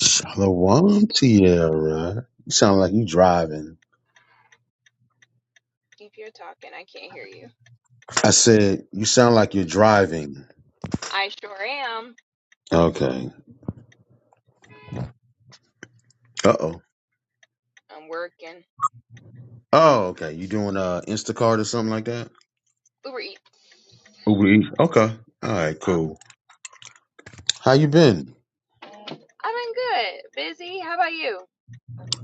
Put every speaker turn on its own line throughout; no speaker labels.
Shalom, Tierra. You sound like you driving. I said you sound like you're driving. Okay. Uh oh. Oh, okay. You doing uh Instacart or something like that? Uber Eats. Okay. All right. Cool. How you been?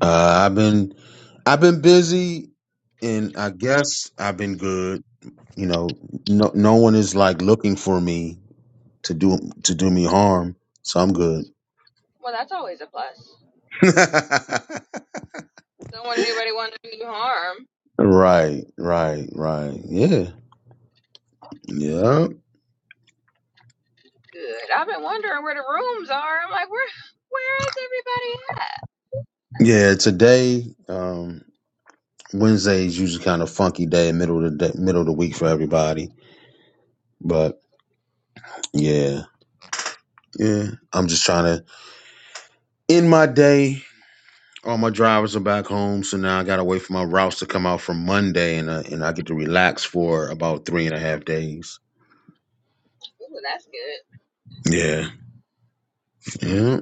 Uh, I've been, I've been busy, and I guess I've been good. You know, no, no one is like looking for me to do to do me harm, so I'm good. right. Right. Right. Yeah. Yeah. Yeah, today, um, Wednesday is usually kind of funky day, middle of the day, middle of the week for everybody. But yeah, yeah, I'm just trying to end my day. All my drivers are back home, so now I gotta wait for my routes to come out from Monday, and uh, and I get to relax for about three and a half days. Yeah, yeah.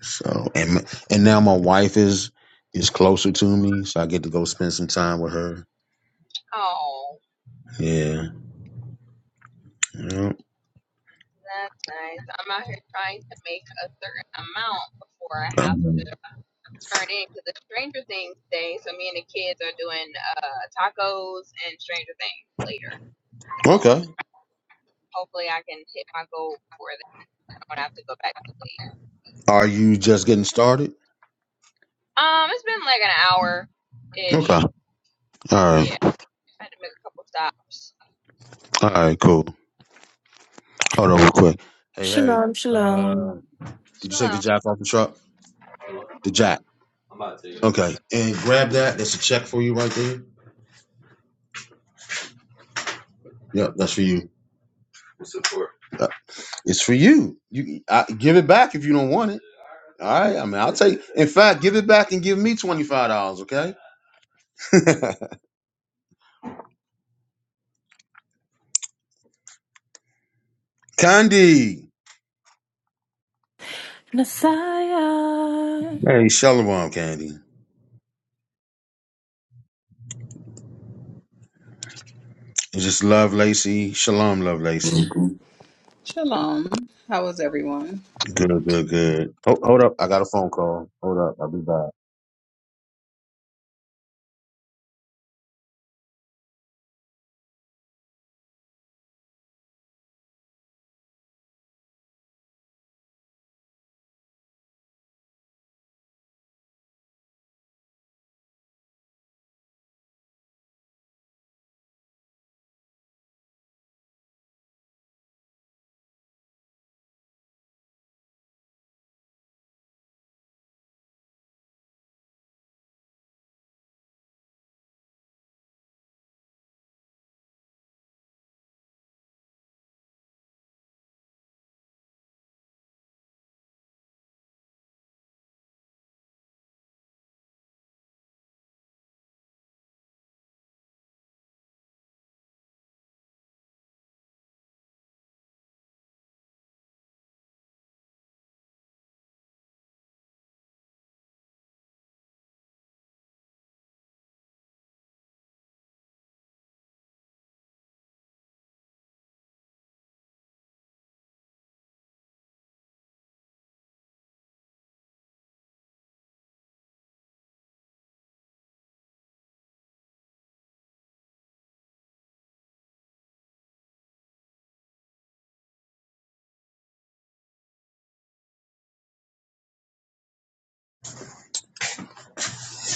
So and m- and now my wife is is closer to me, so I get to go spend some time with her. Yeah. yeah. Um, okay. Are you just getting started? Okay. All right. All right, cool. Hold on real quick. Hey, Harry,
Shalom, shalom.
did you take the jack off the truck? The jack. Okay. And grab that. That's a check for you right there. Yep, that's for you. Uh, It's for you. You I, give it back if you don't want it. All right. I mean, I'll take. In fact, give it back and give me twenty five dollars. Okay. Candy.
Messiah.
Hey, shalom, Candy. It's Just love, Lacey. Shalom, love, Lacey.
Shalom. How was everyone?
Good, good, good. Hold, hold up. I got a phone call. Hold up. I'll be back.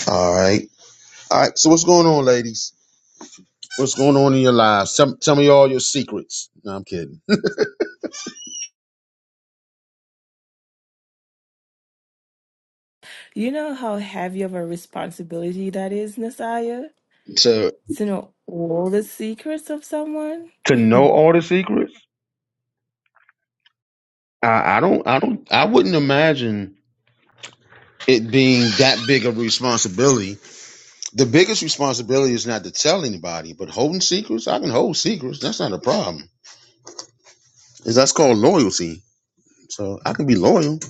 All right. All right. So what's going on, ladies? What's going on in your lives? Tell, tell me all your secrets. No, I'm kidding.
You know how heavy of a responsibility that is, Messiah?
To
To know all the secrets of someone?
to know all the secrets, I, I don't, I don't, I wouldn't imagine it being that big of a responsibility. The biggest responsibility is not to tell anybody, but holding secrets, I can hold secrets. That's not a problem. Is that's called loyalty. So I can be loyal.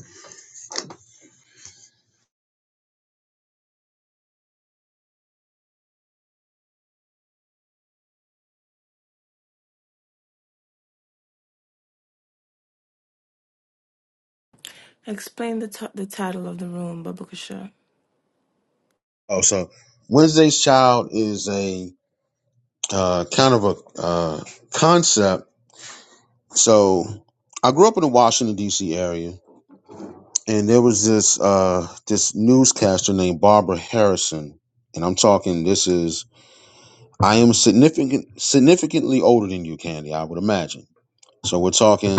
Explain the, t- the title of the room, Babakasha.
Oh, so Wednesday's Child is a uh, kind of a uh, concept. So I grew up in the Washington D.C. area and there was this uh this newscaster named Barbara Harrison, and I'm talking this is I am significant significantly older than you, Candy, I would imagine. So we're talking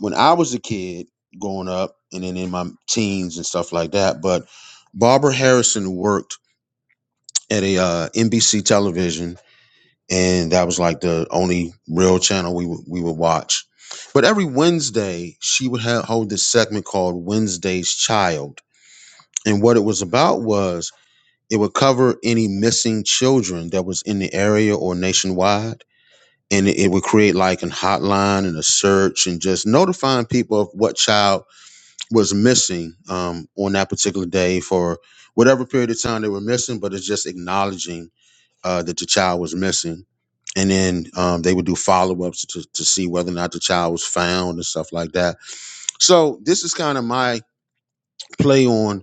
when I was a kid growing up and then in my teens and stuff like that, but Barbara Harrison worked at a uh, NBC television and that was like the only real channel we would we would watch. But every Wednesday, she would have, hold this segment called Wednesday's Child And what it was about was it would cover any missing children that was in the area or nationwide. And it would create like a hotline and a search and just notifying people of what child was missing um, on that particular day for whatever period of time they were missing, but it's just acknowledging uh, that the child was missing. And then um, they would do follow ups to, to see whether or not the child was found and stuff like that. So this is kind of my play on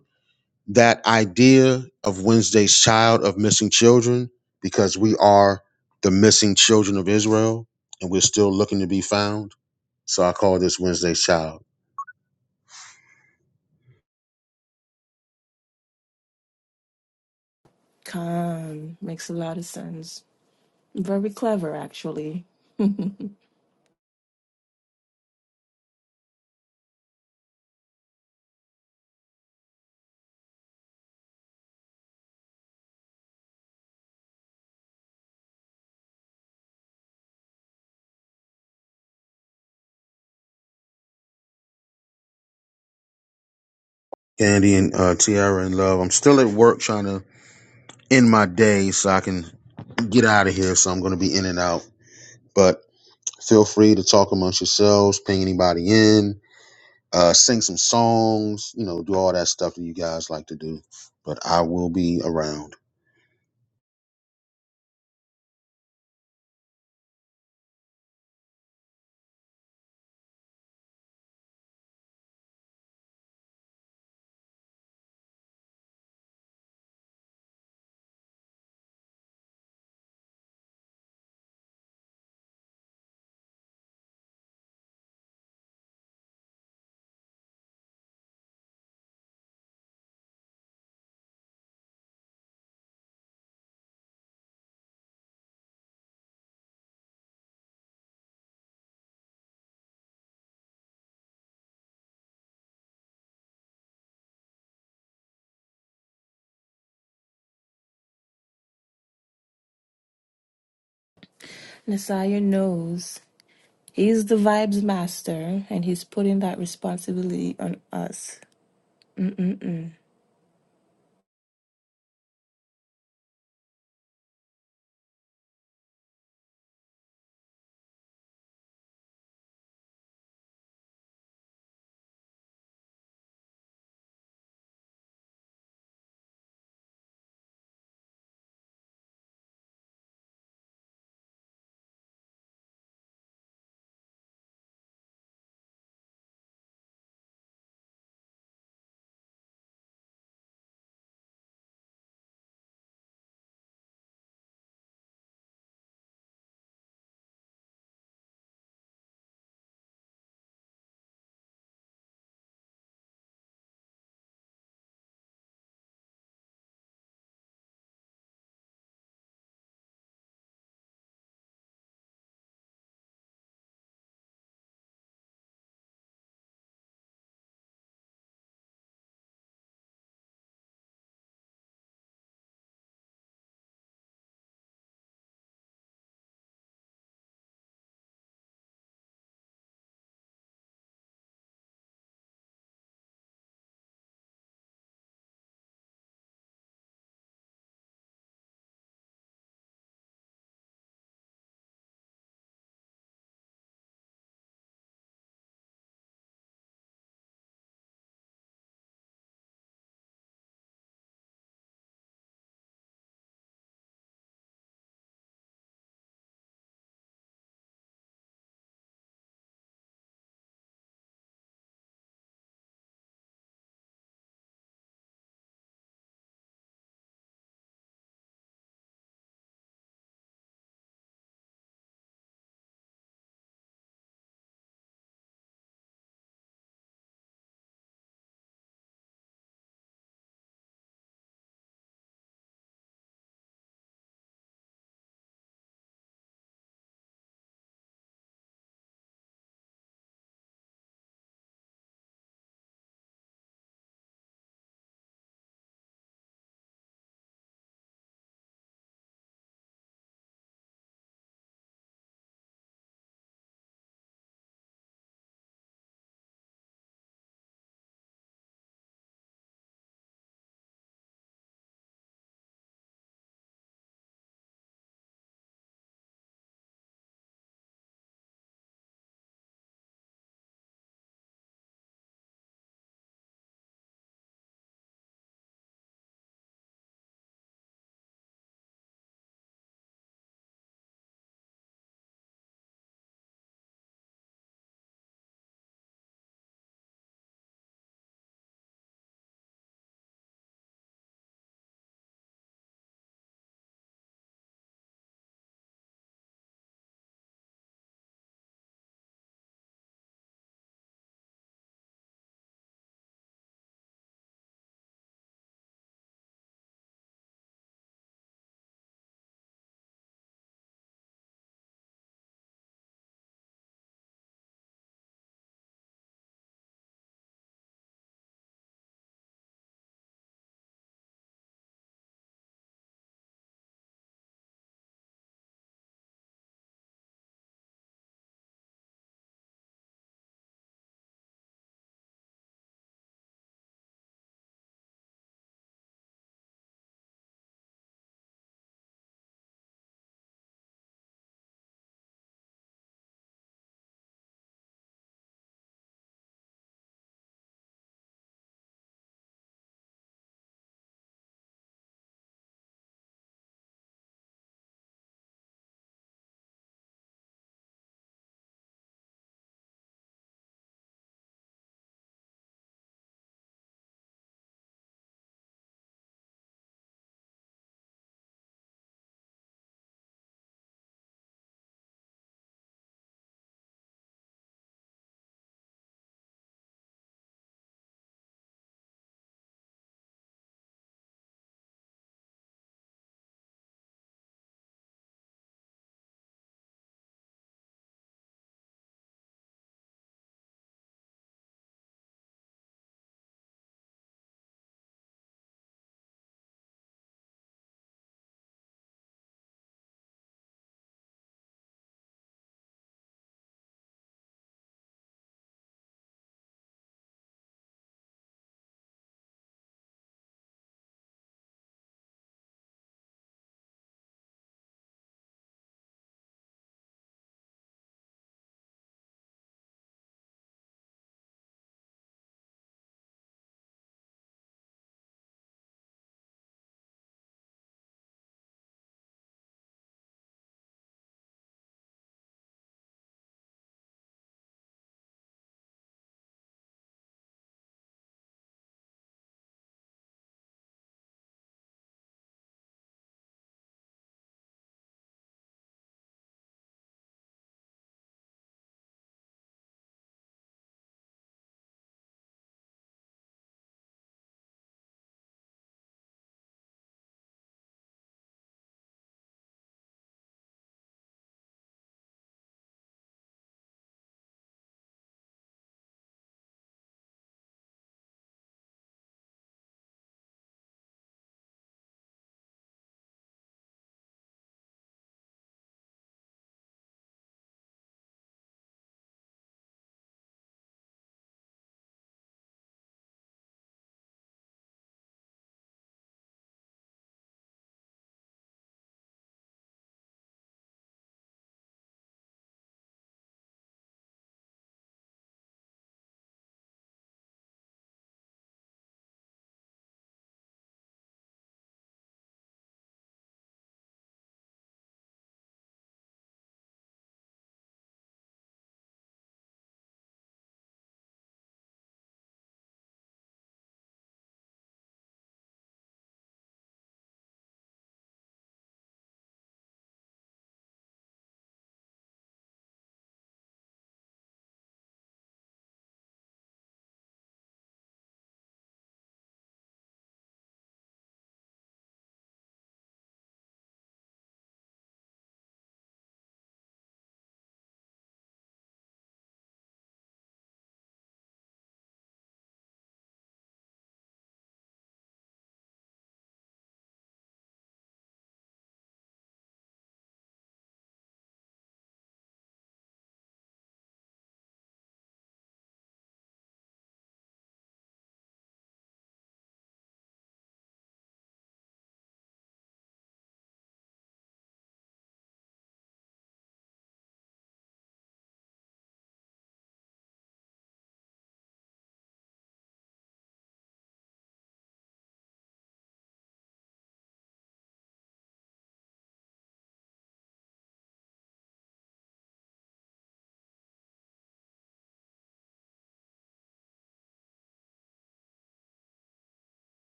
that idea of Wednesday's child of missing children because we are the missing children of Israel and we're still looking to be found. So I call this Wednesday's child.
Khan. Makes a lot of sense. Very clever, actually.
Candy and uh, Tiara and Love. I'm still at work trying to end my day so I can get out of here. So I'm going to be in and out. But feel free to talk amongst yourselves, ping anybody in, uh, sing some songs, you know, do all that stuff that you guys like to do. But I will be around.
Messiah knows. He's the vibes master, and he's putting that responsibility on us. Mm-mm-mm.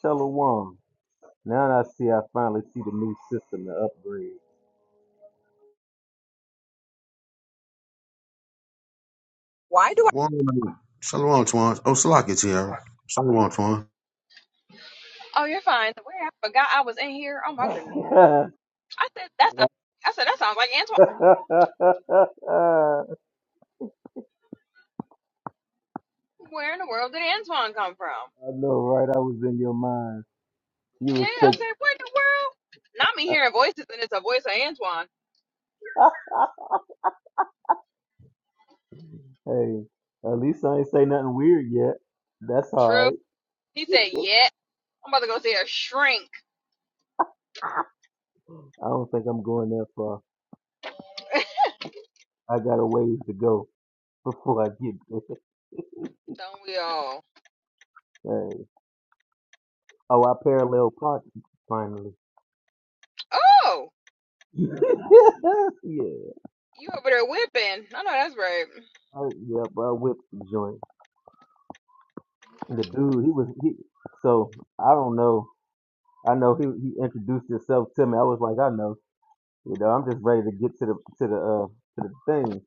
Shalom. Now I see I finally see the new system, the upgrade.
One, Shalom, Twan. Oh, Salak is here. Shalom, Twan.
I know, right? I was in your mind. You was thinking, "Ah, hey, at least I ain't say nothing weird yet. That's all right. I don't think I'm going that far. I got a ways to go before I get there. Hey. Oh, I parallel parked finally. yeah, I, yeah, but I whipped the joint. The dude, he was, he, so I don't know. I know he, he introduced himself to me. I was like, I know, you know, I'm just ready to get to the to the uh to the thing.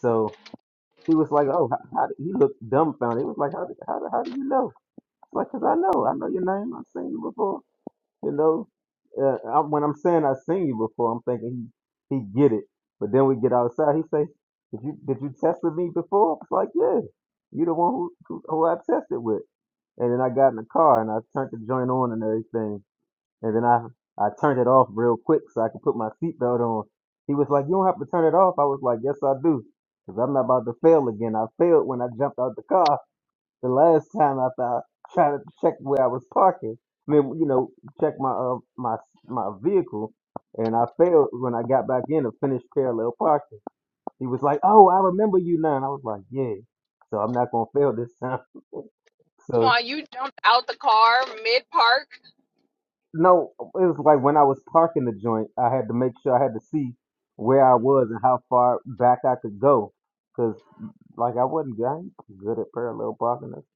So he was like, oh, how, how do- he looked dumbfounded. He was like, how do- how do- how do you know? I was like, cause I know, I know your name. I've seen you before. You know, uh, I, when I'm saying I've seen you before, I'm thinking he he get it. But then we get outside. He say, did you did you test with me before? I was like, yeah, you the one who who, who I tested with. And then I got in the car and I turned the joint on and everything and then I I turned it off real quick so I could put my seatbelt on. He was like, "You don't have to turn it off." I was like, "Yes, I do, because I'm not about to fail again. I failed when I jumped out the car the last time after I tried to check where I was parking. I mean, you know, check my uh, my my vehicle, and I failed when I got back in to finish parallel parking. He was like, "Oh, I remember you now." And I was like, "Yeah." So I'm not gonna fail this time. So No, it was like when I was parking the joint, I had to make sure I had to see where I was and how far back I could go. Cause like I wasn't good, I ain't good at parallel parking. That's,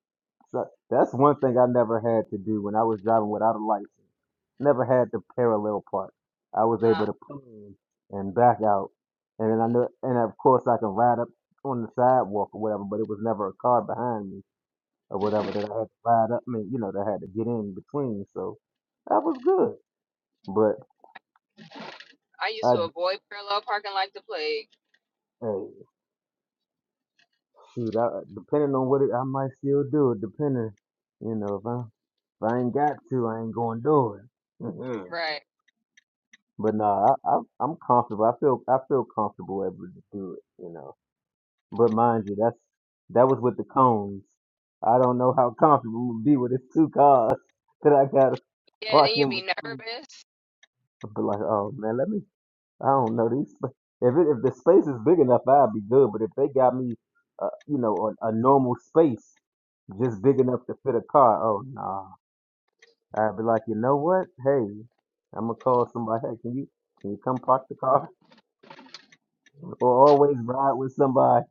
so- that's one thing I never had to do when I was driving without a license. Never had to parallel park. I was able to pull in and back out. And then I knew, and of course I can ride up on the sidewalk or whatever, but it was never a car behind me or whatever that I had to ride up. I mean, you know, that I had to get in between. So that was good. But I, hey, shoot, I, depending on what it, I might still do it. Depending, you know, if I if I ain't got to, I ain't gonna do it. Mhm. But nah, I, I, I'm comfortable. I feel I feel comfortable able to do it. You know, but mind you, that's that was with the cones. I don't know how comfortable I'm gonna be with it's two cars that I gotta park in between. I'd be like, oh man, let me I don't know these. If it, if the space is big enough, I'd be good. But if they got me, uh, you know, a, a normal space just big enough to fit a car, oh nah, I'd be like, you know what? Hey, I'm gonna call somebody. Hey, can you can you come park the car? Or always ride with somebody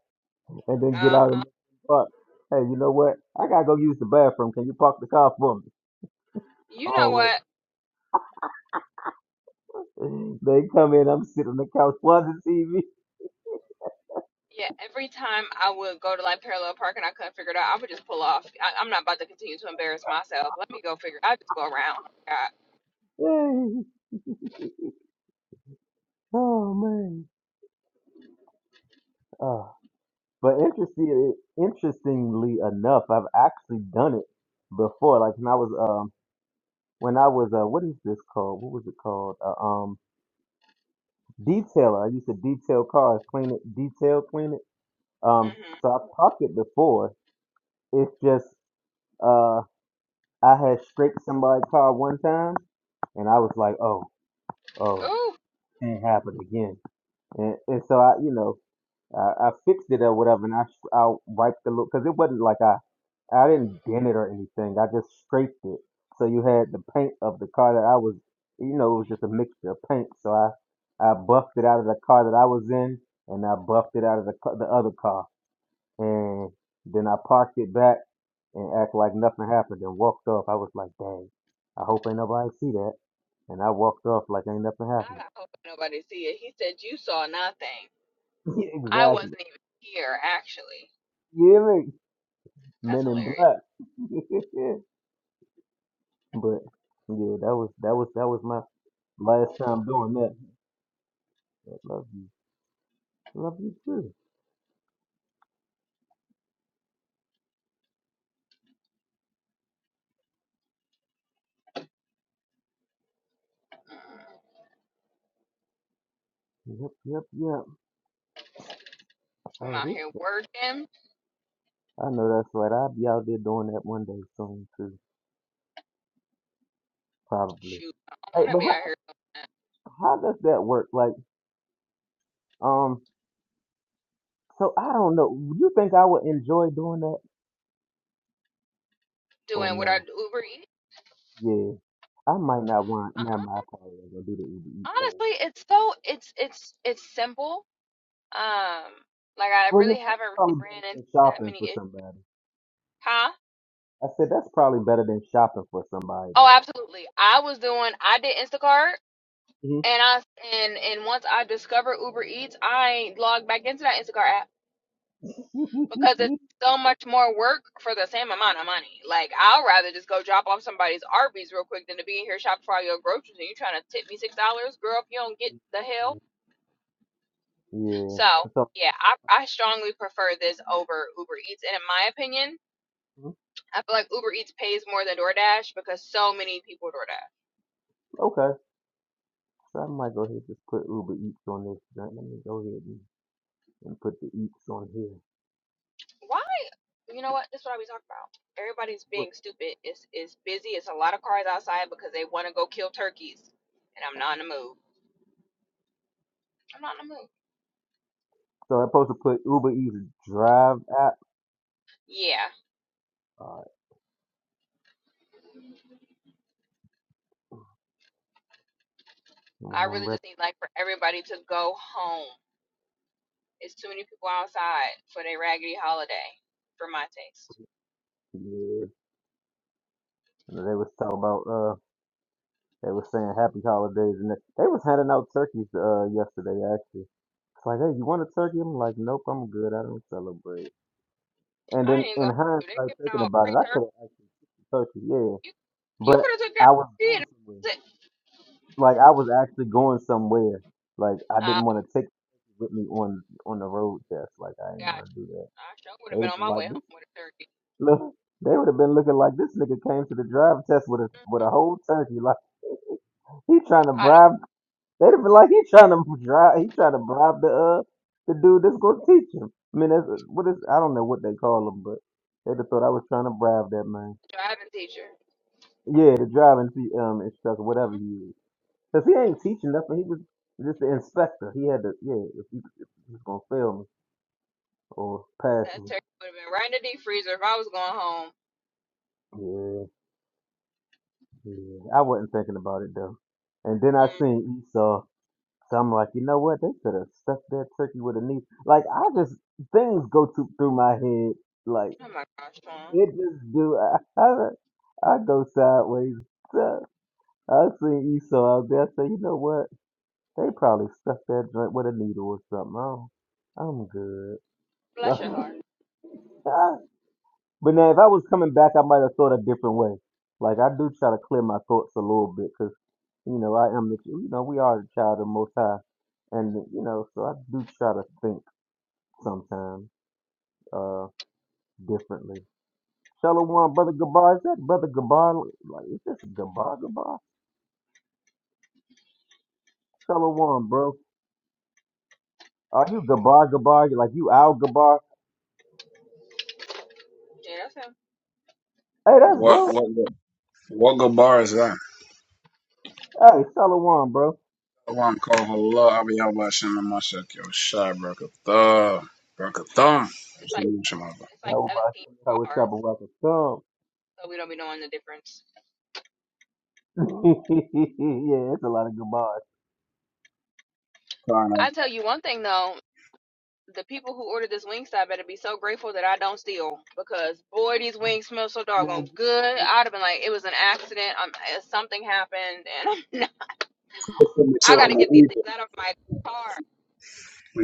and then get out and park. Hey, you know what? I gotta go use the bathroom. Can you park the car for me? Always. They come in. I'm sitting on the couch watching TV. Hey, oh man. Oh. But interesting, interestingly enough, I've actually done it before. Like when I was, um, when I was, uh, what is this called? What was it called? Uh, um, detailer. I used to detail cars, clean it, detail, clean it. Um, so I've popped it before. It's just, uh, I had scraped somebody's car one time, and I was like, oh, oh, can't happen again. And, and so I, you know. I, I fixed it or whatever, and I sh- I wiped the little because it wasn't like I I didn't dent it or anything. I just scraped it. So you had the paint of the car that I was, you know, it was just a mixture of paint. So I I buffed it out of the car that I was in, and I buffed it out of the ca- the other car, and then I parked it back and act like nothing happened and walked off. I was like, dang, I hope ain't nobody see that. And I walked off like ain't nothing happened. exactly. You hear me? Men in black. But yeah, that was that was that was my last time doing that. But love you, love you too. Yep, yep, yep. Oh, this I know that's right. I'll be out there doing that one day soon too, probably. Hey, but how how does that work? Like, um, so I don't know. You think I would enjoy doing that or no? Yeah, I might not want. nah, I probably ain't gonna do the Uber Eat thing. Well, yeah, that's probably better than shopping for somebody. I said that's probably better than shopping for somebody though. Yeah. So mhm, okay. So I might go ahead and just put Uber Eats on this. Let let me go ahead and, and put the Eats on here. Look, So I'm supposed to put Uber Eats Drive app. All right. And when I'm ready, yeah. And they was talking about uh, they was saying Happy Holidays, and that- they was handing out turkeys uh yesterday actually. It's like, hey, you want a turkey? I'm like, nope, I'm good. I don't celebrate. And then in hindsight, thinking about it, I could have actually took the turkey, yeah. But I was going somewhere. like I was actually going somewhere. Like I didn't want to take with me on on the road test. Like I didn't want to do that. They'd have been like this. Look, they would have been looking like this nigga came to the drive test with a with a whole turkey. Like he trying to bribe. They'd have been like he trying to drive. He trying to bribe the uh the dude that's gonna teach him. I mean, that's what is I don't know what they call him, but they'd have thought I was trying to bribe that man. Yeah, the driving te- um instructor, whatever he is. Cause he ain't teaching nothing. He was just the inspector. He had to, yeah. If he, if he was gonna fail me or pass me, yeah, yeah. I wasn't thinking about it though. And then I seen Esau, so I'm like, you know what? They could have stuck that turkey with a knee. Like I just things go to, through my head. Like it just do. I, I, I go sideways. So I see Esau out there. I say, you know what? They probably stuck that joint with a needle or something. Oh, I'm good. But now, if I was coming back, I might have thought a different way. Like I do try to clear my thoughts a little bit, cause you know I am the you know we are the child of Most High, and you know so I do try to think sometimes uh differently. Shalom, one brother Gabar is that brother Gabar? Like is this Gabar Gabar? Shalom, one bro. Are you Gabar Gabar? Like you Al Gabar? Hey, that's
What
bro.
what what what good bar is that?
Hey, Shalom, one bro.
i One call hello, I'll be out by Shannon Mashak, yo shy Brakatha. Brakatha. We
How about you? how it's up? Welcome. yeah, it's a lot of Gabars. Uh,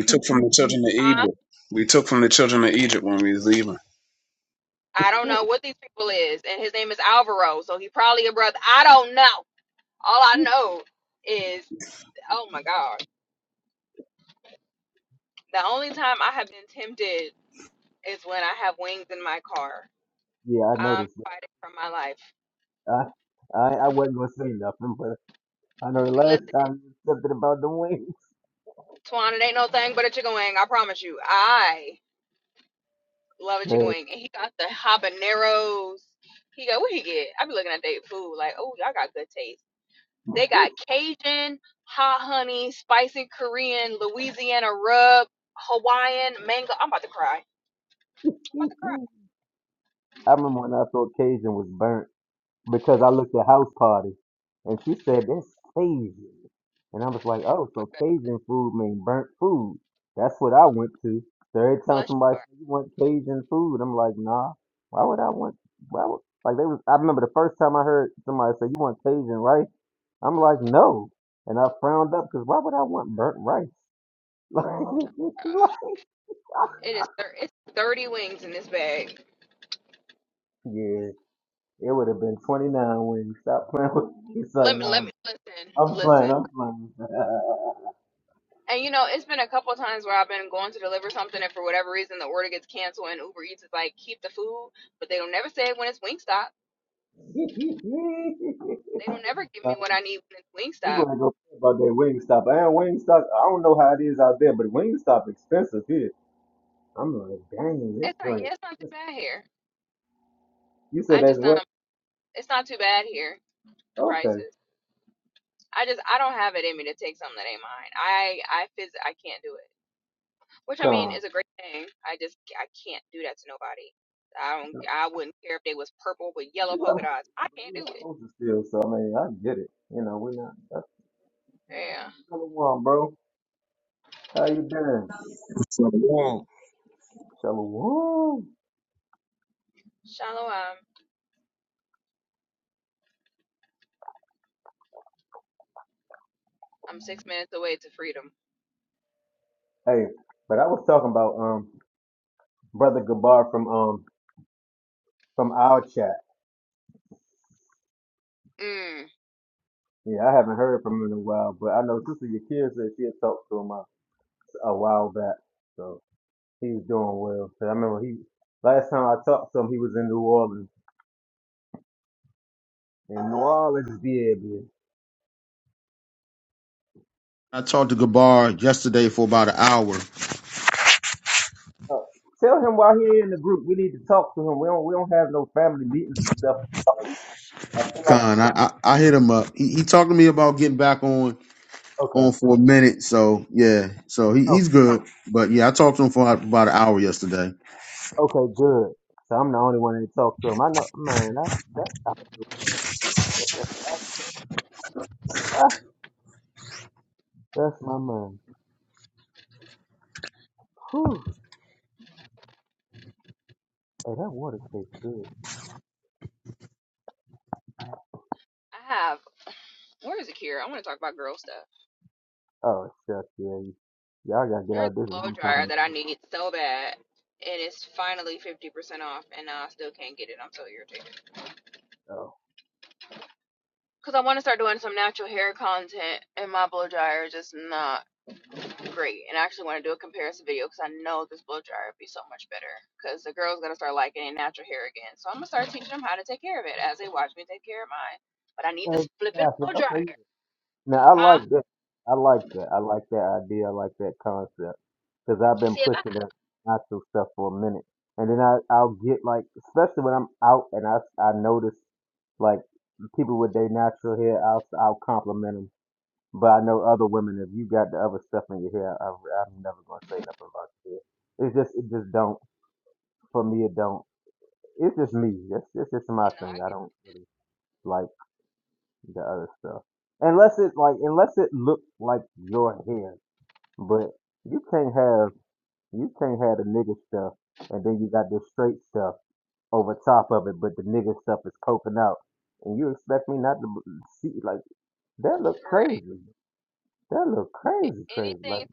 took from
yeah,
the children of Egypt. We took from the children of Egypt when we was leaving.
I noticed. It. I, I I wasn't gonna say nothing, but I know the last time you said something about the wings. I remember when I thought Cajun was burnt. because I looked at House Party and she said that's Cajun. And I was like, oh, so Cajun food mean burnt food. That's what I went to. So every time somebody said, you want Cajun food, I'm like, nah, why would I want, why would, like they was, I remember the first time I heard somebody say, you want Cajun rice? I'm like, no. And I frowned up because why would I want burnt rice? Like, yeah, it would have been 29 when you stopped playing with It's like, no, I'm I'm playing, I'm playing. Uh, people ain't gonna care about that Wingstop. And Wingstop, I don't know how it is out there, but Wingstop expensive here. I'm like, dang, this joint. You said that's what? Okay, come. We're not we not supposed to steal, so I mean, I get it. You know, we're not. That's Shalom, bro. How you been,
Shalom.
Shalom. Hey, but I was talking about um brother Gabar from um from our chat. Yeah, I haven't heard from him in a while, but I know Sister Yakir said she had talked to him. uh, a while back. So he was doing well. 'Cause I remember he last time I talked to him, he was in New Orleans. And New Orleans, yeah, man.
I talked to Gabar yesterday for about an hour.
Uh, tell him while he in the group. We need to talk to him. We don't we don't have no family meetings and stuff. I feel like
Con, I,
it's,
I, I hit him up. He, he talked to me about getting back on
okay,
on for a minute. So yeah, so he,
oh,
he's good. But yeah, I talked to him for about an hour yesterday.
okay, good. So I'm the only one that talked to him. I know, man. That's that's ah, that's my man. Whew. Hey, that water tastes good. Oh, shucks, yeah. you- Y'all gotta get out of this. What I'm talking about. Oh, exactly. Okay, Now I like that. I like that. I like that idea. I like that concept because I've been pushing that natural stuff for a minute, and then I I'll get like, especially when I'm out and I I notice like people with their natural hair, I'll I'll compliment them. But I know other women, if you got the other stuff in your hair, I, I'm never gonna say nothing about your hair. It's just it just don't for me. It don't. It's just me. It's, it's just my thing. I don't really like the other stuff unless it like unless it looks like your hair but you can't have you can't have the nigga stuff and then you got this straight stuff over top of it, but the nigga stuff is coking out. And you expect me not to b- see like that look crazy. That look crazy, crazy. Like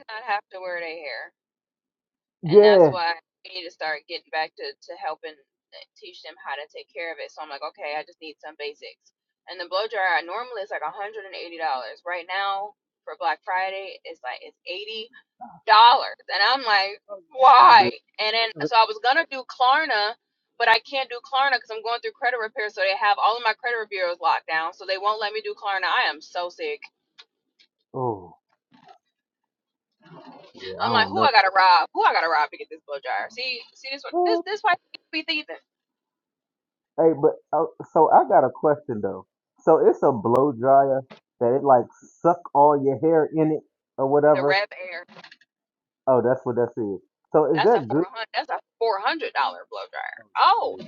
yeah, Oh, yeah, yeah, you better- oh yeah, I don't know. Eh, Hey, but uh, so I got a question though. So it's a blow dryer that it like suck all your hair in it or whatever. Oh, that's what that is. So is that good? Oh, shit.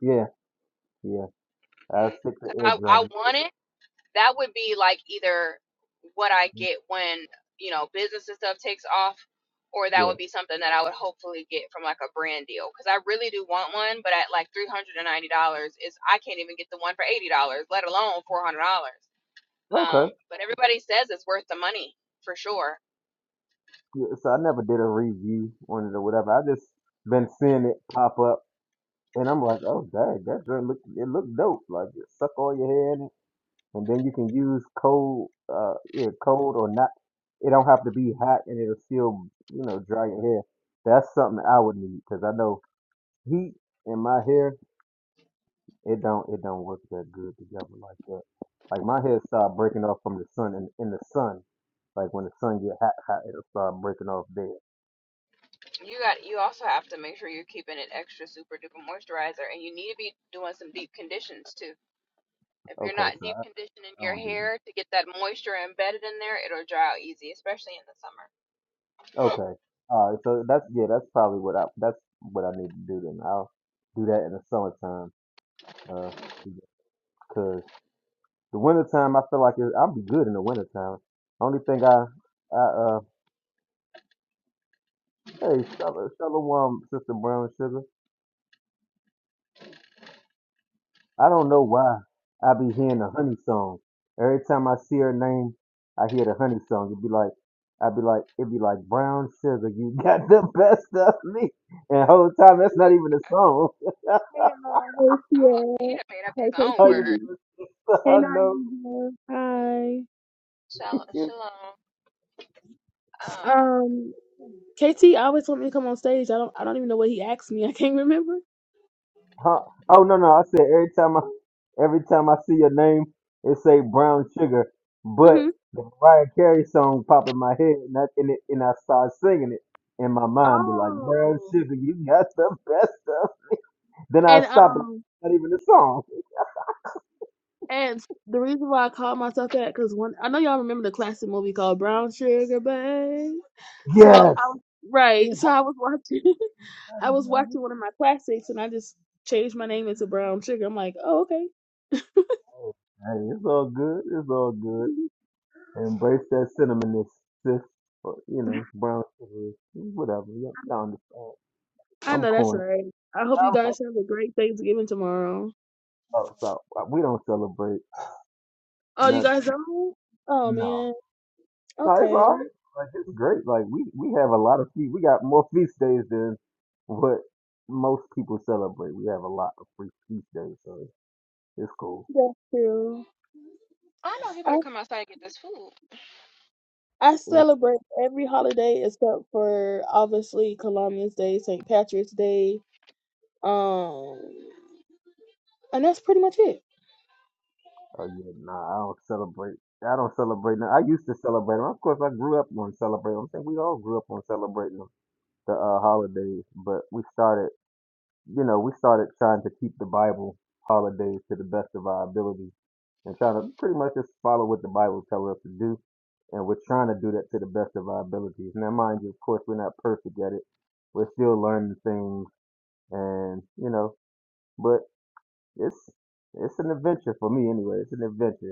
Yeah, yeah. I stick to air drum. Yeah. Okay. Yeah, so I never did a review on it or whatever. I just been seeing it pop up, and I'm like, oh dang, that joint look it looked dope. Like you suck all your hair in it, and then you can use cold, uh, yeah, cold or not. It don't have to be hot, and it'll still, you know, dry your hair. That's something I would need because I know heat in my hair It don't it don't work that good together like that. Like my hair start breaking off from the sun and in the sun. Like when the sun get hot, hot it'll start breaking off there. Okay, so I, I don't do that. Okay. Alright, so that's yeah, that's probably what I that's what I need to do then. I'll do that in the summertime. Uh because the wintertime I feel like it, I'll be good in the wintertime. Only thing I I uh hey Shalom, Shalom Sister Brown Sugar. I don't know why I be hearing the honey song. Every time I see her name, I hear the honey song. It'd be like, I'd be like, it'd be like brown sugar. You got the best of me. And the whole time, that's not even a song.
Hey, uh, hey, Sierra. Hey,
How you
KT.
doing?
Hey,
I know.
Naija. Hi.
you-
Um, KT always want me to come on stage. I don't. I don't even know what he asked me. I can't remember.
Huh? Oh no, no. I said every time I, every time I see your name, it say brown sugar. But
hmm
the Mariah Carey song pop in my head, and I, and, it, and I start singing it in my mind. Be like, brown
Oh.
sugar, you got the best of Then I
And
stop and
um,
not even the song.
and the reason why I call myself that because one, I know y'all remember the classic movie called Brown Sugar, babe. So I
Yes.
was
Yeah,
right. So
I
I was watching. I
gotta
was
be honest.
watching one of my classics, and I just changed my name into Brown Sugar. I'm like, oh, okay.
Oh, Hey, it's all good. It's all good. Embrace that cinnamonness, sis. Or, you know, brown sugar, whatever. Y'all, y'all understand.
I
I'm
know that's
corny.
right. I hope you
I'm,
guys have a great Thanksgiving tomorrow.
oh, so we don't celebrate.
Oh, you
Not,
guys don't? Oh
no.
man.
No, it's
Okay,
all right. Like, it's great. Like, we, we have a lot of feast. We got more feast days than what most people celebrate. We have a lot of free feast days, so it's cool.
that's true. I I
It's.
celebrate every holiday except for obviously Columbus Day, St. Patrick's Day, um, and that's pretty much it.
Oh yeah, nah, I don't celebrate. I don't celebrate now. I used to celebrate them. Of course, I grew up on celebrating. I'm saying we all grew up on celebrating them, the uh, holidays. But we started, you know, we started trying to keep the Bible holidays to the best of our ability and trying to pretty much just follow what the Bible tells us to do. And we're trying to do that to the best of our abilities. Now, mind you, of course, we're not perfect at it. We're still learning things, and you know, but it's it's an adventure for me anyway. It's an adventure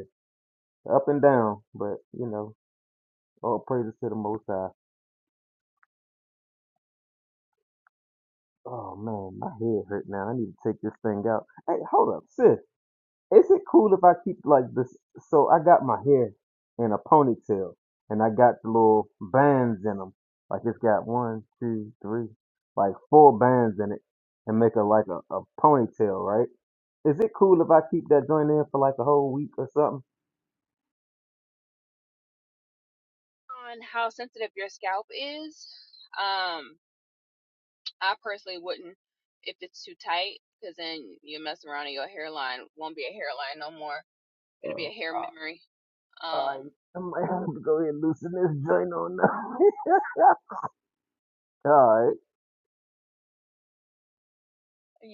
up and down, but you know, all praises to the Most High. Oh man, my head hurt now. I need to take this thing out. Hey, hold up, sis. Is it cool if I keep like this? So I got my hair in a ponytail, and I got the little bands in them. Like it's got one, two, three, like four bands in it, and make it like a, a ponytail, right? Is it cool if I keep that joint in for like a whole week or something? Oh, I I might have to go ahead and loosen this joint on now. Alright.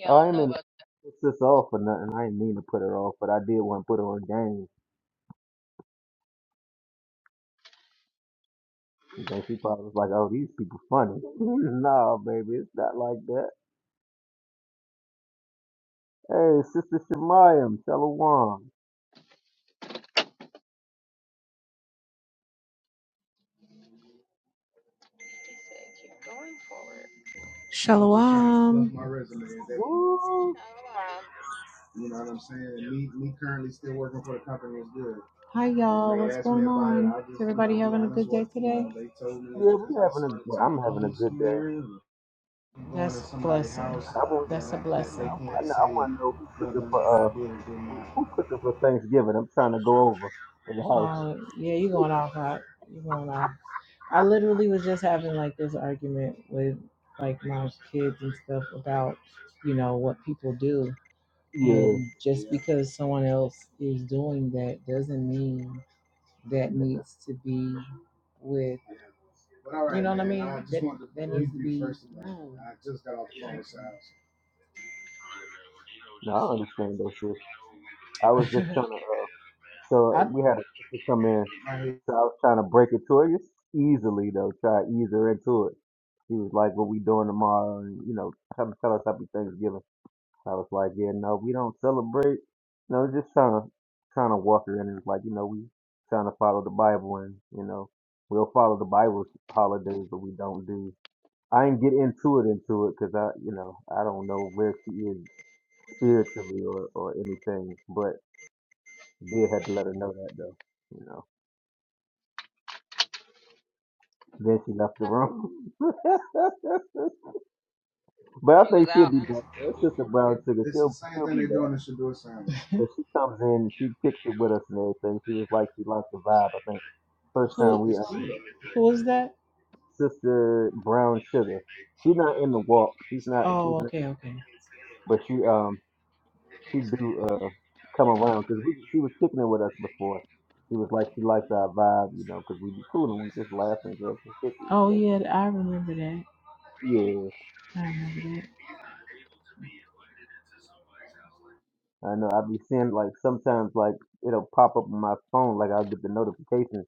Oh, I ain't mean to piss this off or nothing. I didn't mean to put her off, but I did want to put her on game. And then she probably was like, oh, these people funny. nah, baby, it's not like that. Hey, Sister Shemayam, Shalom. Woo! Yeah, we having a, well, I'm having a good day. I want, I, know- I want to know who cooking for, uh, who, who cooking for Thanksgiving. I'm trying to go over to the house. Yeah. No, I understand though, sis. I was just trying to, uh, so we had a sister come in So I was trying to break it to her just easily though, try to ease her into it. She was like, "What we doing tomorrow?" And you know, trying to tell us happy Thanksgiving. I was like, "Yeah, no, we don't celebrate." No, just trying to trying to walk her in. It was like, you know, we trying to follow the Bible, and you know, we'll follow the Bible's holidays, but we don't do. I didn't get into it into it because I, you know, I don't know where she is spiritually or or anything, but did had to let her know that though, you know. Then she left the room. but I think she'll be back. though. It's Sister Brown Sugar. She'll she'll be back. Cause she comes in, she kicks it with us and everything. She was like she liked the vibe. I think first time we uh, Sister Brown Sugar. She's not in the walk. She's not. She's not. But she um she do uh come around because she was kicking it with us before. She was like she liked our vibe, you know, because we be cool and we just laughing and stuff and kicking and stuff. Yeah. I know I'll be seeing like sometimes like it'll pop up on my phone, like I'll get the notification.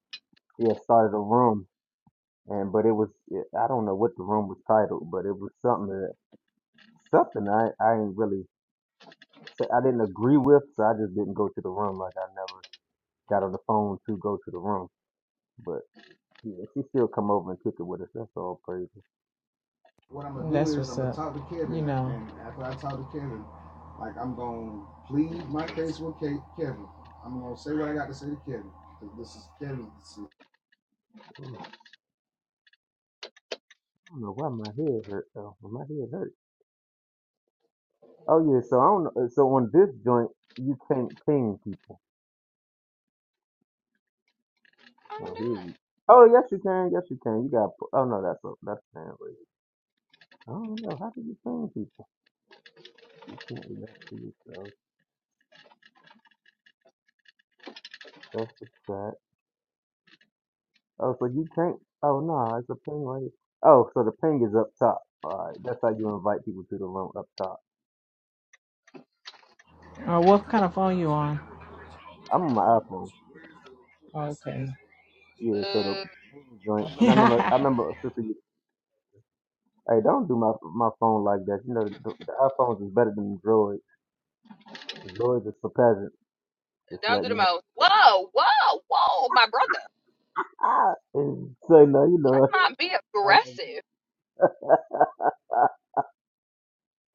Yeah, started a room, and but it was eh, I don't know what the room was titled, but it was something that something I I didn't really so I didn't agree with, so I just didn't go to the room. Like I never got on the phone to go to the room, but yeah, she still come over and kick it with us. That's all praise. Oh, I don't know why my head hurt though. My head hurt. Oh yeah, so I don't. know So on this joint, you can't ping people. Well, here you. Oh yes, you can. Yes, you can. You got. Oh no, that's a that's fan raising. I don't know. How do you ping people? You can't do that to yourself. That's the chat. Oh, so you can't. Oh no, it's a ping right. Oh, so the ping is up top. All right, that's how you invite people to the room up top. I'm on my iPhone. Yeah, so the ping joint. 'Cause I remember. I remember a sister. You, hey, don't do my my phone like that. You know, the, the iPhones is better than the Droids. The Droids is for peasants. Just letting you know. Ah, and so no, you know. I know.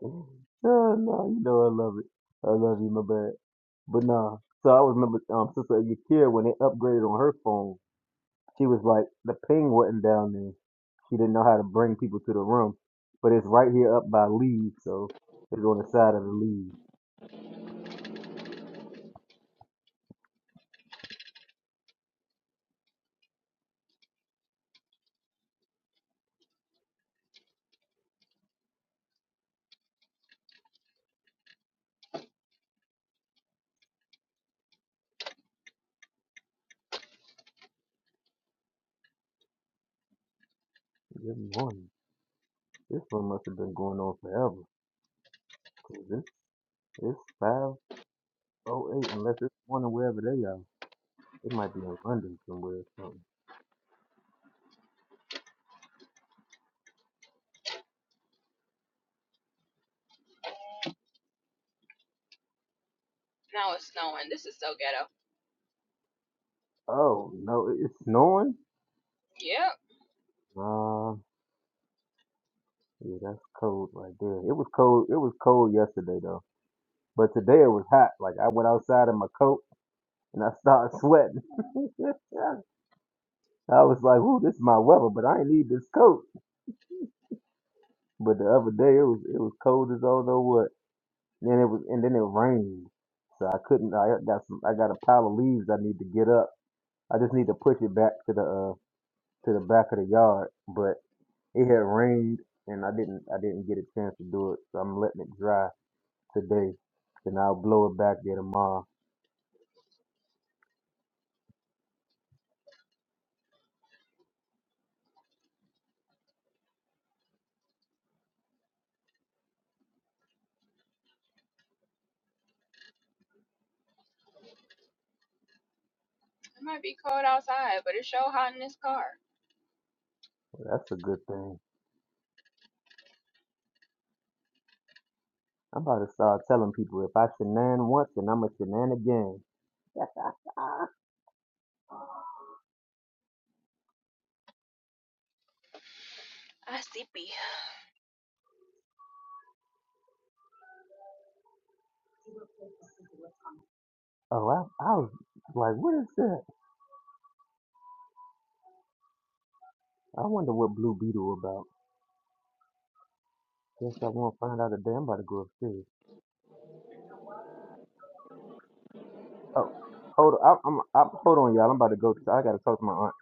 Oh, no, you know I love it. I love you, my bad. But nah. So I was remember um Sister Yakira when they upgraded on her phone, she was like the ping wasn't down there. She didn't know how to bring people to the room. But it's right here up by leaves, so it's on the side of the leaves. Good morning. This one must have been going on forever. 'cause It's it's five oh eight unless it's morning wherever they are. It might be in London somewhere or something. Oh no, it- it's snowing? Nah, Yeah, that's cold right there. It was cold. It was cold yesterday though, but today it was hot. Like I went outside in my coat and I started sweating. I was like, "Ooh, this is my weather," but I ain't need this coat. But the other day it was it was cold as all know what. then it was and then it rained, so I couldn't. I got some. I got a pile of leaves I need to get up. I just need to push it back to the uh to the back of the yard. But it had rained and I didn't I didn't get a chance to do it, so I'm letting it dry today, then I'll blow it back there tomorrow. Well, that's a good thing. I'm about to start telling people if I shenan once, then I'm a shenan again. Oh, I, I was like, what is that? I wonder what Blue Beetle about. Guess I won't find out today. I'm about to go upstairs. Oh, hold on, I'm, I'm, hold on, y'all. I'm about to go. I gotta talk to my aunt.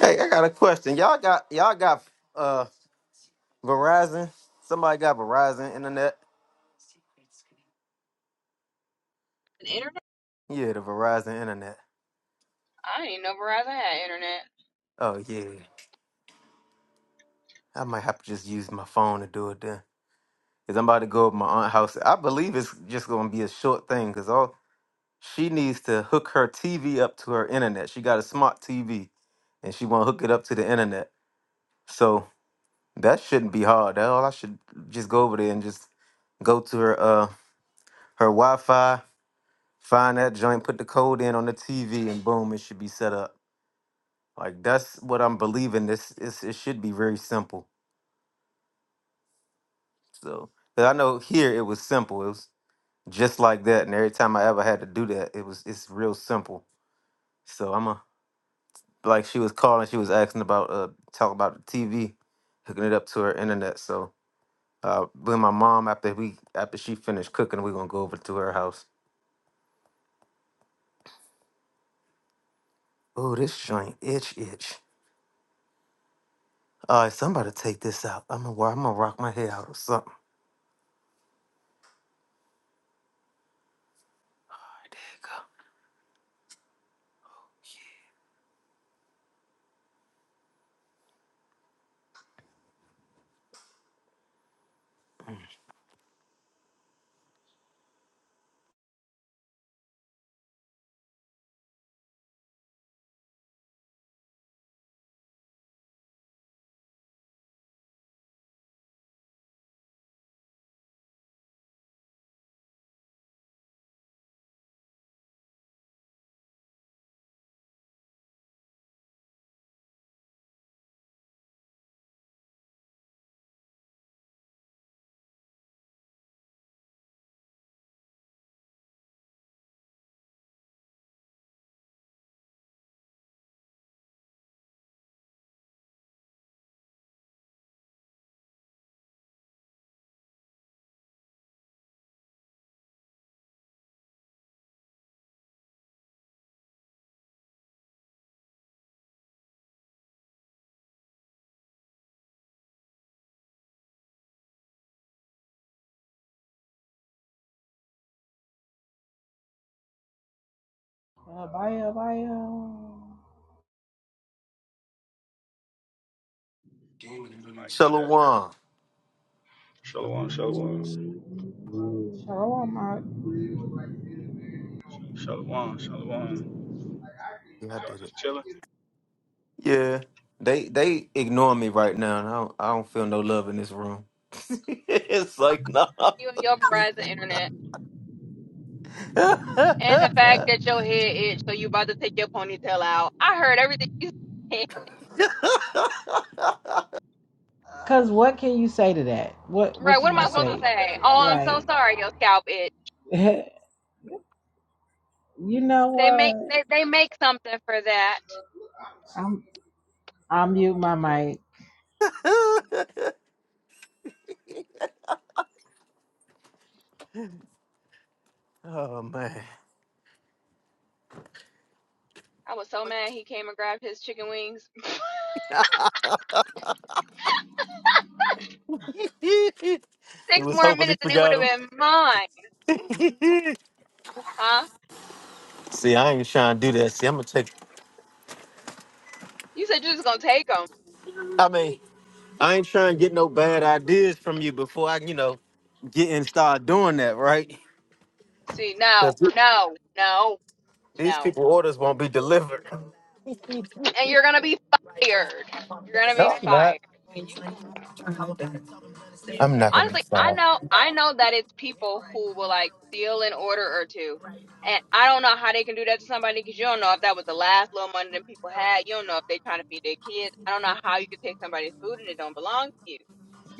Hey, I got a question. Y'all got y'all got uh Verizon? Somebody got Verizon internet? Yeah, the Verizon internet. Oh yeah. I might have to just use my phone to do it then. Cause I'm about to go up my aunt's house. I believe it's just gonna be a short thing. Cause all she needs to hook her TV up to her internet. She got a smart TV, and she wanna hook it up to the internet. So that shouldn't be hard. That all I should just go over there and just go to her uh her Wi-Fi, find that joint, put the code in on the TV, and boom, it should be set up. Like that's what I'm believing. This is it should be very simple. So 'cause I know here it was simple. It was. just like that. And every time I ever had to do that, it was it's real simple. So I'm a like she was calling, she was asking about uh talking about the TV, hooking it up to her internet. So uh with my mom after we after she finished cooking, we're gonna go over to her house. Oh, this joint itch itch. All right, somebody take this out. I'm gonna wa- I'm gonna rock my hair out or something. There you go.
Mic check.
Shalom.
Shalom, shalom. Shalom, shalom.
Yeah, I
Y'all
did it.
just chilling.
Yeah. They they ignore me right now, and I don't, I don't feel no love in this room. it's like nah. oh man. he was hoping he forgot him. See, I ain't trying to do that. See, I'm gonna take I mean, I ain't trying to get no bad ideas from you before I, you know, get and start doing that, right? Because these people orders won't be delivered. No, I'm not. I'm not gonna be fired.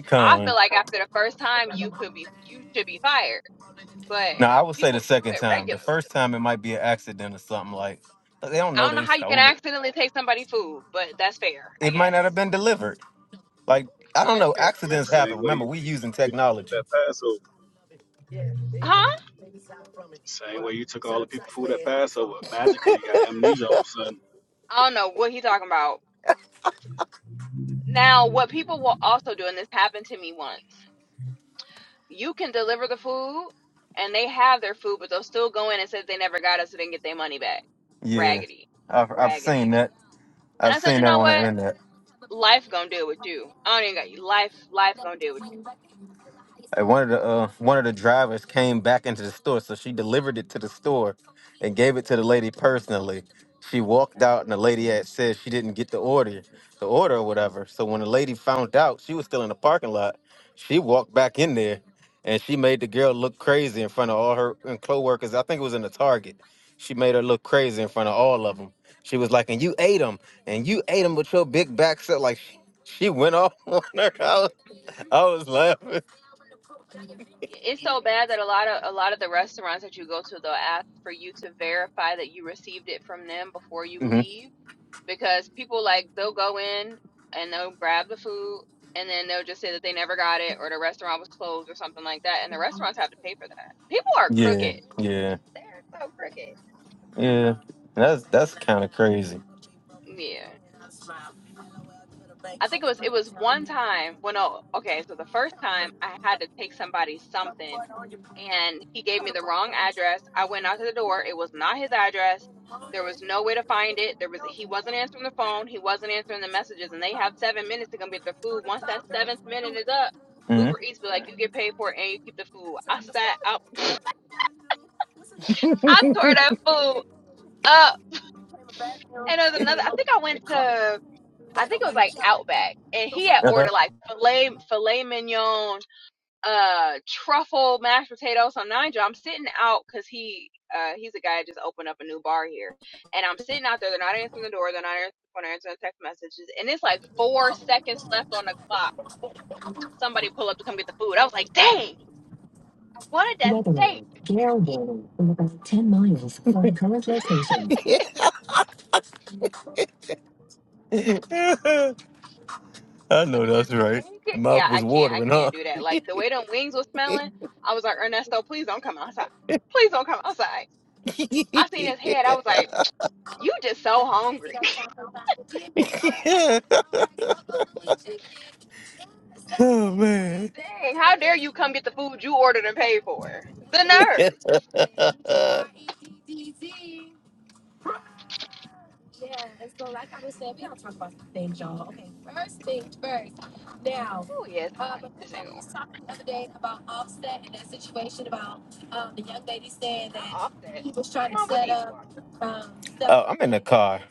Con. Now I would say the second time. The first time it might be an accident or something like But they don't know they stole it. It might not have been delivered. Like I don't know,
Remember,
accidents
Same
happen.
way
Remember,
you
we using
took
technology.
that Passover. Same way you took all the people food at Passover. Magically, you got amnesia all of a sudden.
Yeah, I've I've seen that. I've seen that on the internet. And one of the uh, one of the drivers came back into the store, so she delivered it to the store and gave it to the lady personally. She walked out, and the lady had said she didn't get the order, the order or whatever. So when the lady found out, she was still in the parking lot. She walked back in there, and she made the girl look crazy in front of all her and coworkers. I think it was in the Target. She made her look crazy in front of all of them. She was like, "And you ate them, and you ate them with your big back." So like, she, she went off on her. I was, I was laughing. Yeah, yeah, yeah. That's that's kind of crazy. Mhm. I know that's right. Mouth was watering, huh? Yeah. oh man. oh, I'm in the car.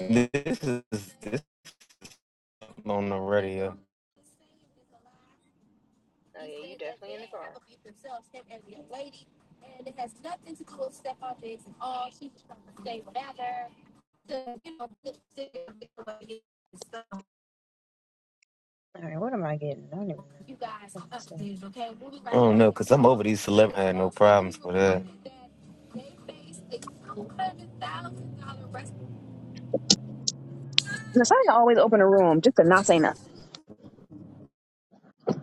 This is this on the radio.
All right, what am I getting? I don't even know. Let me see.
cause I'm over these celebrities.
Nasaya always open a room just to not say nothing.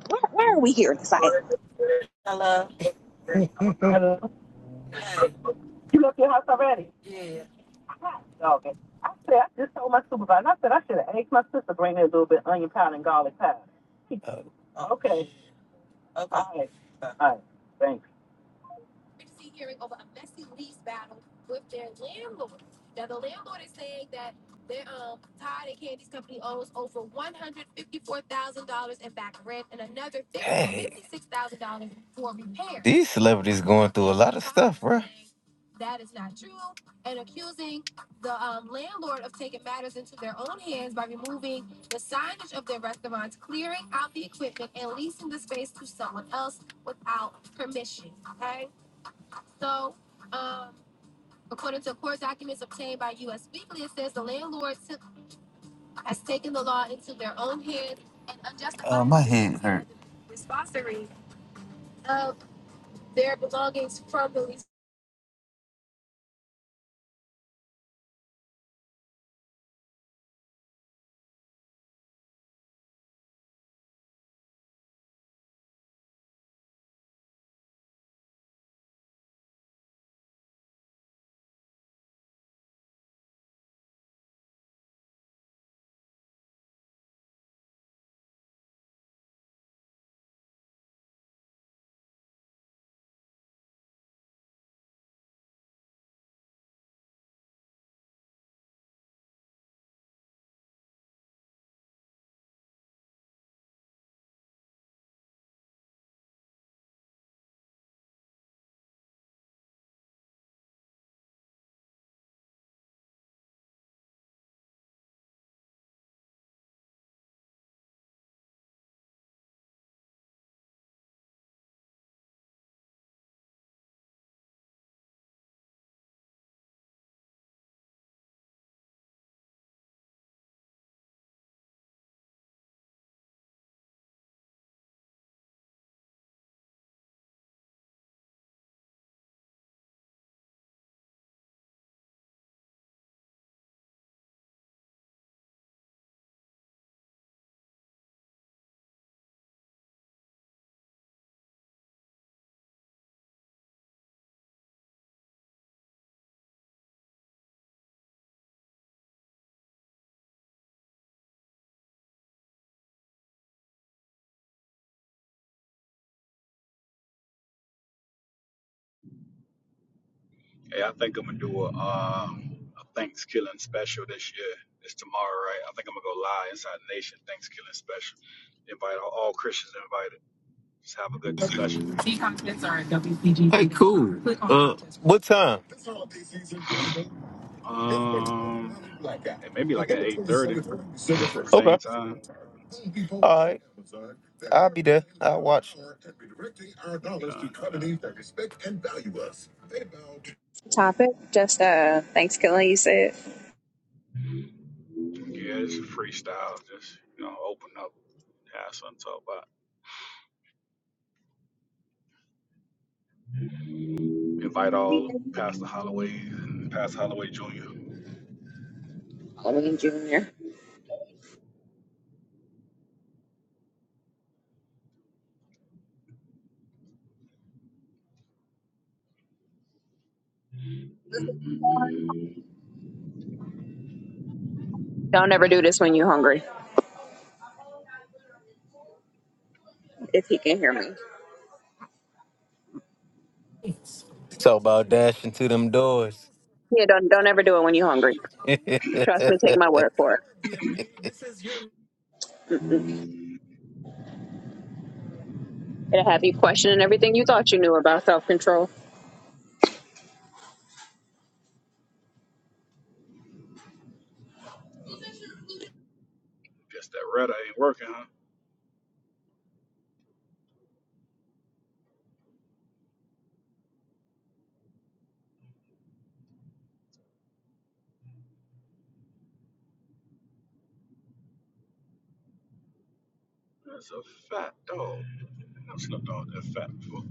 Why, why are we here, Nasaya?
You left your house already? Dog it. I said, I just told my supervisor, I said, I should have asked my sister to bring me a little bit of onion powder and garlic powder. Oh. okay. Okay. All right. All right. Thanks. these celebrities going
Hey, I think I'm gonna do a um a Thanksgiving special this year. It's tomorrow, right? I think I'm gonna go live inside the nation Thanksgiving special. Invite all, all Christians invited. Just have a good discussion.
Hey, cool. What time? Okay.
Um, and maybe like at eight thirty, same time.
All right. I'll be there. I'll watch.
Con, con.
Topic, just uh, thanks, Kelly. You said
Yeah, it's freestyle. Just you know, open up, have something to talk about. Invite all Pastor Holloway and Pastor Holloway Jr. Guess
Don't ever do this when you're hungry. if he can hear me.
Talk about dashing to them doors.
Yeah, don't don't ever do it when you're hungry.
All
Trust me, take my word for it. Mm-mm. It'll have you questioning everything you thought you knew about self control.
that rudder ain't working, huh? That's a fat dog. I've seen a dog that fat before.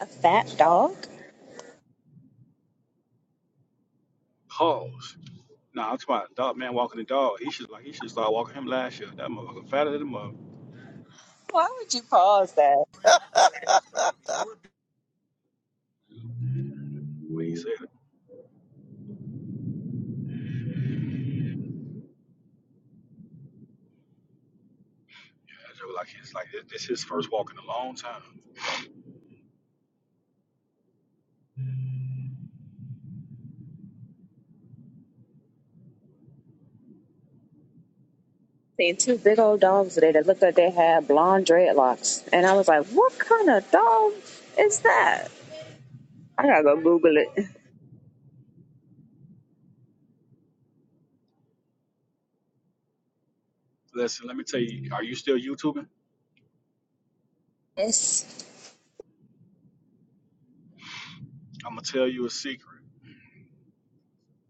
A fat dog?
Pause. Nah, I'm talking about dog man walking the dog. He should like he should start walking him last year. That motherfucker fatter than the mother.
Why would you pause that?
When he said it, I just was like it's like it- this his first walk in a long time.
Seen two big old dogs today that looked like they had blonde dreadlocks, and I was like, "What kind of dog is that?" I gotta go Google it.
Listen, let me tell you, are you still YouTubing?
Yes.
I'm gonna tell you a secret.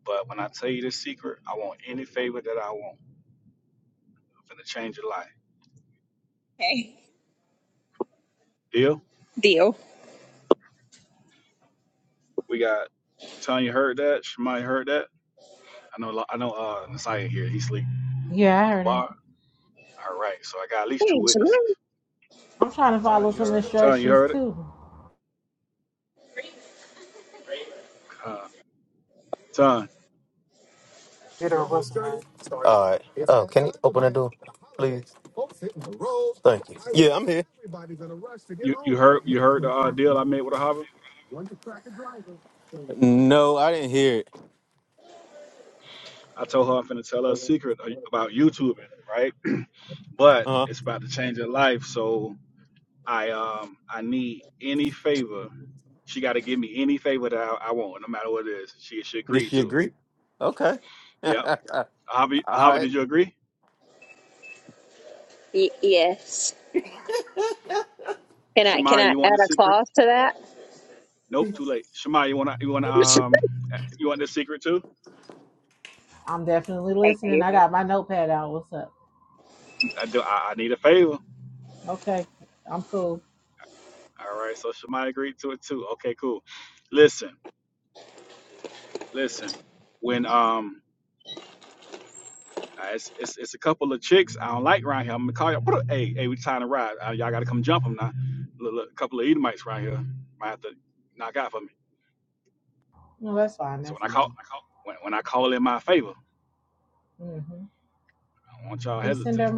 But when I tell you the secret, I want any favor that I want. I'm finna change your life. Deal?
Deal.
We got Tanya heard that. Shemai heard that. I know. I know. Uh, Nasiah here. He sleep. Gabar. All right. So I got at least two
Thanks.
witnesses. Tanya, you heard it. Uh, Tanya,
right. Oh, can you open the door, please? Thank you. yeah, I'm here.
you you heard you heard the uh, deal I made with Ahava.
No, I didn't hear it.
I told her I'm finna tell her a secret a- about YouTubing, right? But
Uh huh.
it's about to change her life. So I um I need any favor. She got to give me any favor that I, I want, no matter what it is. She she
Did
agreed
she
to it.
agree? Okay.
Yeah,
All
Javi, Javi,
right.
did you agree?
Y- yes. Can I can
Shemaya,
I
you want the
add a
secret?
clause to that?
Nope, too late. Shemaya, you want to you want to um you want the secret too?
Thank you.
I do. I, I need a favor. All right, so Shemaya agreed to it too. Okay, cool. Listen, listen. When um. uh, It's, it's, it's a couple of chicks I don't like around here. I'm gonna call y'all. Hey, hey, we trying to ride. Uh, y'all gotta come jump them now. Look, look, a couple of Edomites around here might have to knock out for me. So when I call when, when I call in my favor, I don't want y'all hesitate.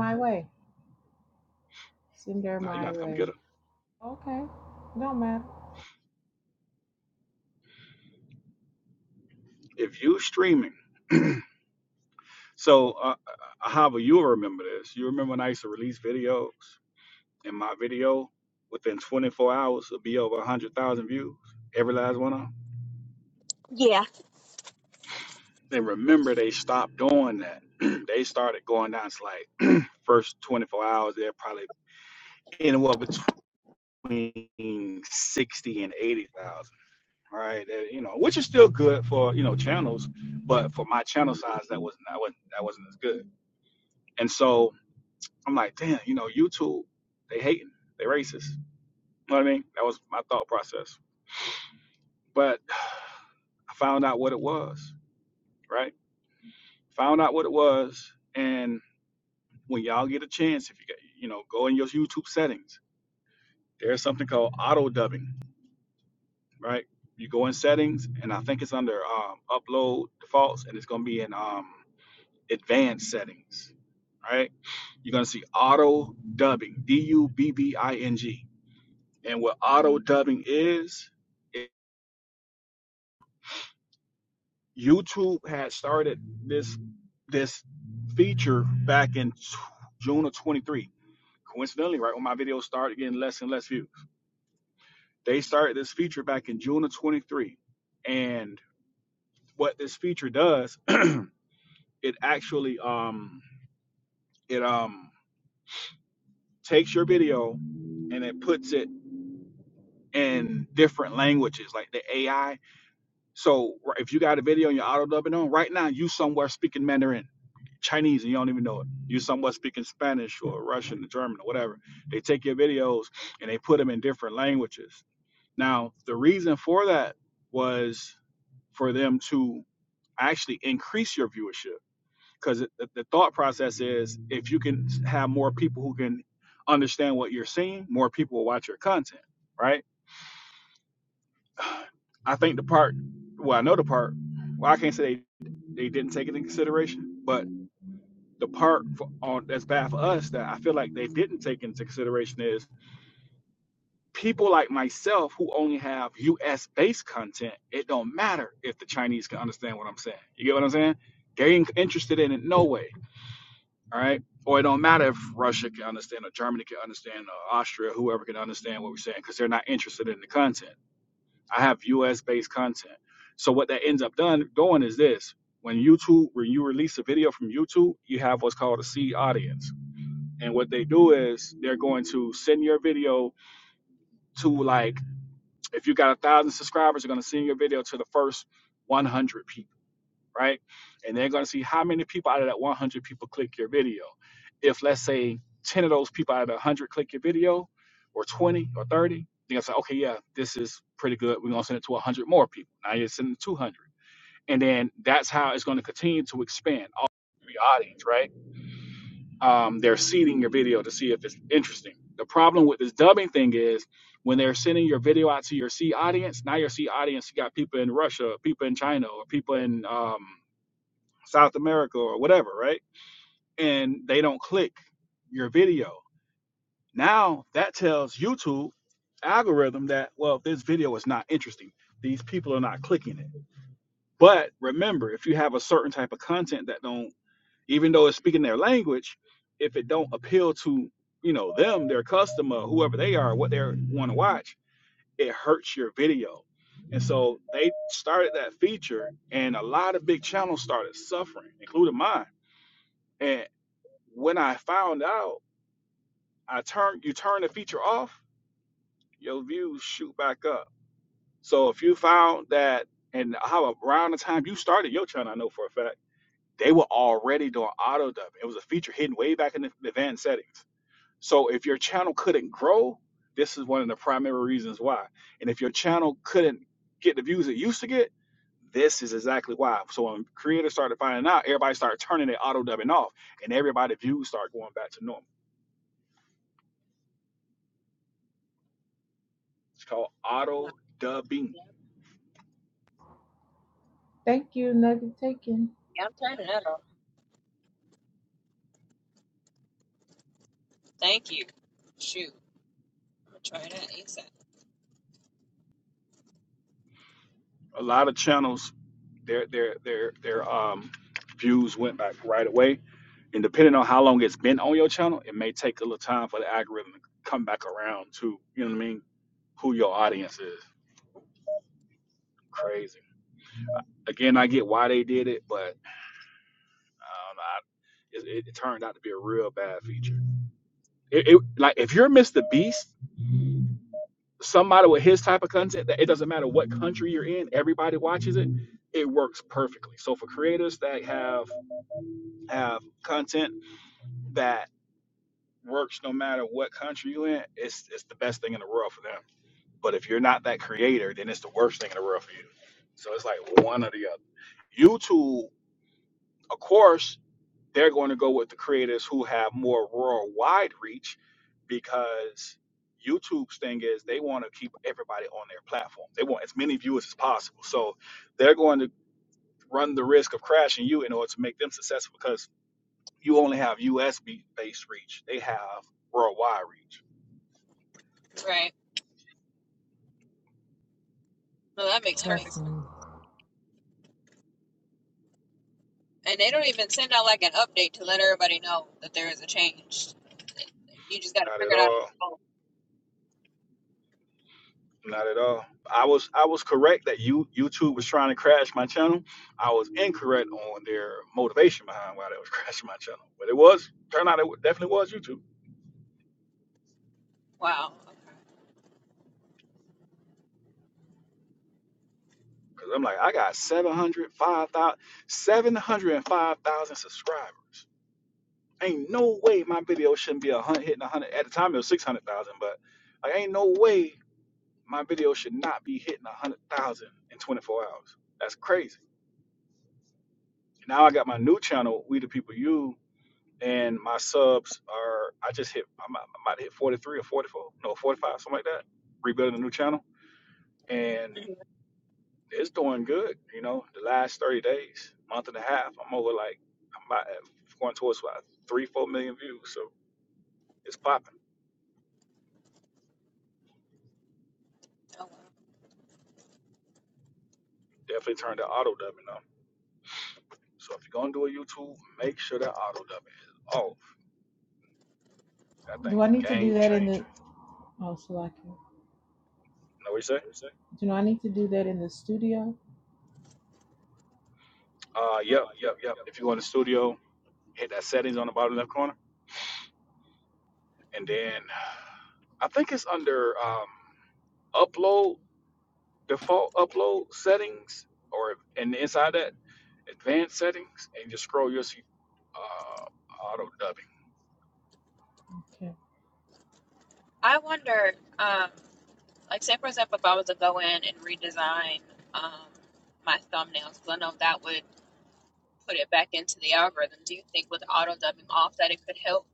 Now you gotta come get her. If you streaming So, uh, uh, however, you'll remember this. You remember when I used to release videos, and my video within 24 hours would be over 100,000 views, every last one of them.
Yeah.
And remember, they stopped doing that. they started going down to like first 24 hours, they're probably anywhere between 60 and 80,000, right? That, you know, which is still good for you know channels, but for my channel size, that wasn't that wasn't that wasn't as good. And so I'm like, damn, you know, YouTube, they hating, they racist You know what I mean? That was my thought process. But I found out what it was, right? Found out what it was. And when y'all get a chance, if you get, you know, go in your YouTube settings, there's something called auto dubbing, right? You go in settings, and I think it's under um, upload defaults, and it's going to be in um, advanced settings, right? You're going to see auto dubbing, D U B B I N G. And what auto dubbing is, YouTube had started this this feature back in June of 23. Coincidentally, right when my videos started getting less and less views, they started this feature back in June of 23. And what this feature does, it actually um it um takes your video and it puts it in different languages, like the AI. So right- if you got a video and you're auto dubbing on right now, you somewhere speaking Mandarin Chinese and you don't even know it. You are somewhat speaking Spanish or Russian or German or whatever. They take your videos and they put them in different languages. Now, the reason for that was for them to actually increase your viewership because the, thought process is if you can have more people who can understand what you're seeing, more people will watch your content, right? I think the part, well, I know the part, well, I can't say they, they didn't take it into consideration, but. the part for, on, that's bad for us that I feel like they didn't take into consideration is people like myself who only have U.S. based content. It don't matter if the Chinese can understand what I'm saying. You get what I'm saying? They ain't interested in it no way. All right. Or it don't matter if Russia can understand or Germany can understand or Austria, whoever can understand what we're saying, because they're not interested in the content. I have U.S. based content. So what that ends up done doing is this: when YouTube, when you release a video from YouTube, you have what's called a seed audience and what they do is they're going to send your video to like if you got a thousand subscribers, they're going to send your video to the first 100 people, right? And they're going to see how many people out of that 100 people click your video. If let's say 10 of those people out of the 100 click your video, or 20 or 30, they're going to say, okay, yeah, this is pretty good. We're going to send it to 100 more people. Now you're sending 200, and then that's how it's going to continue to expand all your audience, right? um, they're seeding your video to see if it's interesting. The problem with this dubbing thing is when they're sending your video out to your C audience, now your C audience, you got people in Russia, people in China, or people in um, South America or whatever, right? And they don't click your video. Now that tells YouTube algorithm that, well, this video is not interesting. These people are not clicking it. But remember, if you have a certain type of content that don't even though it's speaking their language, if it don't appeal to you know them, their customer, whoever they are, what they want to watch, it hurts your video. And so they started that feature, and a lot of big channels started suffering, including mine. And when I found out, I turned you turn the feature off, your views shoot back up. So if you found that, and how around the time you started your channel, I know for a fact they were already doing auto dub. It was a feature hidden way back in the advanced settings So if your channel couldn't grow, this is one of the primary reasons why. And if your channel couldn't get the views it used to get, this is exactly why. So when creators started finding out, everybody started turning their auto dubbing off, and everybody's views start going back to normal. It's called auto dubbing. A lot of channels, their their their their um views went back right away. And depending on how long it's been on your channel, it may take a little time for the algorithm to come back around to you know what I mean, who your audience is. Crazy. Again, I get why they did it, but I I, it, it turned out to be a real bad feature. It, it like if you're Mr. Beast, somebody with his type of content, that it doesn't matter what country you're in, everybody watches it. It works perfectly. So for creators that have have content that works no matter what country you're in, it's it's the best thing in the world for them. But if you're not that creator, then it's the worst thing in the world for you. So it's like one or the other. YouTube, of course, They're going to go with the creators who have more worldwide reach because YouTube's thing is they want to keep everybody on their platform. They want as many viewers as possible. So they're going to run the risk of crashing you in order to make them successful because you only have US be- based reach. They have worldwide reach. Not at all. Not at all. I was I was correct that you YouTube was trying to crash my channel. I was incorrect on their motivation behind why they was crashing my channel. But it was turned out it definitely was YouTube. Cause I'm like, I got seven hundred five thousand, seven hundred and five thousand subscribers. Ain't no way my video shouldn't be a hundred hitting a hundred. At the time it was six hundred thousand, but like ain't no way my video should not be hitting a hundred thousand in twenty four hours. That's crazy. Now I got my new channel, We the People You, and my subs are I just hit I'm, I'm about to hit forty three or forty four, no forty five, something like that. Rebuilding a new channel, and It's doing good. You know, the last 30 days, month and a half, I'm over like, I'm about at, going towards about three, four million views. So it's popping. Definitely turn the auto dubbing on. So if you're going to do a YouTube, make sure that auto dubbing is off. That thing's a game changer. Know what you say? Uh, yep, yep, yep. If you're in the studio, hit that settings on the bottom left corner. And then I think it's under um, upload, default upload settings, or and inside that advanced settings, and you scroll, you'll see uh, auto dubbing.
I wonder, um, like say for example, if I was to go in and redesign um, my thumbnails, 'cause I know that would put it back into the algorithm. Do you think with auto dubbing off that it could help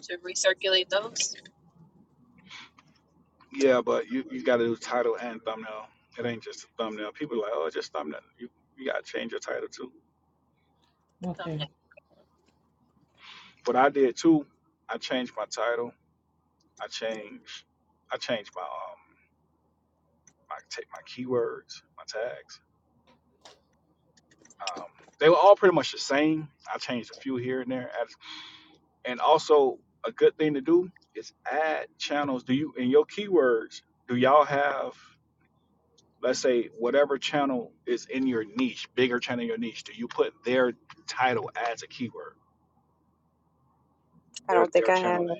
to recirculate those
Yeah, but you, you got to do title and thumbnail. It ain't just a thumbnail. People are like, oh, it's just thumbnail. You, you got to change your title too.
thumbnails?
What I did too, I changed my title. I changed, I changed my um my take my keywords, my tags. Um, they were all pretty much the same. I changed a few here and there. As- And also, a good thing to do is add channels. Do you in your keywords? Do y'all have? let's say whatever channel is in your niche, bigger channel in your niche, do you put their title as a keyword?
I
Their
don't think
their
I have.
channel name.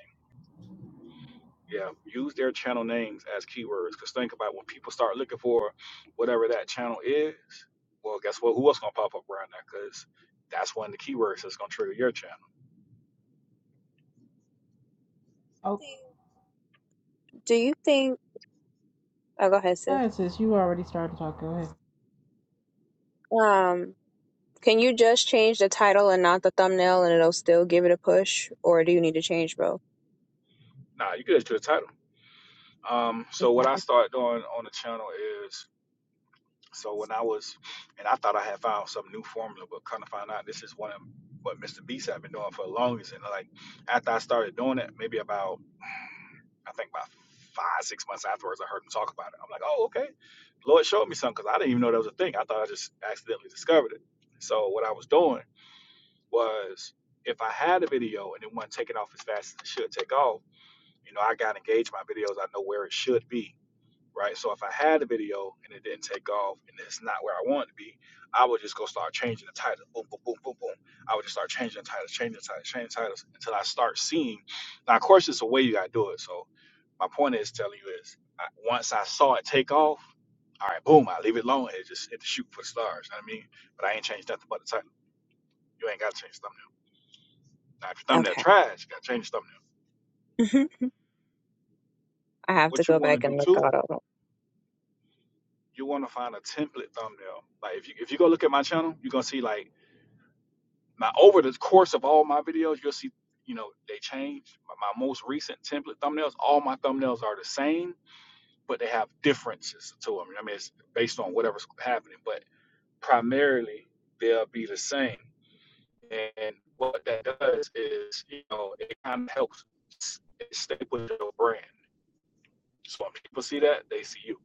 Yeah, use their channel names as keywords. Cause think about when people start looking for whatever that channel is, well, guess what? Who else gonna pop up around that? Cause that's one of the keywords that's gonna trigger your channel.
Do you think? Oh, go ahead, sis. Um, can you just change the title and not the thumbnail, and it'll still give it a push, or do you need to change both?
Nah, you get it to the title. Um, so what I
Okay.
start doing on the channel is. So when I was, and I thought I had found some new formula, but kind of found out this is one of what Mr. Beast had been doing for the longest. And like after I started doing it, maybe about I think about five six months afterwards, I heard him talk about it. I'm like, oh okay, Lord showed me something because I didn't even know that was a thing. I thought I just accidentally discovered it. So what I was doing was if I had a video and it wasn't taking off as fast as it should take off, you know, I got engaged my videos. I know where it should be right? So if I had a video and it didn't take off and it's not where I want it to be, I would just go start changing the title. Boom, boom, boom, boom, boom. I would just start changing the titles, changing the titles, changing the titles until I start seeing. Now, of course, it's a way you gotta do it. So my point is telling you is I, once I saw it take off, all right, boom, I leave it alone and just hit the shoot for the stars. You know what I mean? But I ain't changed nothing but the title. You ain't gotta change the thumbnail. Now, if your thumbnail
Okay.
trash, you gotta change the thumbnail.
I have to
What you
go
wanna
back
do
and look
too?
out all of
You wanna find a template thumbnail. Like if you if you go look at my channel, you're gonna see like my over the course of all my videos, you'll see, you know, they change. My, my most recent template thumbnails, all my thumbnails are the same, but they have differences to them. I mean, it's based on whatever's happening, but primarily they'll be the same. And what that does is, you know, it kind of helps stay with your brand. So when people see that, they see you.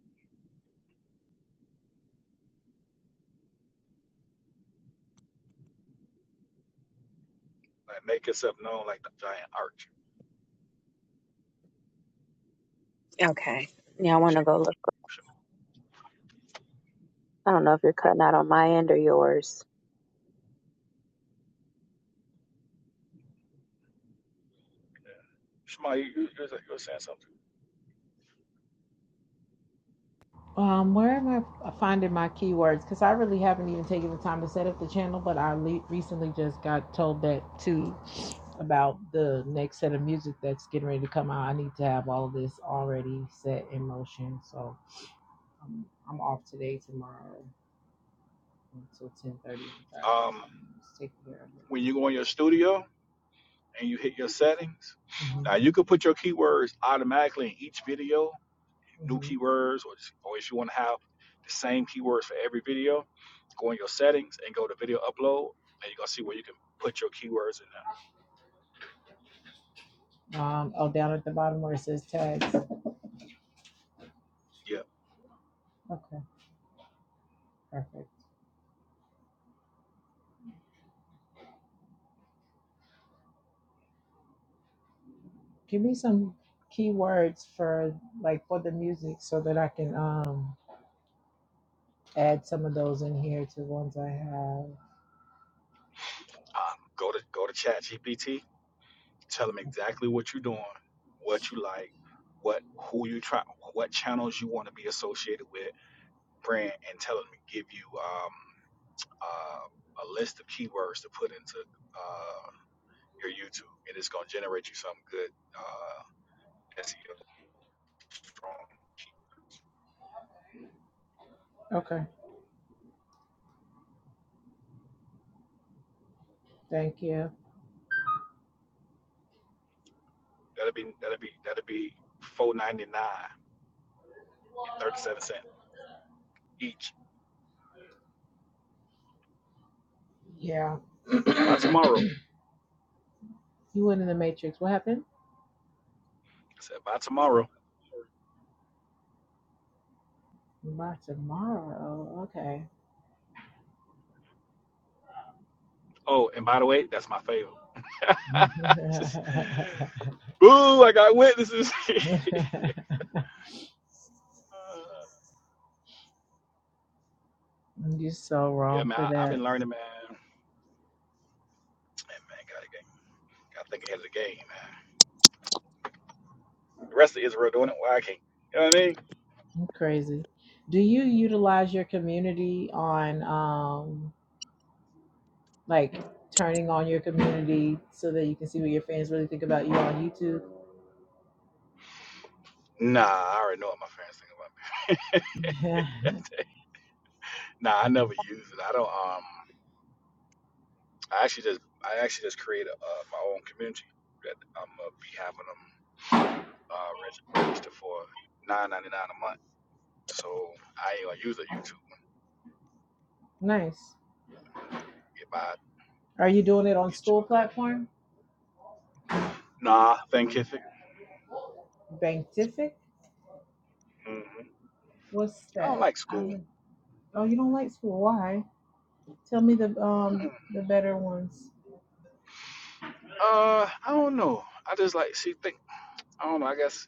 Like make yourself known like the giant arch.
them. Okay. Yeah, I want to
Shema,
go look.
Shema,
I don't know if you're cutting out on my end or yours.
yeah. Shema, you, you, you were saying something. Um, when you go in your studio, and you hit your settings. Now you can put your keywords automatically in each video, new keywords, or, just, or if you want to have the same keywords for every video, go in your settings and go to video upload, and you're gonna see where you can put your keywords in there. Yeah. Um, go to go to Chat GPT, tell them exactly what you're doing, what you like, what who you try, what channels you want to be associated with, brand, and tell them to give you um, uh, a list of keywords to put into. Uh, your YouTube, and it's gonna generate you some good uh, SEO strong. That'll be that'll be that'll be four ninety nine and thirty seven cent each by tomorrow. I said by tomorrow. Oh, and by the way, that's my favorite. Just- Ooh, I got witnesses. Uh, yeah, man, I, I've been learning, man. Hey, man, gotta, get- gotta think ahead of the game, man. The rest of Israel doing it, why I can't? You know what I mean? Nah, I already know what my fans think about me. Nah, I never use it. I don't. Um, I actually just I actually just created uh, my own community that I'm gonna be having them uh, reg- register for nine ninety nine a month. So I ain't gonna use a YouTube one. Get my get you a good nah thinkific. hmm I don't like school. Mm. Uh, I don't know. I just like see. Think I don't know. I guess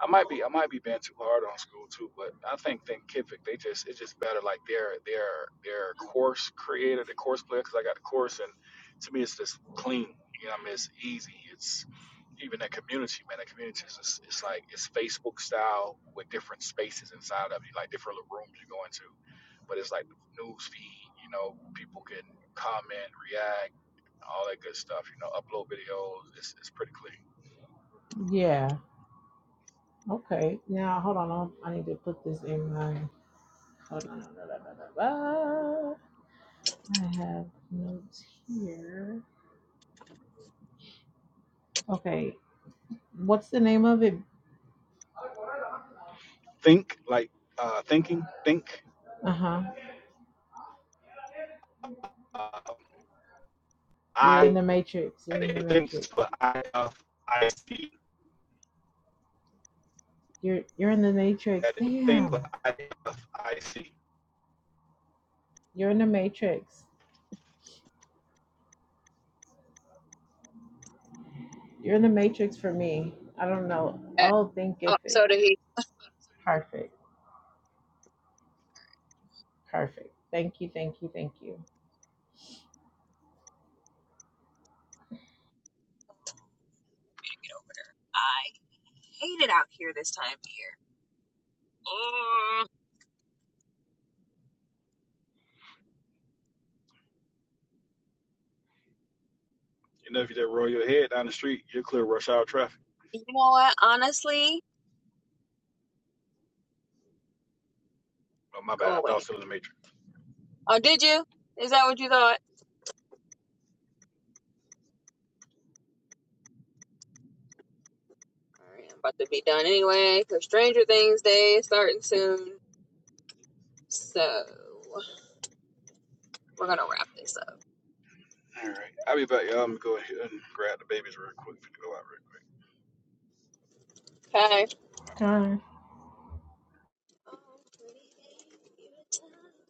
I might be I might be being too hard on school too, but I think Thinkific they just it's just better like their their their course creator, the course player, because I got the course and to me it's just clean. You know, what I mean, it's easy. It's even that community, man. That community is just, it's like it's Facebook style with different spaces inside of you, like different little rooms you go into. But it's like the news feed. You know, people can comment, react, all that good stuff. You know, upload videos. It's it's pretty clean. think like uh, thinking think. Uh, I think, thinks for I F I C. That it thinks for I F I C.
I hate it out here this time of year. Mm,
You know, if you just roll your head down the street, you're clear of rush hour traffic. Oh my bad, I thought it was in the matrix. All right, I'll be back, y'all. I'm gonna go ahead and grab the babies real quick for to go out.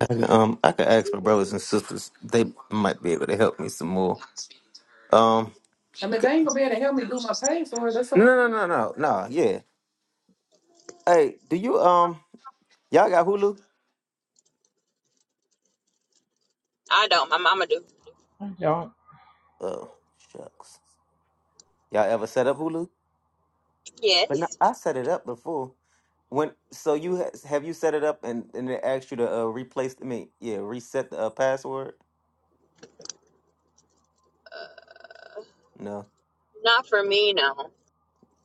And, um, I could ask my brothers and sisters. They might be able to help me some more. Um, no, no, no, no, no, no. Yeah. Hey, do you um, y'all got Hulu? Oh, shucks. Y'all ever set up Hulu? But no, I set it up before. When so you ha- have you set it up and and it asked you to uh, replace I mean yeah reset the uh, password? No.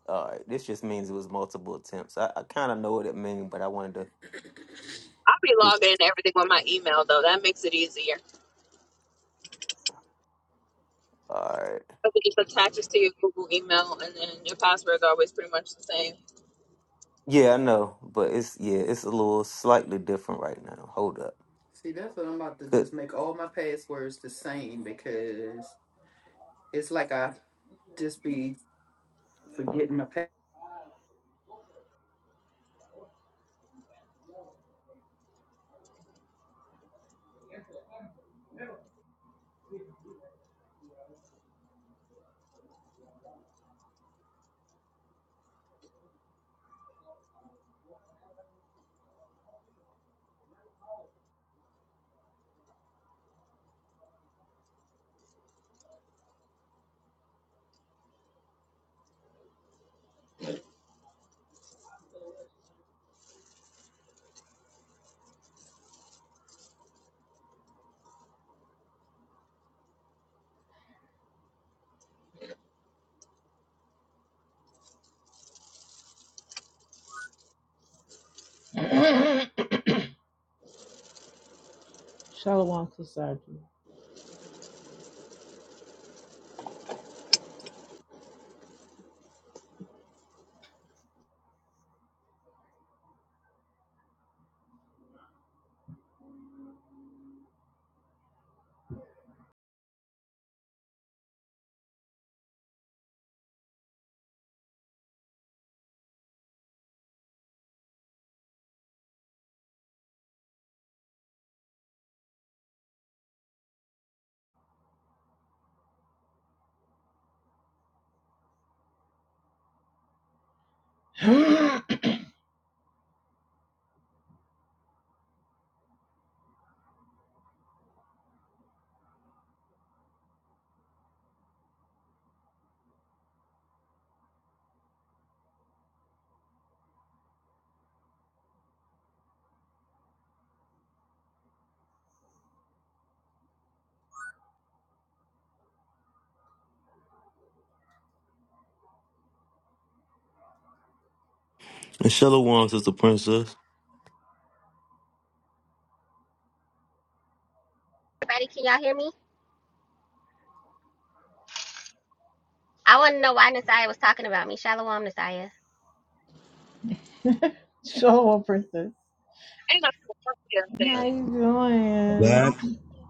All right. This just means it was multiple attempts. I, I kind of know what it means, but I wanted to. All right. Yeah, I know, but it's yeah, it's a little slightly different right now. Hold up. See, that's what I'm about to Good. just make all my passwords the same because it's like I just be forgetting my password. And Shalom, sister princess.
Everybody, can y'all hear me? I want to know why Nasiah was talking about me. Shalom, Nasiah.
That that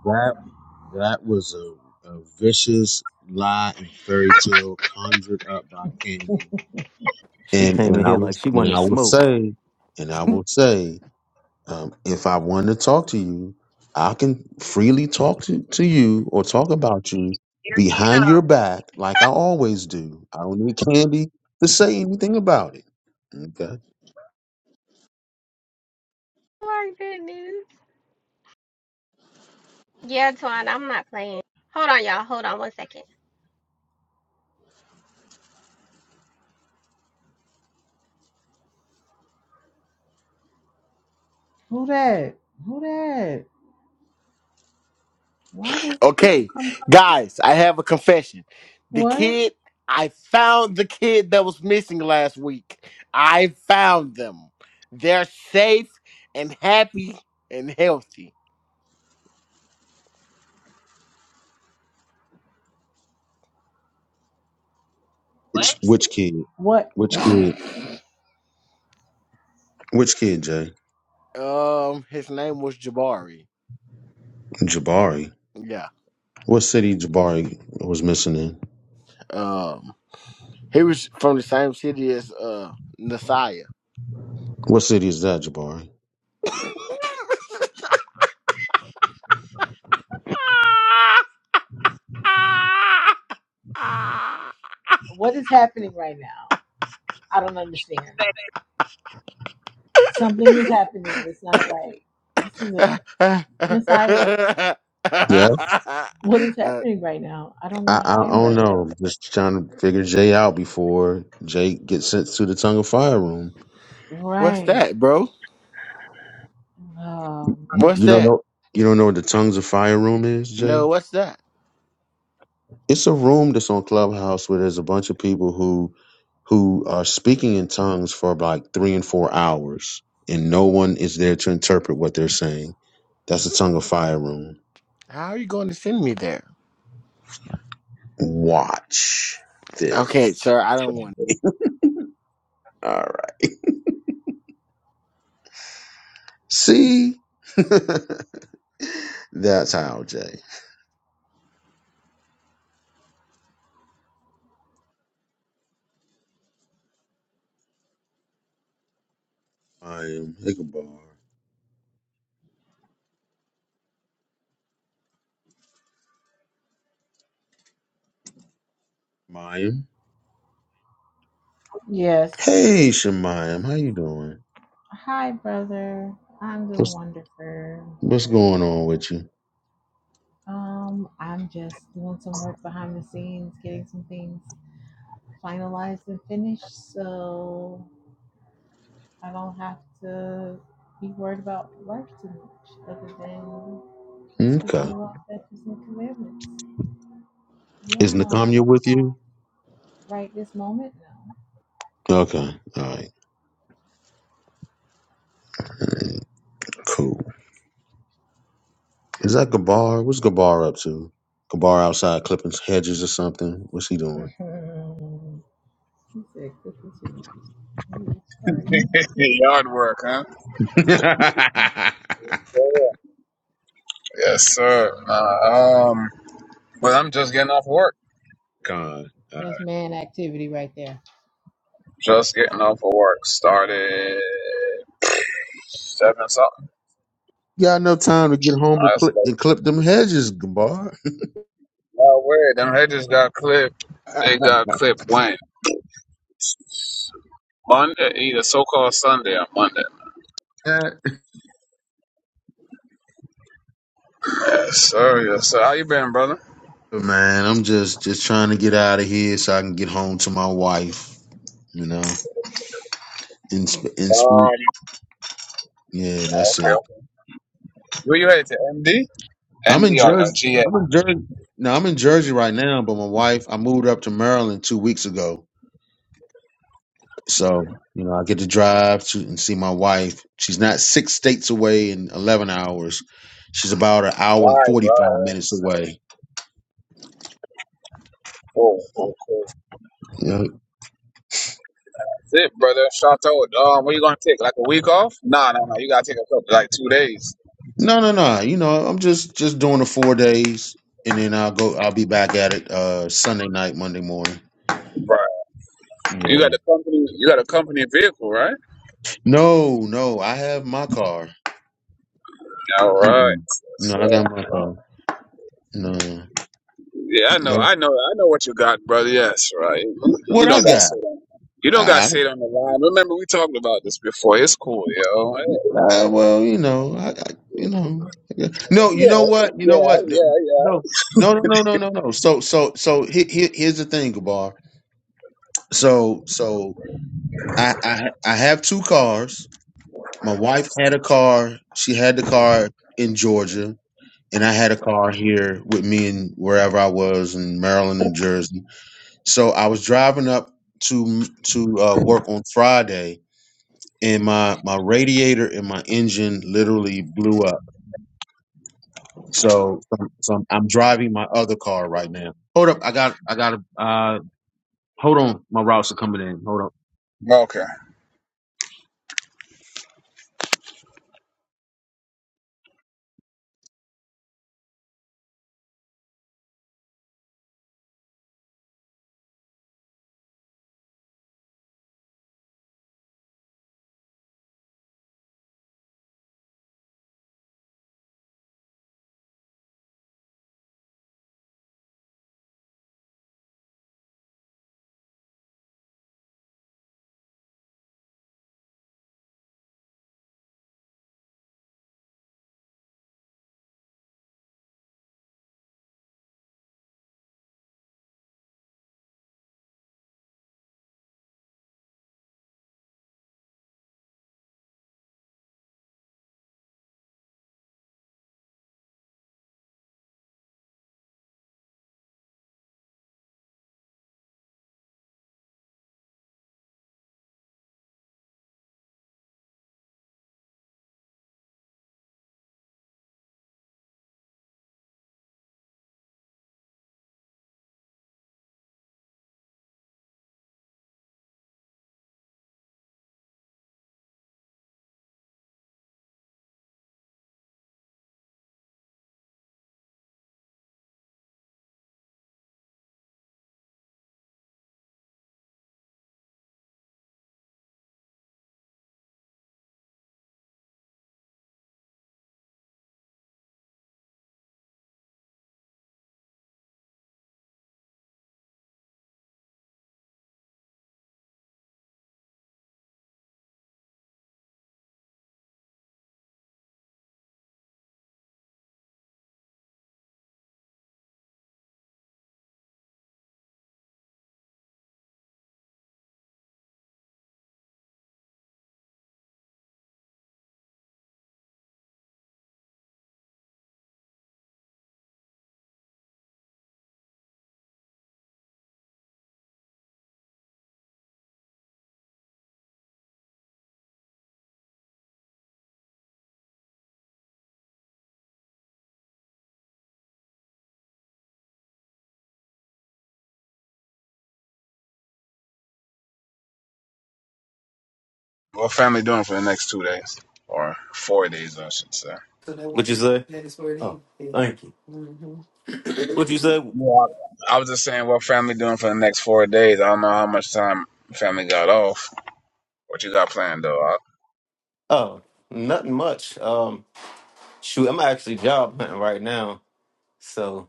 that that was a, a vicious lie and fairy tale conjured up by Candy.
She
And
came in
and I
here
will
like she
and
wanted
I will
smoke.
say, and I will say Um, if I want to talk to you, I can freely talk to, to you or talk about you behind your back, like I always do. I don't need Candy to say anything about it. Okay.
My goodness. Yeah, Twan, I'm not playing. Hold on, y'all. Hold on one second.
Okay, guys, I have a confession. The kid, I found the kid that was missing last week. I found them. They're safe and happy and healthy.
It's
what?
which kid? Which kid? Which kid, Jay?
Um, his name was Jabari.
Jabari.
Yeah.
What city Jabari was missing in?
Um, he was from the same city as uh Nasiah.
What city is that, Jabari?
uh,
Yeah. I, I don't know. Just trying to figure Jay out before Jay gets sent to the tongue of fire room.
what's that, bro? What's
You don't
that?
know you don't know what the tongues of fire room is,
No,
Jay?
what's that?
It's a room that's on Clubhouse where there's a bunch of people who who are speaking in tongues for like three and four hours and no one is there to interpret what they're saying. That's a tongue of fire room.
How are you going to send me there?
Watch
Okay,
this.
sir, I don't want.
All right. See? That's how, Jay. Mayim, Ickabar. Mayim. Hey, Shemayim. How you doing? What's what's going on with you? Okay. Is Nakamya with you? Okay. All right. Mm, Cool. Is that Gabar? What's Gabar up to? Gabar outside clipping hedges or something? What's he doing?
Yard work, huh?
Con.
Yes, sir. Uh, um, but I'm just getting off work.
Uh,
Just getting off of work. Started seven something.
Got no time to get home and
I was
clip,
like,
and clip them hedges, Gabar.
no way. Them hedges got clipped. They got clipped when? Monday, either so-called Sunday or Monday. Yes, sir. Yes, sir. How you been, brother?
Man, I'm just just trying to get out of here so I can get home to my wife. You know, in sp- in sp-
Um,
yeah,
okay.
that's it.
okay. Where you headed to MD?
I'm in
MD or, or
Jersey.
GA?
I'm in Jersey. No, I'm in Jersey right now, but my wife, I moved up to Maryland two weeks ago. So, you know, I get to drive to and see my wife. She's not six states away in 11 hours. She's about an
Right,
hour and
right.
45 minutes away.
Cool, cool, cool.
You know,
That's it, brother. Shout out. Um, what you gonna take? Like a week off? Nah, nah, nah. You gotta take a couple, like two days.
no, no, no. You know, I'm just, just doing the four days and then I'll go, I'll be back at it, uh, Sunday night, Monday morning.
Right. You
Yeah.
got the company. You got a company vehicle, right?
No, no, I have my car.
All right.
Mm-mm.
Yes,
No,
sir.
I got my car. No,
Yeah, I know.
no.
I know. I know what you got, brother. Yes, right. You
What I
don't got to
got?
sit on. You don't got to
I,
sit on the line. Remember, we talked about this before. It's cool, yo.
I, well, you know, I, I, you know, yeah. no, you know what, you know
Yeah,
what, Th-
yeah,
no, no, no, no, no, no, no. So, so, so he, he- here's the thing, Gabar. So, so I, I, I have two cars. My wife had a car. She had the car in Georgia, and I had a car here with me and wherever I was in Maryland and Jersey. So I was driving up to to uh, work on Friday, and my my radiator and my engine literally blew up So, so, I'm, so I'm, I'm driving my other car right now. Hold up, I got, I got to, uh, hold on, my routes are coming in. Hold
yeah. Okay. What family doing for the next two days or four days, I should say.
What you say? Oh, thank you. What you say?
Yeah. I was just saying, what family doing for the next four days? I don't know how much time family got off. What you got planned though? All
Oh, nothing much. Um, shoot, I'm actually job hunting right now, so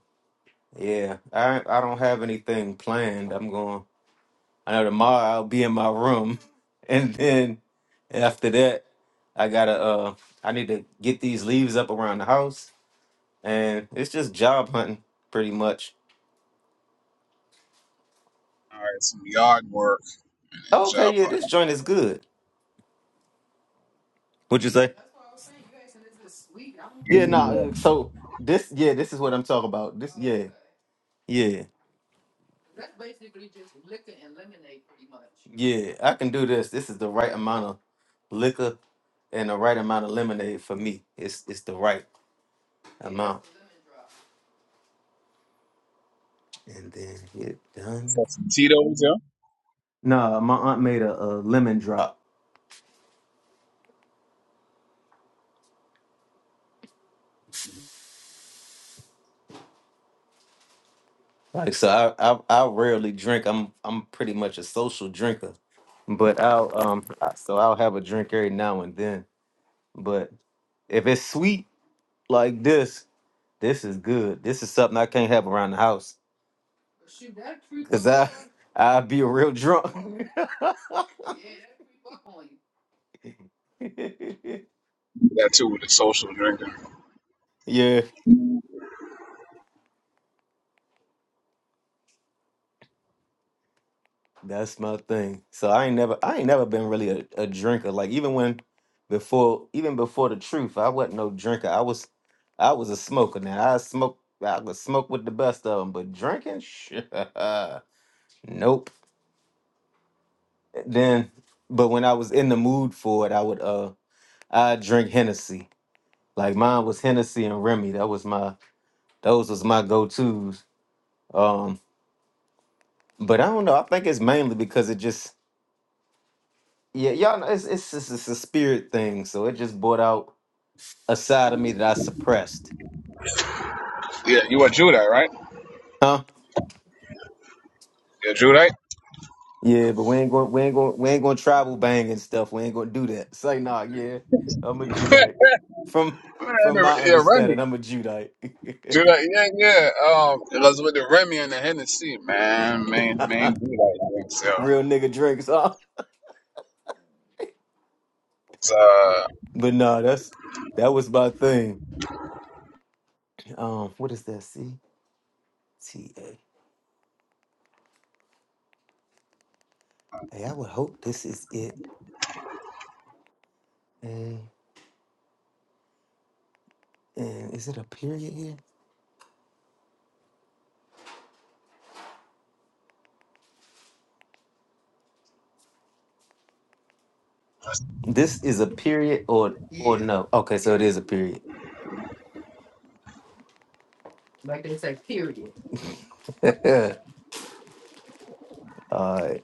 yeah, I I don't have anything planned. I'm going. I know tomorrow I'll be in my room, and then after that, I gotta uh, I need to get these leaves up around the house, and it's just job hunting pretty much.
right, some yard work and
Oh, okay,
job
yeah,
hunting.
this joint is good. What'd you say? Yeah, no.
You
Nah,
uh,
so this, yeah, this is what I'm talking about. This, yeah, yeah. Yeah, I can do this. This is the right amount of liquor and the right amount of lemonade for me. It's it's the right amount. And then get done.
so some Tito's, yeah.
No, my aunt made a, a lemon drop. Like so, I, I I rarely drink. I'm I'm pretty much a social drinker, but I'll um I- so I'll have a drink every now and then. But if it's sweet like this, this is good. This is something I can't have around the house. Cause I I'd be a real drunk.
That too with the social drinking.
yeah. That's my thing. So I ain't never I ain't never been really a, a drinker. Like even when before even before the truth, I wasn't no drinker. I was I was a smoker now. I smoke I would smoke with the best of them, but drinking, nope. Then, but when I was in the mood for it, I would uh I drink Hennessy. Like mine was Hennessy and Remy. That was my those was my go tos. Um, but I don't know. I think it's mainly because it just Yeah, y'all know it's it's just it's a spirit thing, so it just brought out a side of me that I suppressed.
Yeah, you a Judite, right?
Huh?
You're a Judite.
Yeah, but we ain't going we ain't going we ain't gonna travel bang and stuff. We ain't gonna do that. Say nah, yeah. I'm a Judite. From from my
yeah, Remy.
understanding, I'm a Judite.
Judite, yeah, yeah. Um, it was with the Remy and the Hennessy, man. Main, main Judite drinks, yo.
Real nigga drinks, huh?
Uh,
But nah, that's that was my thing. Um, what is that? C T A. Hey, I would hope this is it. And and is it a period here? This is a period or or Yeah. no? Okay, so it is a period. Like they say, period. all right.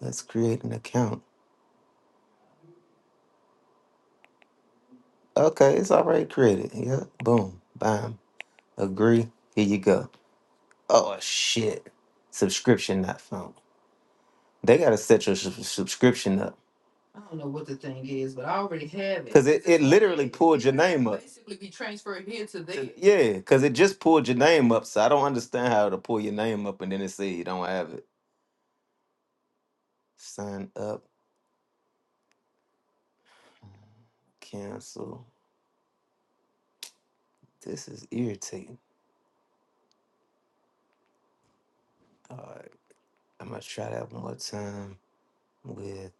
Let's create an account. Okay, it's already created. Yeah. Boom. Bam. Agree. Here you go. Oh shit. Subscription not found. They gotta set your sub- subscription up. I don't know what the thing is, but I already have it. Cause it, it literally yeah, pulled your name up. basically be transferred here to there. Yeah, because it just pulled your name up, so I don't understand how to pull your name up and then it say you don't have it. Sign up, cancel. This is irritating. All right, I'm gonna try that one more time with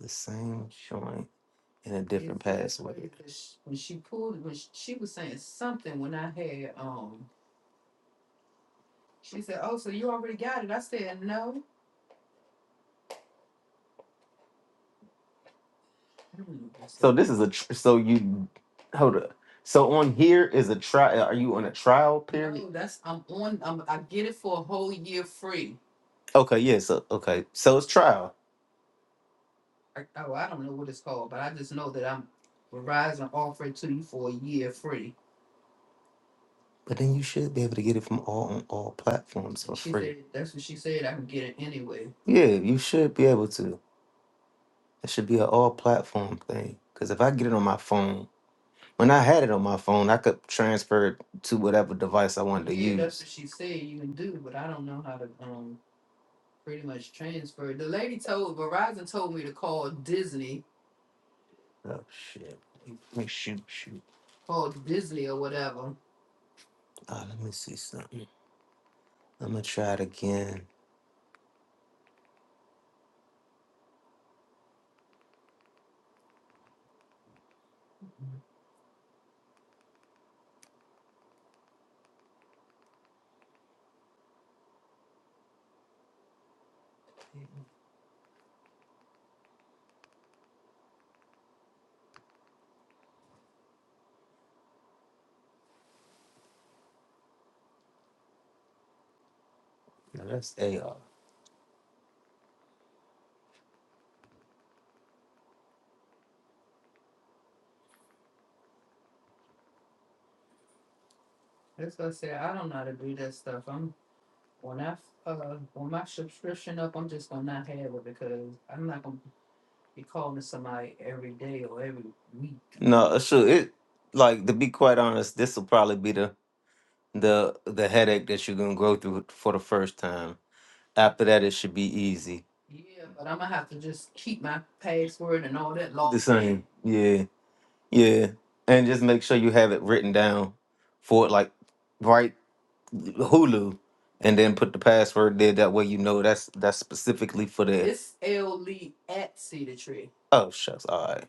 the same joint and a different so password. because when she pulled, when sh- she was saying something, when I had, um, she said, "Oh, so you already got it?" I said, "No." I don't know what I said. So this is a tr- so you hold up. So on here is a trial. Are you on a trial period? No, that's I'm on. I'm, I get it for a whole year free. Okay, yeah. So okay, so it's trial. I, oh, I don't know what it's called, but I just know that I'm Verizon offered to you for a year free. But then you should be able to get it from all on all platforms for She free. said that's what she said. I can get it anyway. Yeah, you should be able to. It should be an all platform thing. Because if I get it on my phone, when I had it on my phone, I could transfer it to whatever device I wanted to Yeah, that's use. what she said you can do, but I don't know how to um pretty much transfer. it. The lady told Verizon told me to call Disney Oh shit. Let me shoot, shoot. Called Disney or whatever. Ah, let me see something. I'm gonna try it again. Now that's AR. That's what I said. I don't know how to do that stuff. I'm when I am when I uh when my subscription up, I'm just gonna not have it because I'm not gonna be calling somebody every day or every week. No, sure. It like to be quite honest, this will probably be the the the headache that you're gonna go through for the first time. After that, it should be easy. Yeah, but I'm gonna have to just keep my password and all that The locked in. same. Yeah. Yeah. And just make sure you have it written down for it, like write Hulu and then put the password there. That way you know that's that's specifically for that. It's L Lee at Cedar Tree. Oh shucks. All right.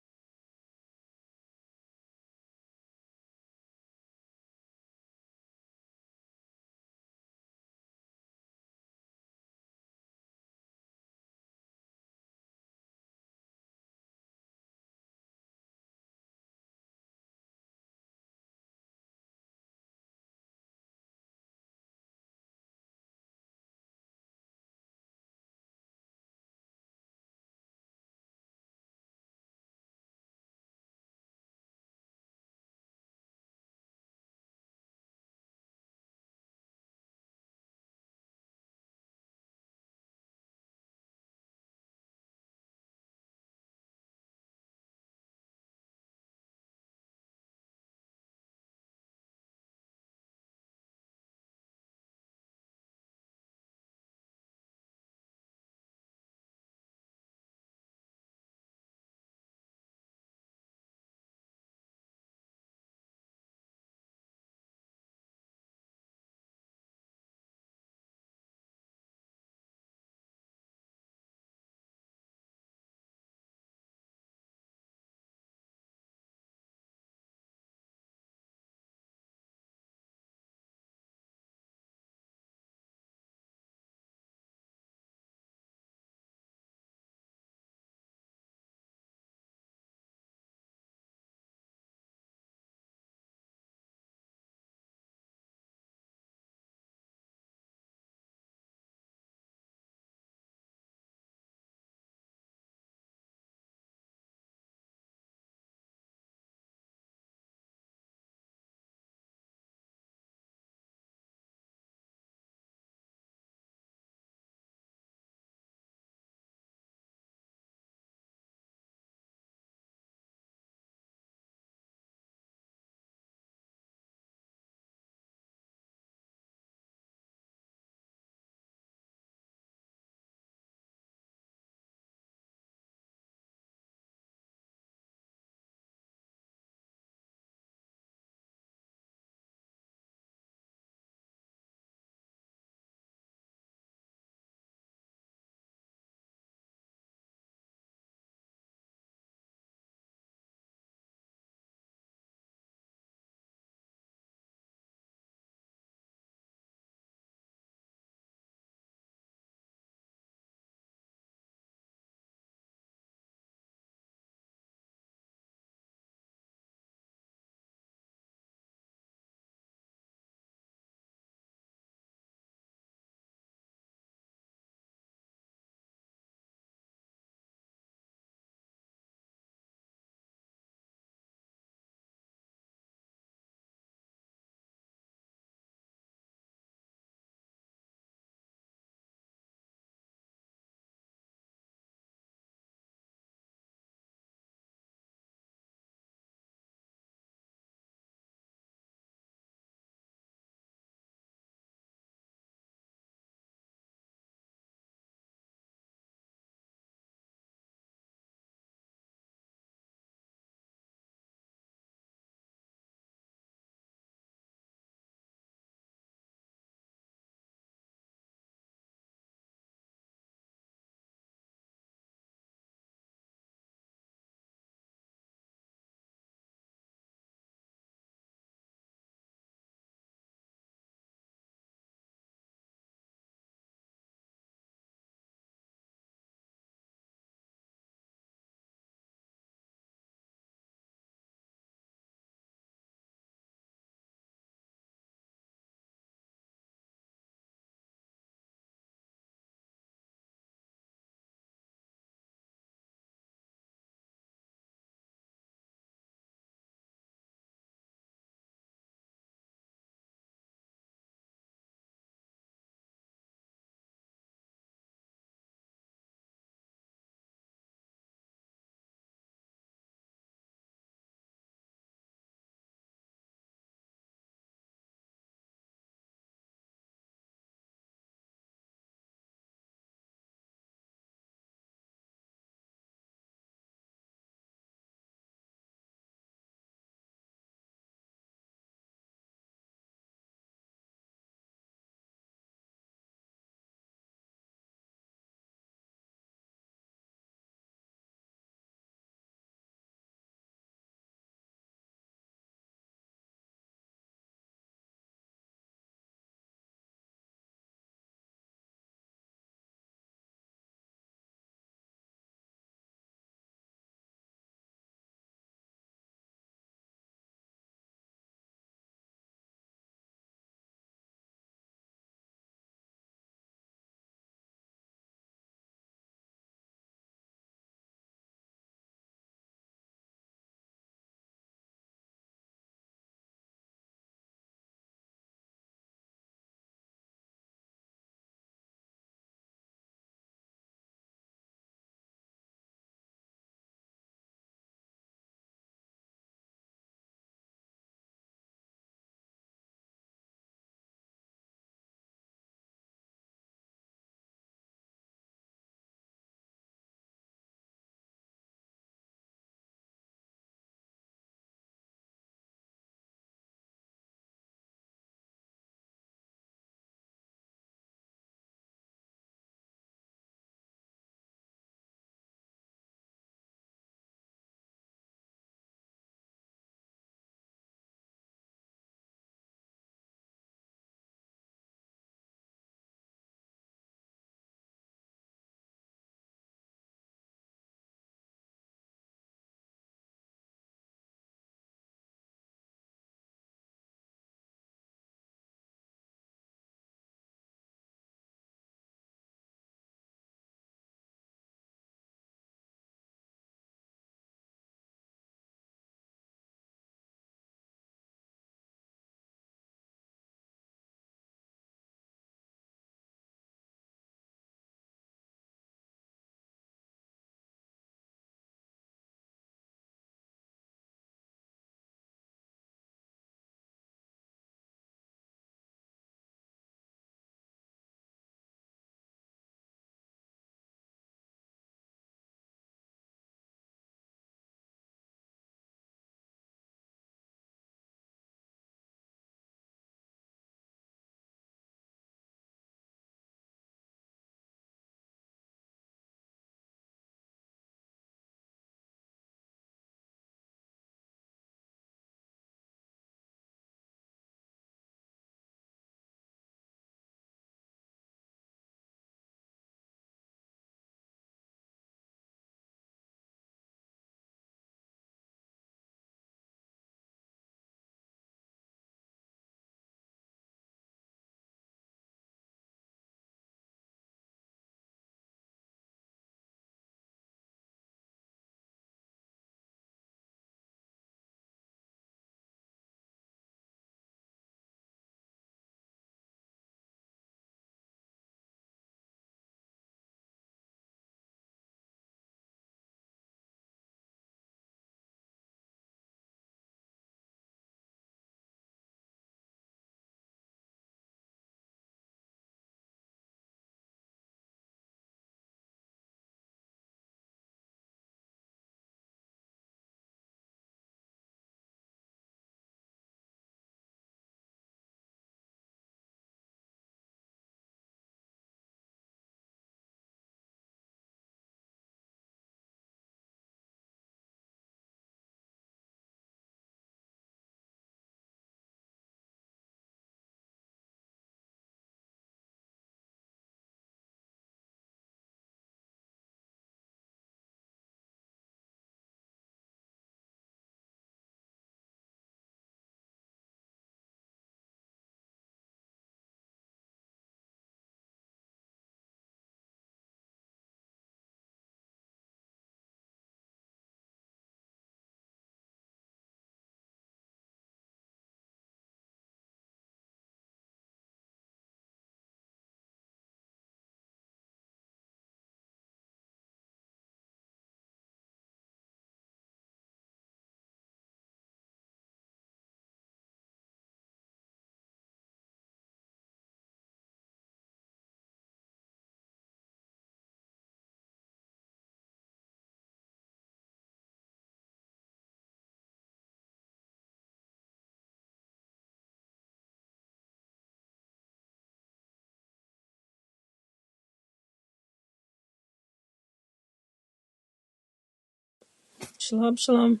Shalom, shalom.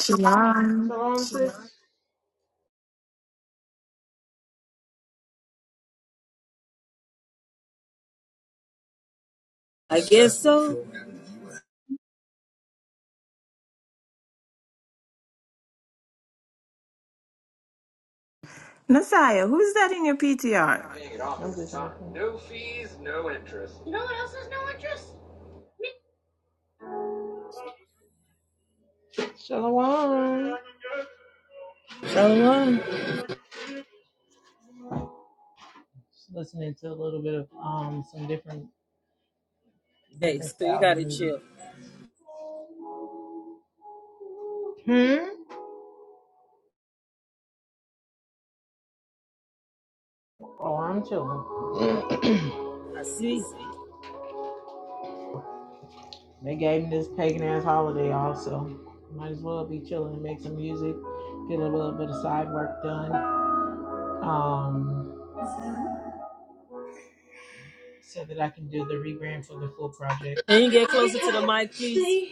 Shalom.
I guess so.
Nasaya, who's that in your PTR?
Shalom. Hey, so you gotta chill. I see. Can you get closer to the mic, please?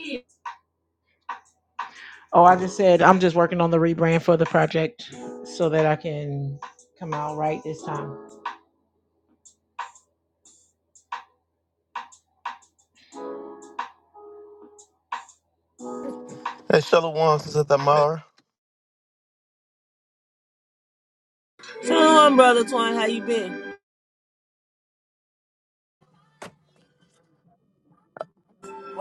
Shalom, brother Twine. How you been?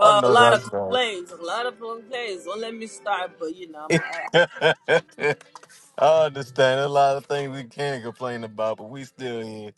I
a
know
lot of
that's right.
complaints. A lot of complaints. Don't let me start, but you know. I'm,
I understand a lot of things we can complain about, but we still here.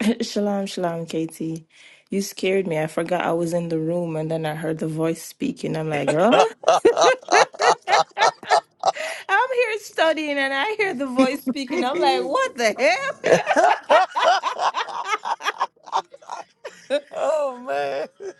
Shalom, shalom, Katie. You scared me. I forgot I was in the room and then I heard the voice speaking. I'm like, huh? I'm here studying and I hear the voice speaking. I'm like, what the hell?
Oh man.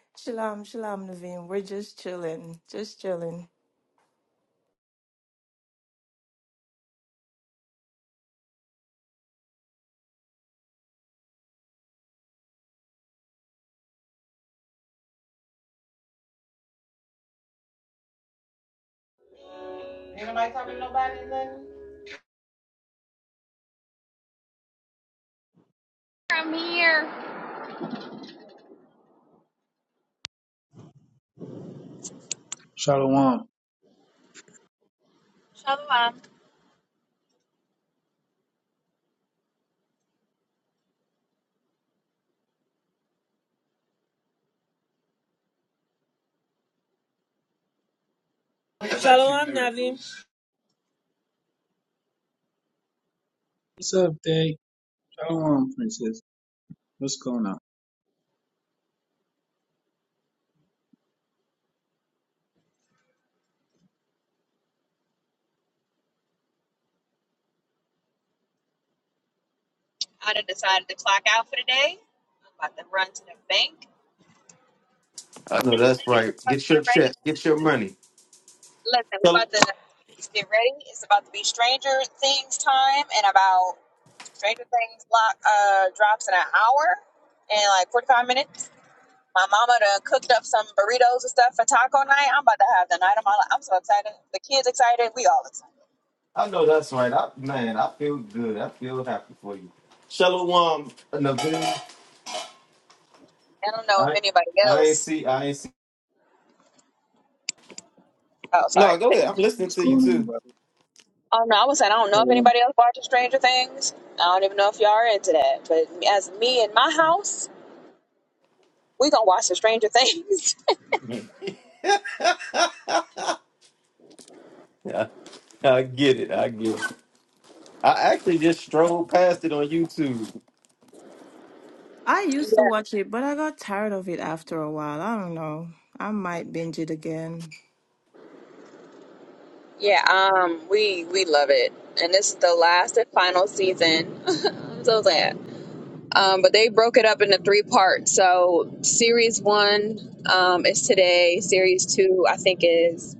shalom, shalom, Naveen. We're just chilling, just chilling.
Shalom.
I, shalom, Navim.
What's up, Day? Shalom, Princess. What's going on?
I done decided to clock out for the day. I'm about to run to the bank.
I know
And we
that's right.
about to
Get
get
your
ready.
check. Get your money.
Listen, we're
Shal-
about to get ready. It's about to be Stranger Things time in about Stranger Things lock uh, drops in an hour and like 45 minutes. My mama done cooked up some burritos and stuff for taco night. I'm about to have the night of my life. I'm so excited. The kids excited. We all excited.
I know that's right. I, man, I feel good. I feel happy for you. Shalom. Naveen,
And I'm
I I ain't
s-
see I ain't see No, go ahead. I'm listening
What's
to you
going on,
too.
brother?
I'm-
Shalom.
I don't even know if y'all are into that, but as me, it's- we gonna
I, I get it. I get it. I actually just strolled past it on YouTube.
I used to watch it, but I got tired of it after a while. I don't know. I might binge it again.
series one um is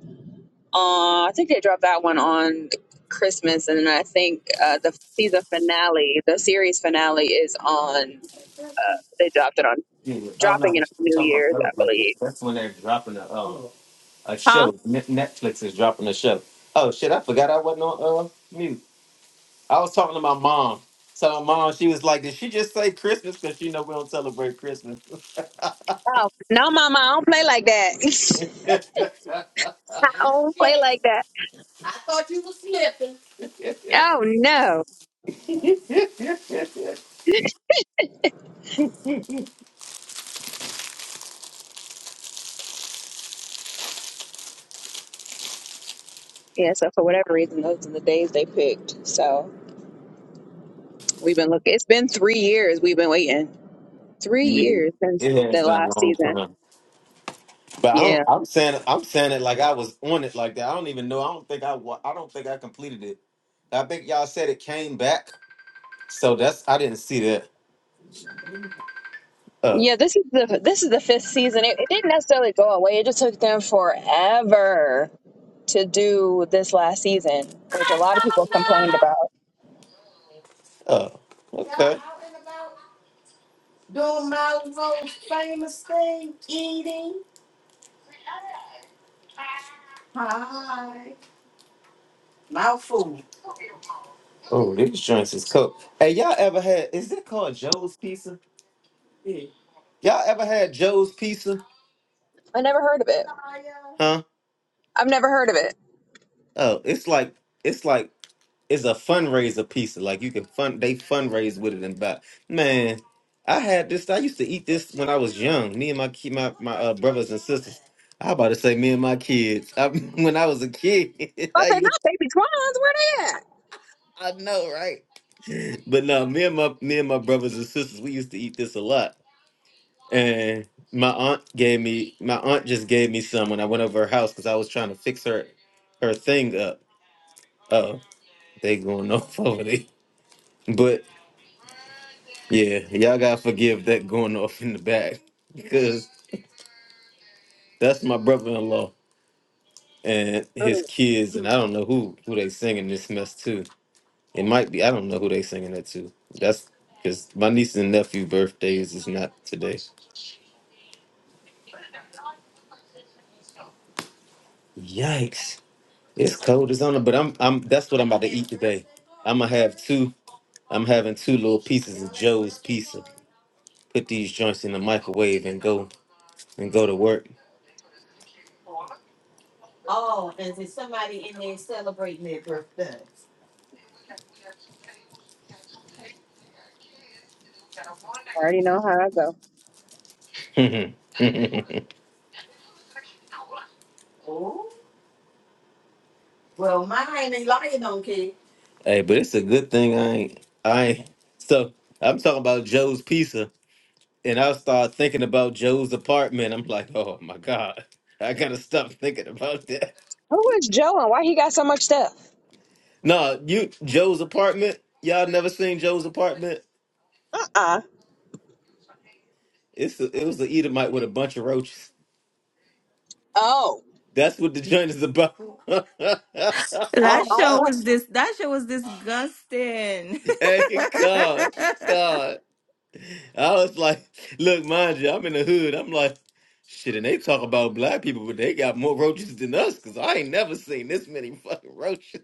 on. I think they dropped that one on Chris. I think, Uh, the season is on. Uh, they dropped it on
Yeah. Oh no,
dropping it on
we're
New
talking about
Year's, I
Celebrate.
believe.
That's when they're dropping a uh, a
Huh?
show. Net Netflix is dropping a show. Oh shit, I forgot I wasn't on uh mute. I was talking to my mom. So my mom, she was like, "Did she just say Christmas? Because she know we don't celebrate Christmas."
Oh no, Mama, I don't play like that.
yeah,
I don't play like that. Oh no. Yeah, so for whatever reason, those are the days they picked. So we've been looking. It's been three years we've been waiting. Three years since
it has
the
been a
last
long
season.
time. But I don't,
Yeah.
I'm saying it- I'm saying it like I was on it like that. I don't even know. I don't think I wa- I don't think I completed it. I think y'all said it came back. So that's I didn't see that. Uh,
Yeah, this is the this is the fifth season. It, it didn't necessarily go away. It just took them forever to do this last season, which a lot of people complained about.
uh, okay. Doing my most famous thing, eating pie. Mouthful. Oh, these joints is cooked. Hey, y'all ever had? Is that called Joe's Pizza? Yeah. Y'all ever had Joe's Pizza?
I never heard of it.
Huh?
I've never heard of it.
Oh, it's like it's like it's a fundraiser pizza. Like you can fund they fundraise with it and buy. Man, I had this. I used to eat this when I was young. Me and my ki- my my uh, brothers and sisters. I about to say me and my kids. I, when I was a kid,
I
I
said,
used
not baby twins. Where they at?
I know right. But no, me and my me and my brothers and sisters, we used to eat this a lot. And my aunt gave me my aunt just gave me some when I went over her house because I was trying to fix her her thing up. Oh, they going off over there. But yeah, y'all gotta forgive that going off in the back because that's my brother-in-law and
I don't
his kids, and I don't know who who they singing this mess to. It might be I don't know who they singing that to. That's because my niece and nephew birthdays is not today. Yikes! It's cold as on, but I'm I'm that's what I'm about to eat today. I'm gonna have two I'm having two little pieces of Joe's pizza. Put these joints in the microwave and go and go to work. Oh, and is it somebody in there celebrating their birthday?
know.
Hey, oh, well, mine ain't lying on kid. Hey, but it's a good thing I ain't. I ain't. So I'm talking about Joe's pizza, and I start thinking about Joe's apartment. I'm like, oh my god, I gotta stop thinking about that.
Who is Joe and why he got so much stuff?
No, you Joe's apartment. Y'all never seen Joe's apartment?
Uh-uh.
It's a, it was the Edomite with a bunch of roaches.
Oh,
That's what the joint is about.
I
That
don't,
show was this. That show was disgusting.
hey, God, God. I was like, look, mind you, I'm in the hood. I'm like, shit, and they talk about black people, but they got more roaches than us because I ain't never seen this many fucking roaches.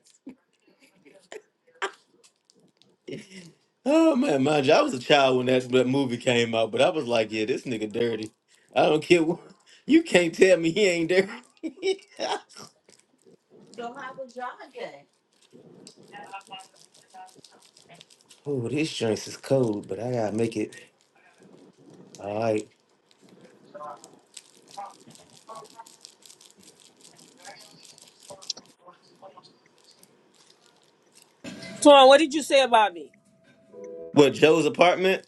Oh, man, mind you, I was a child when that, that movie came out, but I was like, yeah, this nigga dirty. I don't care. what- You can't tell me he ain't dirty. So how was y'all day? Oh, this joint is cold, but I gotta make it all right.
Twine, what did you say about me?
What Joe's apartment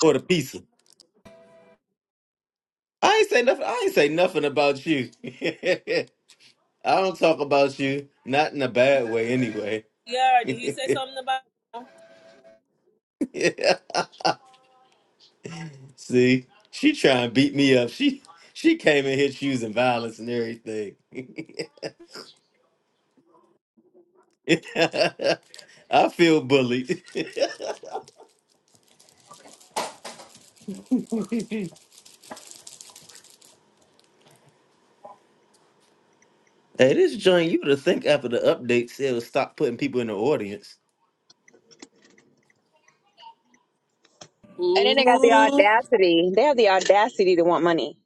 or the pizza? I ain't say nothing. I ain't say nothing about you. I don't talk about you, not in a bad way, anyway.
Yeah, did he say something about me?
See, she trying to beat me up. She she came in here choosing violence and everything. I feel bullied. hey, this joint, you would have think after the update said stop putting people in the audience.
And then they got the
Ooh.
audacity. They have the audacity to want money.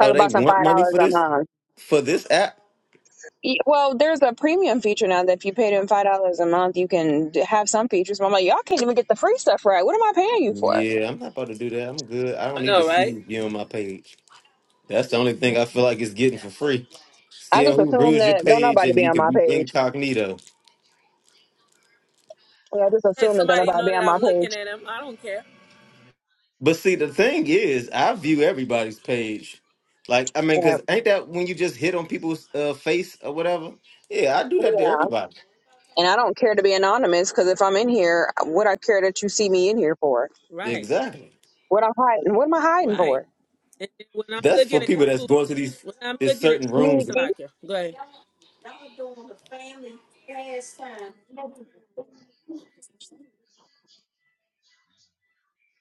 Talk
Oh, they
about some
want
five
money
dollars
for
a
this
month.
for this app?
E- Well, there's a premium feature now that if you pay them five dollars a month, you can d- have some features. But I'm like, y'all can't even get the free stuff right. What am I paying you for?
Yeah, I'm not about to do that. I'm good. I don't
I
need to
know,
see
right?
who's viewing my page. That's the only thing I feel like it's getting for free.
I
Seeing
just
who
assume
views your
that don't
page
nobody
and
be
you
on
can
my
be
page.
incognito.
Yeah, I just
Let
assume that don't
somebody
nobody
know
be
that
on my
I'm looking
page.
at him. I don't care.
But see, the thing is, I view everybody's page. Like, I mean,
Yeah,
cause ain't that when you just hit on people's uh, face or whatever? Yeah, I do that to
yeah.
everybody.
And I don't care to be anonymous because if I'm in here, what I care that you see me in here for?
Right,
Exactly.
What I'm hiding? What am I hiding
right.
for?
And then when I'm
That's
looking
for
at
people that's
you,
going to these
when I'm
these
looking at
certain rooms
Sneaky.
Salakia, go ahead.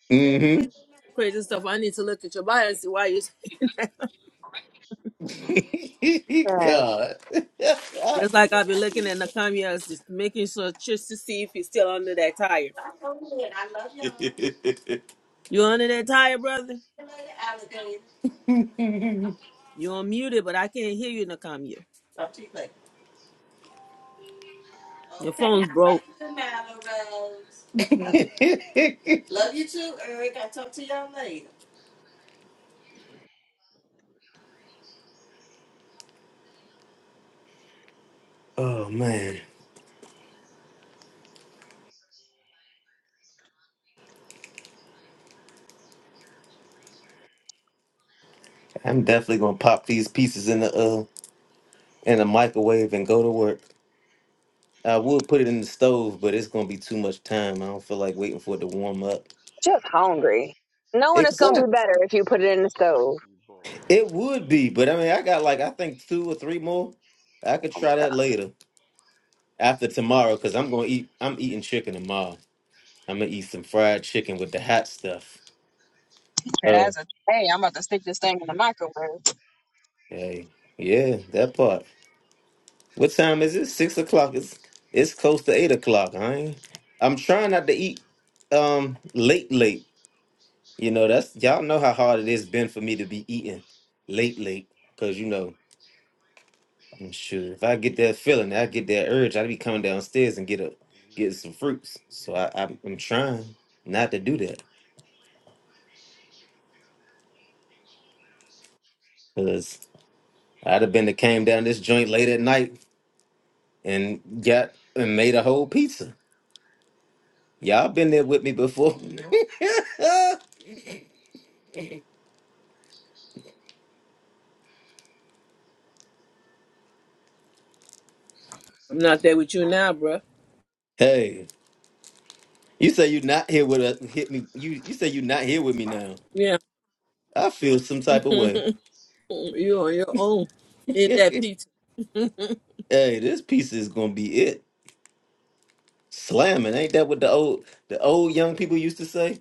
hmm
Crazy stuff. I need to look at your bio and see why you're saying that.
Yeah.
God.
Just like I've been looking at Nakamiya's, just making sure just to see if he's still under that tire.
Oh man. I'm
You under that tire, brother? You unmuted, but I can't hear you, Nakamiya. Your phone's broke.
definitely gonna pop these pieces in the uh in the microwave and go to work. I would put it in the stove, but it's gonna be too much time. I don't feel like waiting for it to warm up.
This is the sexy boy.
It would be, but I mean, I got like I think two or three more. I could try that later after tomorrow because I'm gonna eat. I'm eating chicken tomorrow. I'm gonna eat some fried chicken with the hot stuff. Oh,
That's a hey. I'm about to stick this thing in the microwave.
hey, yeah, that part. What time is it? Six o'clock. It's it's close to eight o'clock. I ain't, I'm trying not to eat um late late. You know that's y'all know how hard it has been for me to be eating late late because you know And Shoot, if I get that feeling, I get that urge, I'd be coming downstairs and get a get some fruits. So I, I'm, I'm trying not to do that because I'd have been that came down this joint late at night and got and made a whole pizza. Y'all been there with me before.
I'm not there with you now, bruh.
hey, you say you not here with us? Hit me. You you say you not here with me now?
Yeah.
I feel some type of way.
you on your own in
hey,
that pizza.
this pizza is gonna be it slamming. Ain't that what the old the old young people used to say?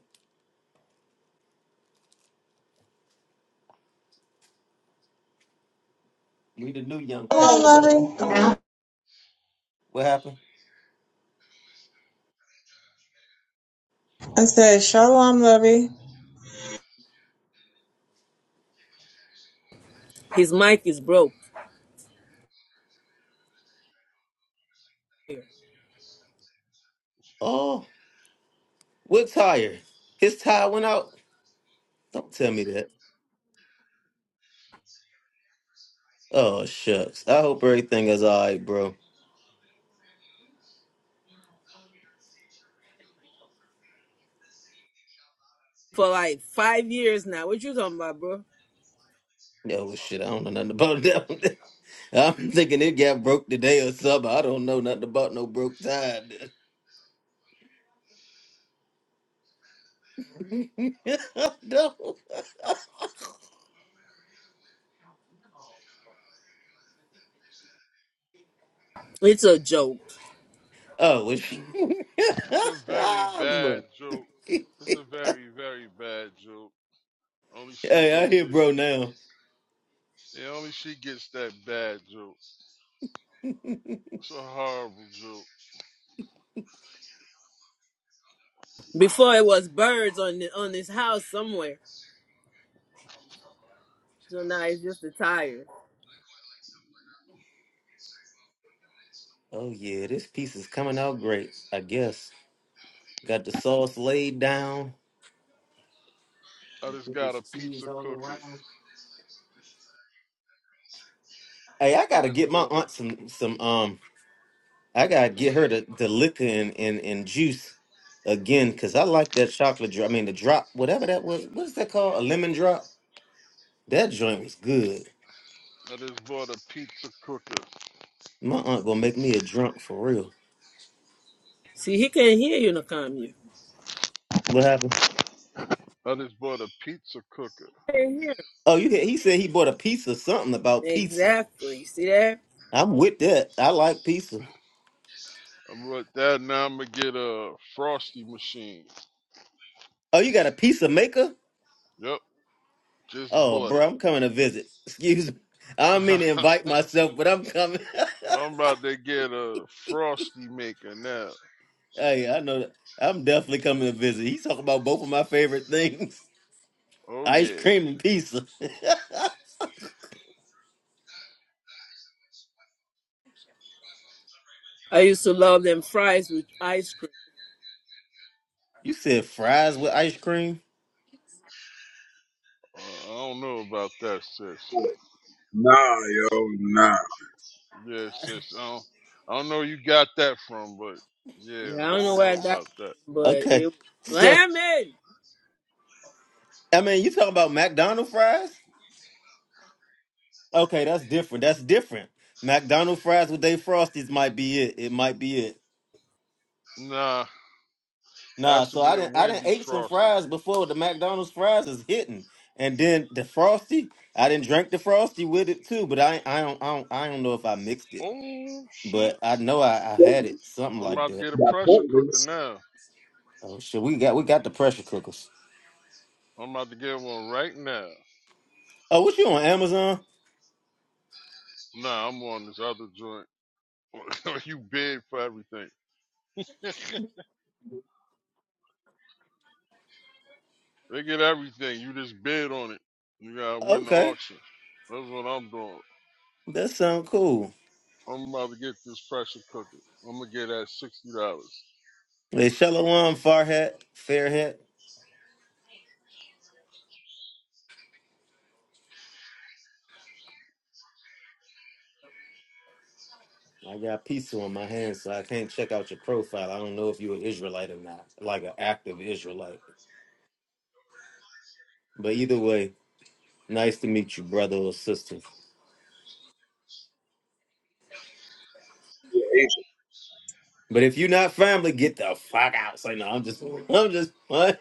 We the new young people.
Shalom, lovey.
What happened?
I said, Shalom, lovey.
His mic is broke. here
Oh, what tire? His tire went out. Don't tell me that. Oh shucks. I hope everything is all right, bro.
For like five years now. What you talking about, bro?
No well, shit. I don't know nothing about that. one. I'm thinking it got broke today or something. I don't know nothing about no broke tire. no.
It's a joke.
Oh, well, sh-
It's a very
Ah,
bad
bro.
joke. It's a very, very bad joke. Only she
Hey, I
gets
hear
it.
bro now.
Yeah, only she gets that bad joke. It's a horrible joke.
Before it was birds on the, on his house somewhere. So now it's just the tires.
Oh yeah, this piece is coming out great. I guess got the sauce laid down.
I just got a pizza cooker.
Hey, I
I
gotta
just
get my
bought a.
aunt some some um. I gotta get her the the liquor and and, and juice again because I like that chocolate drop. I mean the drop, whatever that was. What is that called? A lemon drop. That joint was good.
I just bought a pizza cooker.
My aunt gonna make me a drunk for real.
See, he can't hear you, Nakamiya.
What happened?
I just bought a pizza cooker.
Can't hear. him.
Oh, you get. He said he bought a pizza. Something about pizza.
Exactly. See that?
I'm with that. I like pizza.
I bought that. Now I'm gonna get a frosty machine.
Oh, you got a pizza maker?
Yep, just
Oh,
bought it.
bro, I'm coming to visit. Excuse me. I don't mean to invite myself, but I'm coming.
I'm about to get a frosty maker now.
Hey, I know that. I'm definitely coming to visit. He talked about both of my favorite things
Oh
ice
yeah.
cream and pizza.
I used to love them fries with ice cream.
you said fries with ice cream?
Uh, I don't know about that, sis.
Nah, yo, nah.
Yeah, sis. I don't, I don't know where you got that from, but yeah,
I don't
I
know
don't
where I
know
got
about
it
that.
from, but it
okay.
was
So,
slamming.
I mean, you talking about McDonald's fries? Okay, that's different. That's different. McDonald's fries with they frosties might be it. It might be it.
Nah,
Nah,
has to
so
be
I
a
didn't I didn't
Wendy's
ate some
frosty.
fries before the McDonald's fries is hitting. And then the frosty, I didn't drink the frosty with it too, but I I don't I don't I don't know if I mixed it.
Oh shoot!
but I know I, I had it something
I'm
like
about to
that.
get a
Got
pressure cooker
Portland's
now.
Oh shit, we got we got the pressure cookers.
I'm about to get one right now.
Oh, what you on Amazon?
Nah, I'm on this other joint. you bid for everything. they get everything. You just bid on it. You gotta win the
Okay,
auction. That's what I'm doing.
that sound cool.
I'm about to get this pressure cooker. I'm gonna get that sixty dollars.
They Shalom Farhat Fairhat. I got pizza on my hands, so I can't check out your profile. I don't know if you're an Israelite or not, like an active Israelite. But either way, nice to meet you, brother or sister.
agent.
But if you're not family, get the fuck out. Say no, I'm just, I'm just. What?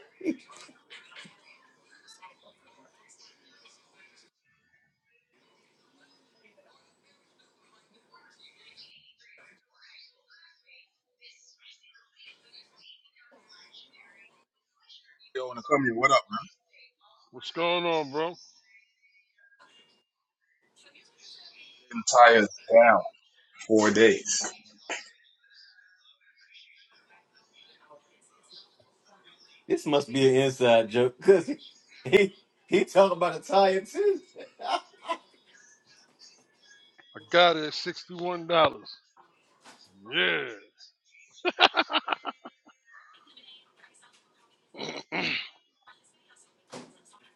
Yo, when I come here, what up?
What's going on, bro? I
man? tires down. Four days.
This must be an inside joke, cause he he, he talking about a tire too.
got it at sixty-one dollars. Yeah.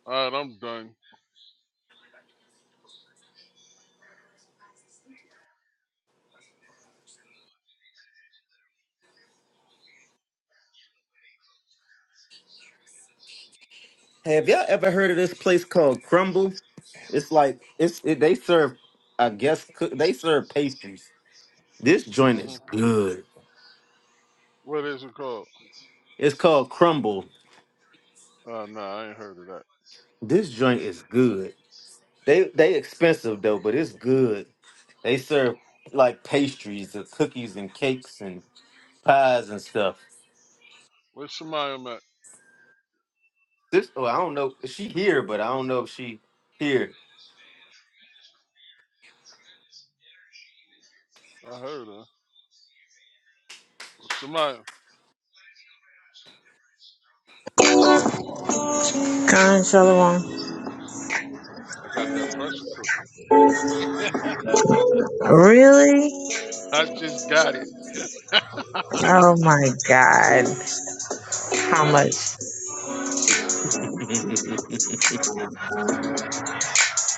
All right, I'm done.
Have y'all ever heard of this place called Crumble? It's like it's it, they serve, I guess cook- they serve pastries. This joint
hmm
is good.
What is it called?
It's called Crumble.
Uh, nah, I ain't heard of that.
This joint is good. They they expensive though, but it's good. They serve like pastries, and cookies and cakes and pies and stuff.
Where's Shemayim at?
This oh I don't know. She here, but I don't know if she here.
I heard her. Well, Shemayim,
Khan Shalom.
I got that pressure cooker.
Really?
I just got it.
Oh my God.
I
How
got
much?
it. 60.
we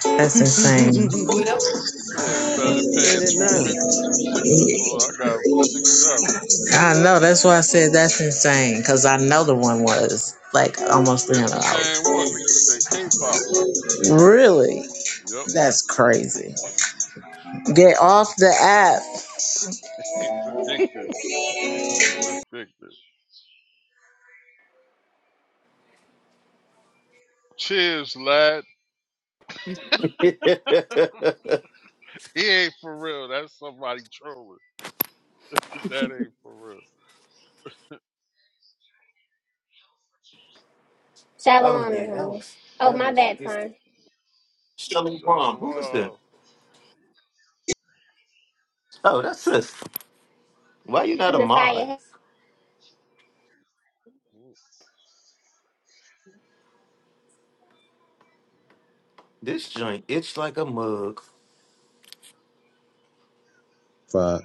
That's insane.
don't.
Yeah, brother
Did
paying
it
two
now?
fifty, two sixty for it. I got it for $60.
I know. That's why I said that's insane. Because I know the one was like almost
It's the
$300.
same one, the, the K pop one.
Really?
Yep.
That's crazy. Get off the app.
It's addictive. It's addictive. Cheers, lad. He ain't for real. That's somebody trolling. That ain't for real.
Oh
Shalom,
yeah, that
Nahumya.
was
Oh,
that
my
looks like
bad,
it's
Twan.
Shelly Wong. Who was that?
Shalom.
Oh, that's sis. Why you not a mod?
Nasiah, hey.
This joint itch like a mug.
on, uh,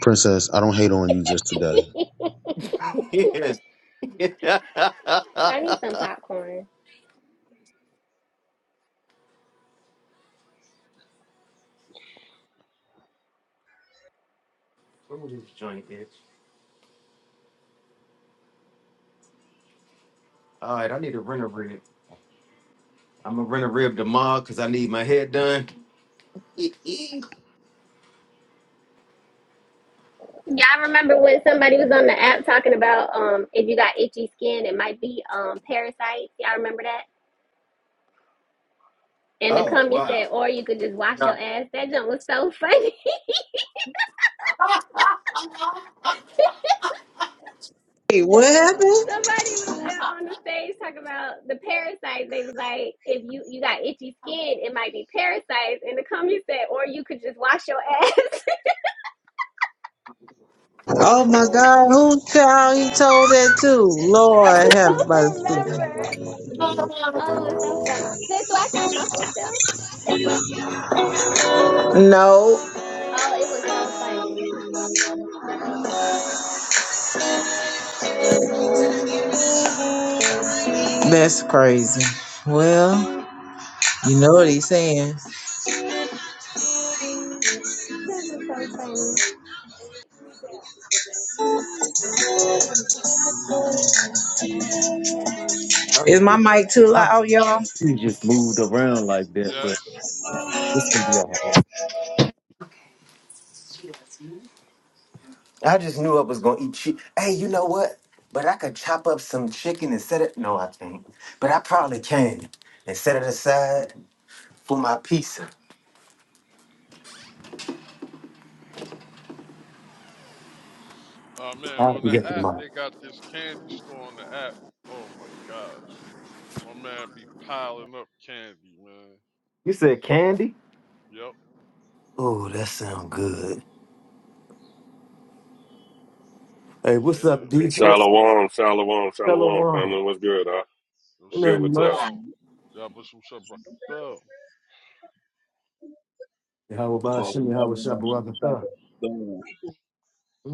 princess, I don't hate on you just today.
yes. Where
I need some popcorn.
would this joint itch? All right, I need to rent a rib. I'm gonna rent a rib to mod because I need my head done.
Y'all remember when somebody was on the app talking about um if you got itchy skin, it might be um parasites. Y'all remember that? And the
oh
comment
wow.
said, or you could just wash your ass. That jump was so funny.
Hey, what happened?
Somebody was uh, on the stage talking about the parasites. They was like, if you you got itchy skin, it might be parasites. And the comment said, or you could just wash your ass.
Oh my God. Who child he told that to?
I
Lord have
don't
mercy.
remember. Oh, it's so funny. Sis, do I sound muffled still?
No.
Oh, it was so funny.
That's crazy. Well. You know what he's saying.
That was so funny.
Is my mic too loud, y'all?
Yes.
I just knew I was gonna eat chicken. Hey, you know what? But I could chop up some chicken and set it. No, I can't. But I probably can and set it aside for my pizza.
Oh, man.
I'll
On the
get the
app,
mod.
they got this candy store on the app. Oh, my gosh. My man be piling up candy, man.
You said candy?
Yep.
Oh, that sound good. Hey, what's
Yeah,
up,
Hey,
D? All right,
Shalom, Shalom,
Hello,
Shalom,
one.
family. What's good, huh?
yo
What good
Nothing
with y'all?
much.
Shalom. Y'all put some shit back thumb.
How about
For
Shimmy?
now,
How
we
was
got shit to try to
Shabaraka?
do.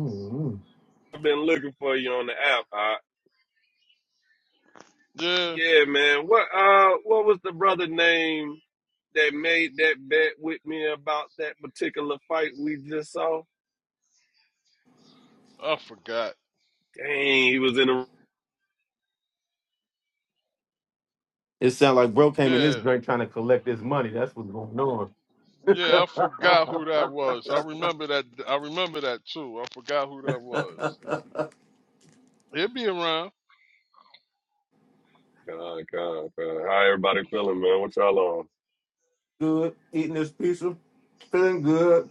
Mm-hmm.
I've been looking for you on the app, huh?
Yeah,
Yeah, man. What uh what was the brother name that made that bet with me about that particular fight we just saw?
I forgot.
Dang, he was in the
It sound like bro came in this
Yeah,
drink trying to collect his money. That's what's going
yeah, I forgot
on.
who that was. I remember that. I remember that too. I forgot who that was. He'll be around.
God, God, God. How everybody feeling, man? What y'all
Good. Eating this pizza, feeling good.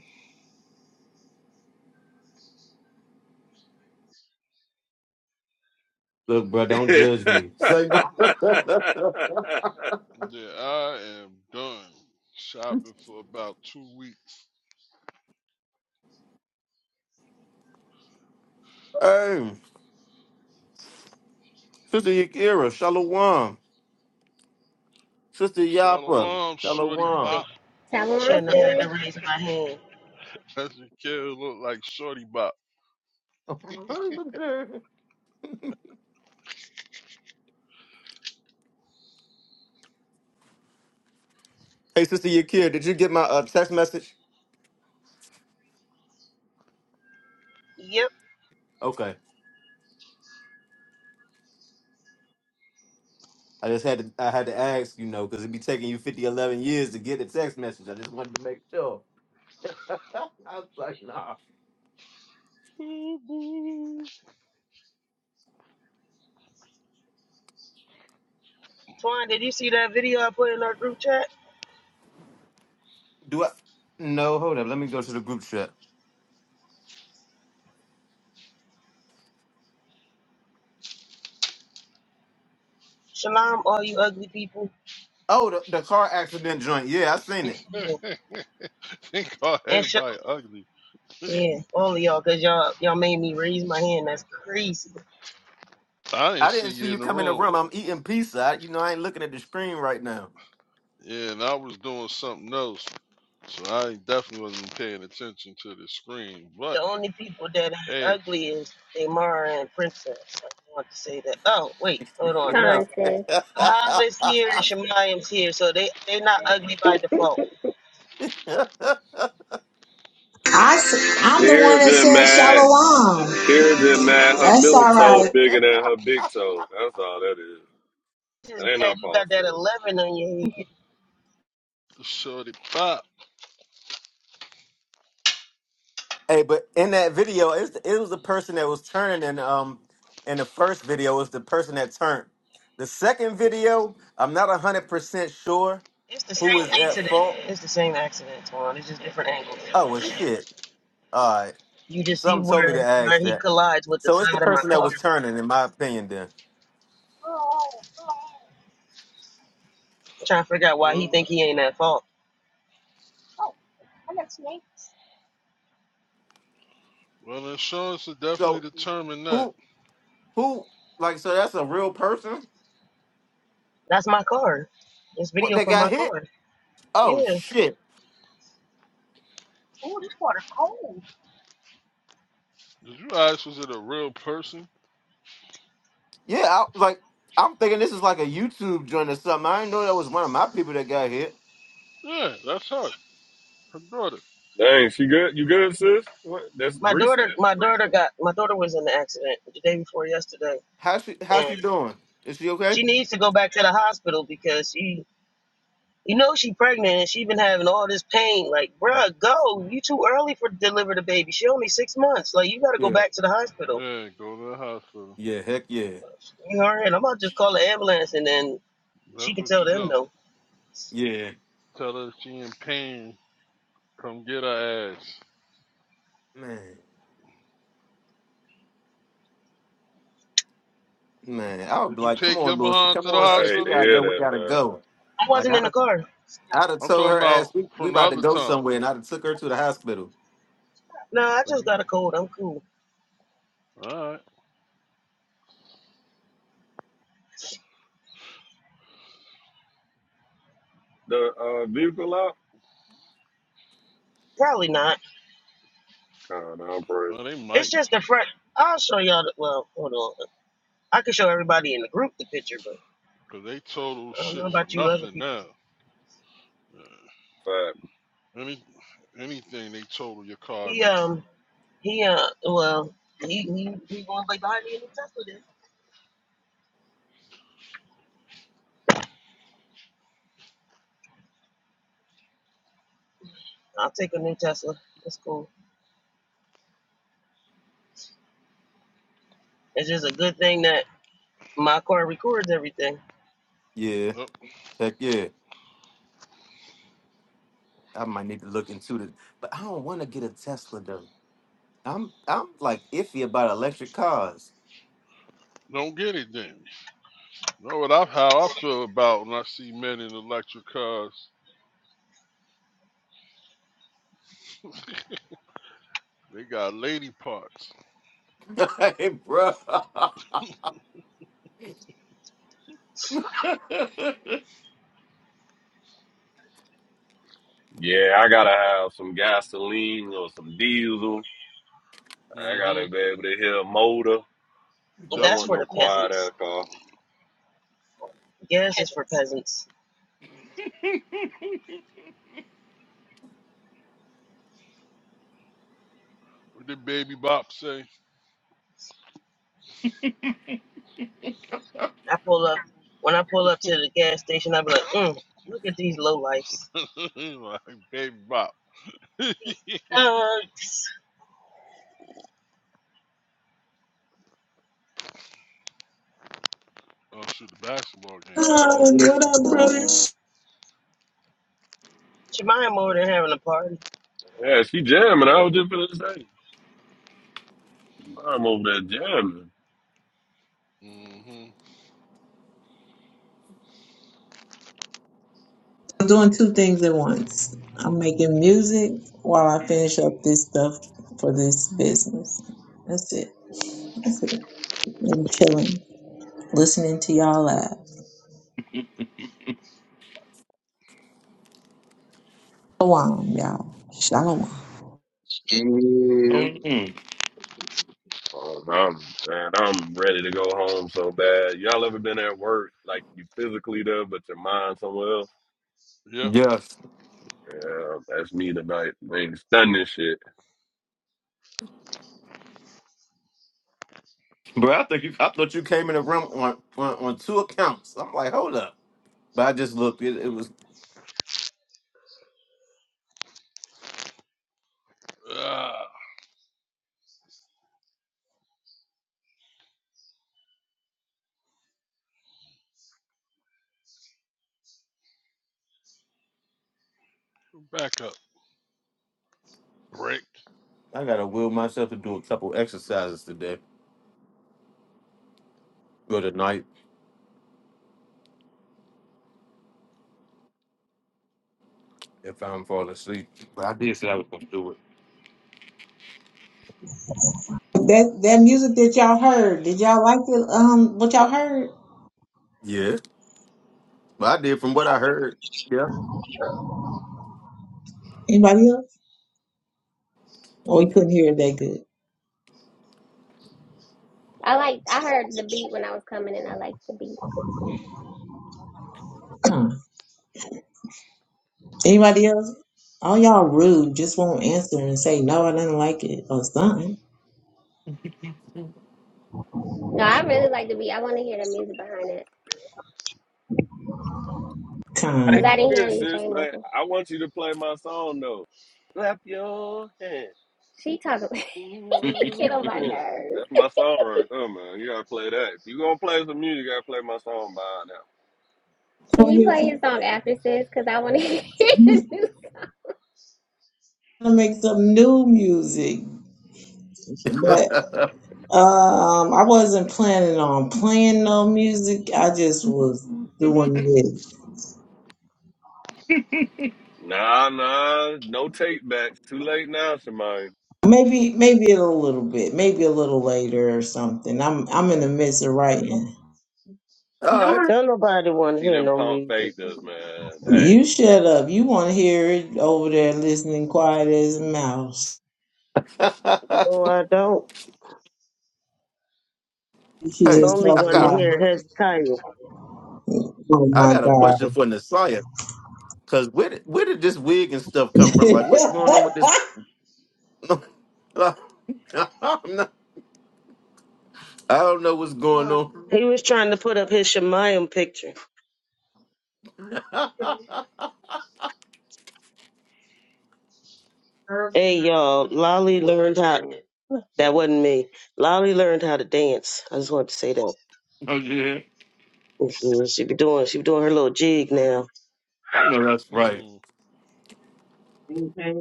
Look, bro, don't
on?
judge me. Say no.
Yeah, I am done shopping for about two weeks.
Hey, Sister Yakira, Shalom. Sister Yapa,
Shalom, Shorty
Shalom.
ugly.
Bop.
Shalom,
Shouldn't have had
sis.
to raise my hand.
That's your kid who look like Shorty Bop.
Look at her. Hey, Sister Yakira, did you get my uh, text message?
Yep.
Okay. I just had to I had to ask, you know, because it'd be taking you 50 11 years to get a text message. I just wanted to make sure. I was like, nah.
Twan, did you see that video I put in our group chat?
Do I? No, hold up. Let me go to the group chat.
Shalom, all you ugly people.
Oh, the, the car accident joint. Yeah, I seen it.
Yeah.
Think all
And sh-
everybody ugly.
yeah, all of y'all, cause y'all y'all made me raise my hand. That's crazy.
I didn't
I
see
didn't see
you in
you
the
come in the
room.
room. I'm eating pizza. I, you know, I ain't looking at the screen right now.
Yeah, and I was doing something else, so I definitely wasn't paying attention to the screen. But
The only people that ain't
hey,
ugly is Damara and Princess. I just want to say that. Oh, wait, hold on, no.
Con, sis.
Hava's here and Shemayim's here, so they they not ugly by default.
I, am the one
Kira
that
just
said
mad.
shalom.
Kira just mad. Her
That's
middle
all
toe
right.
bigger than her big toe. That's all that is.
This is
That ain't no
mad you got that
false.
eleven on your head.
the shorty pop.
hey, but in that video, it's, it was the person that was turning, and um, in the first video, it was the person that turned. The second video, I'm not hundred percent sure
It's the
who
same
was at
accident.
fault
It's the same accident, Twan. It's just different angles.
Oh well, shit. All right.
You just see
Something told me to
where where
ask
he
that.
collides with the
So it's the
side of my
person that
car.
was turning, in my opinion. Then.
Trying to figure out why he
Well,
think he ain't at fault. Oh, I got snakes.
well, the insurance will definitely
So
determine that.
who who like so that's a real person?
That's my car. This
What
video
that
for
got
my
hit?
car. Yeah.
Oh shit.
Oh, this water cold.
Did you ask was it a real person?
Yeah. I like I'm thinking this is like a YouTube joint or something. I didn't know that was one of my people that got hit.
Yeah, that's her, her daughter.
Dang, she good? You good, sis? What? That's
My daughter
recent?
my daughter got my daughter was in the accident the day before yesterday
How she how's
and
she doing? Is she okay?
she needs to go back to the hospital because she you know she pregnant and she been having all this pain. Like,
Oh
bruh, go. You too early for to deliver the baby. She only six months. Like you gotta go
yeah.
back to the hospital.
Yeah, go to the hospital.
Yeah. Heck yeah.
All right, I'm about to just call an ambulance and then she
That's
can
what
tell
you
them
do.
no.
Yeah.
Tell her she in pain. Come get her ass.
Man. Man. I would be
Did you
like, come
take your
on, Lewis.
behind
Come
to the
on,
I
sis.
hate
You
to
hospital?
gotta
hear
go. We
that,
gotta
man.
go.
I
Like
wasn't
I
in the car.
I'd have
I'm
told
talking
her
about
ass we, we
from the
about to
other
go
time.
somewhere, and I'd have took her to the hospital.
No, I
Are
just
you
got a cold. I'm cool.
all right?
The uh, vehicle out?
Probably not.
God, I'm praising.
Well, they
It's
might.
just the front. I'll show y'all. The, well, hold on. I could show everybody in the group the picture, but
Cause they total
I don't know
shit for
about you other
nothing
people.
now. Yeah.
Fuck.
Any anything they total your car
He
now.
um he uh well he he we gonna be me a new Tesla then. I'll take a new Tesla. That's cool. It's just a good thing that my car records everything.
Yeah,
No,
heck yeah. I might need to look into the, but I don't want to get a Tesla though. I'm I'm like iffy about electric cars.
don't get it then. You Know what I how I feel about when I see men in electric cars. They got lady parts.
hey, bro.
Yeah, I gotta have some gasoline or some diesel. I
mm hmm
gotta be able to hear a motor. I
Yep.
don't
That's
want
for
no
the
quiet
peasants.
ass car.
Gas is for peasants.
What did Baby Bop say?
I pull up when I pull up to the gas station. I be like, mm, look at these low lifes.
like Baby Bop.
Uh,
I'll shoot the basketball game off.
Oh, what up, brother?
Jemima over there having a party.
Yeah, she jamming. I was just gonna say, I'm over there jamming.
mm hmm
I'm doing two things at once. I'm making music while I finish up this stuff for this business. That's it. I'm chilling, listening to y'all laugh. Shalom, y'all. Shalom.
You,
Mhm.
Oh, I'm, man, I'm ready to go home so bad. Y'all ever been at work, like you physically there, but your mind somewhere else?
Yep.
Yes,
Yeah, that's me tonight. Man, stunning shit.
bro. I think you. I thought you came in the room on, on on two accounts. I'm like, hold up. But I just looked. It, it was.
Ah, back up. Break.
I gotta will myself to do a couple exercises today or tonight if I'm falling asleep. But I did say I was gonna do
That that music that y'all heard, did y'all like it? Um, what y'all heard?
it. But I did from what I heard. Yeah.
Anybody else? Oh, we couldn't hear it that good.
I like. I heard the beat when I was coming, and I liked the beat.
Huh. Anybody else? All y'all rude. Just won't answer and say no. I didn't like it or something.
No, I really like the beat. I want to hear the music behind it
I
because
didn't
Kind.
I didn't
hear
hear
it,
you
sis,
say
but
nothing.
I want you to play my song though. Clap your hands.
She talking.
in
He get on my nerves.
That's my song right there, man. You gotta play that. If you gonna play some music, you gotta play my song by now.
Can
I'm
you
here
play his song after sis? Cause I want to hear the
to
new
to make some new music, but um, I wasn't planning on playing no music. I just was doing this.
Nah, nah, no take backs. Too late now, Shemaine.
Maybe maybe a little bit, maybe a little later or something. I'm I'm in the midst of writing.
All right.
Don't nobody
I
want to
see
hear
them
no
pump
music.
faked us, man. Hey.
You shut up. You want to hear it over there listening quiet as a mouse.
No, I don't.
She
hey,
I
just
only
told
I
a
want to
got
lie.
hear Hezekiah.
Oh
I
my
got a question
god.
for Nasaya. Cause where did, where did this wig and stuff come from? Like, what's going on with this? i I don't know what's going on.
He was trying to put up his Shemayim picture.
oh
Hey, y'all, Lolly learned how. That wasn't me. Lolly learned how to dance. I just wanted to say that.
yeah,
Mhm. She be doing. She be doing her little jig now.
I know that's right.
Hmm.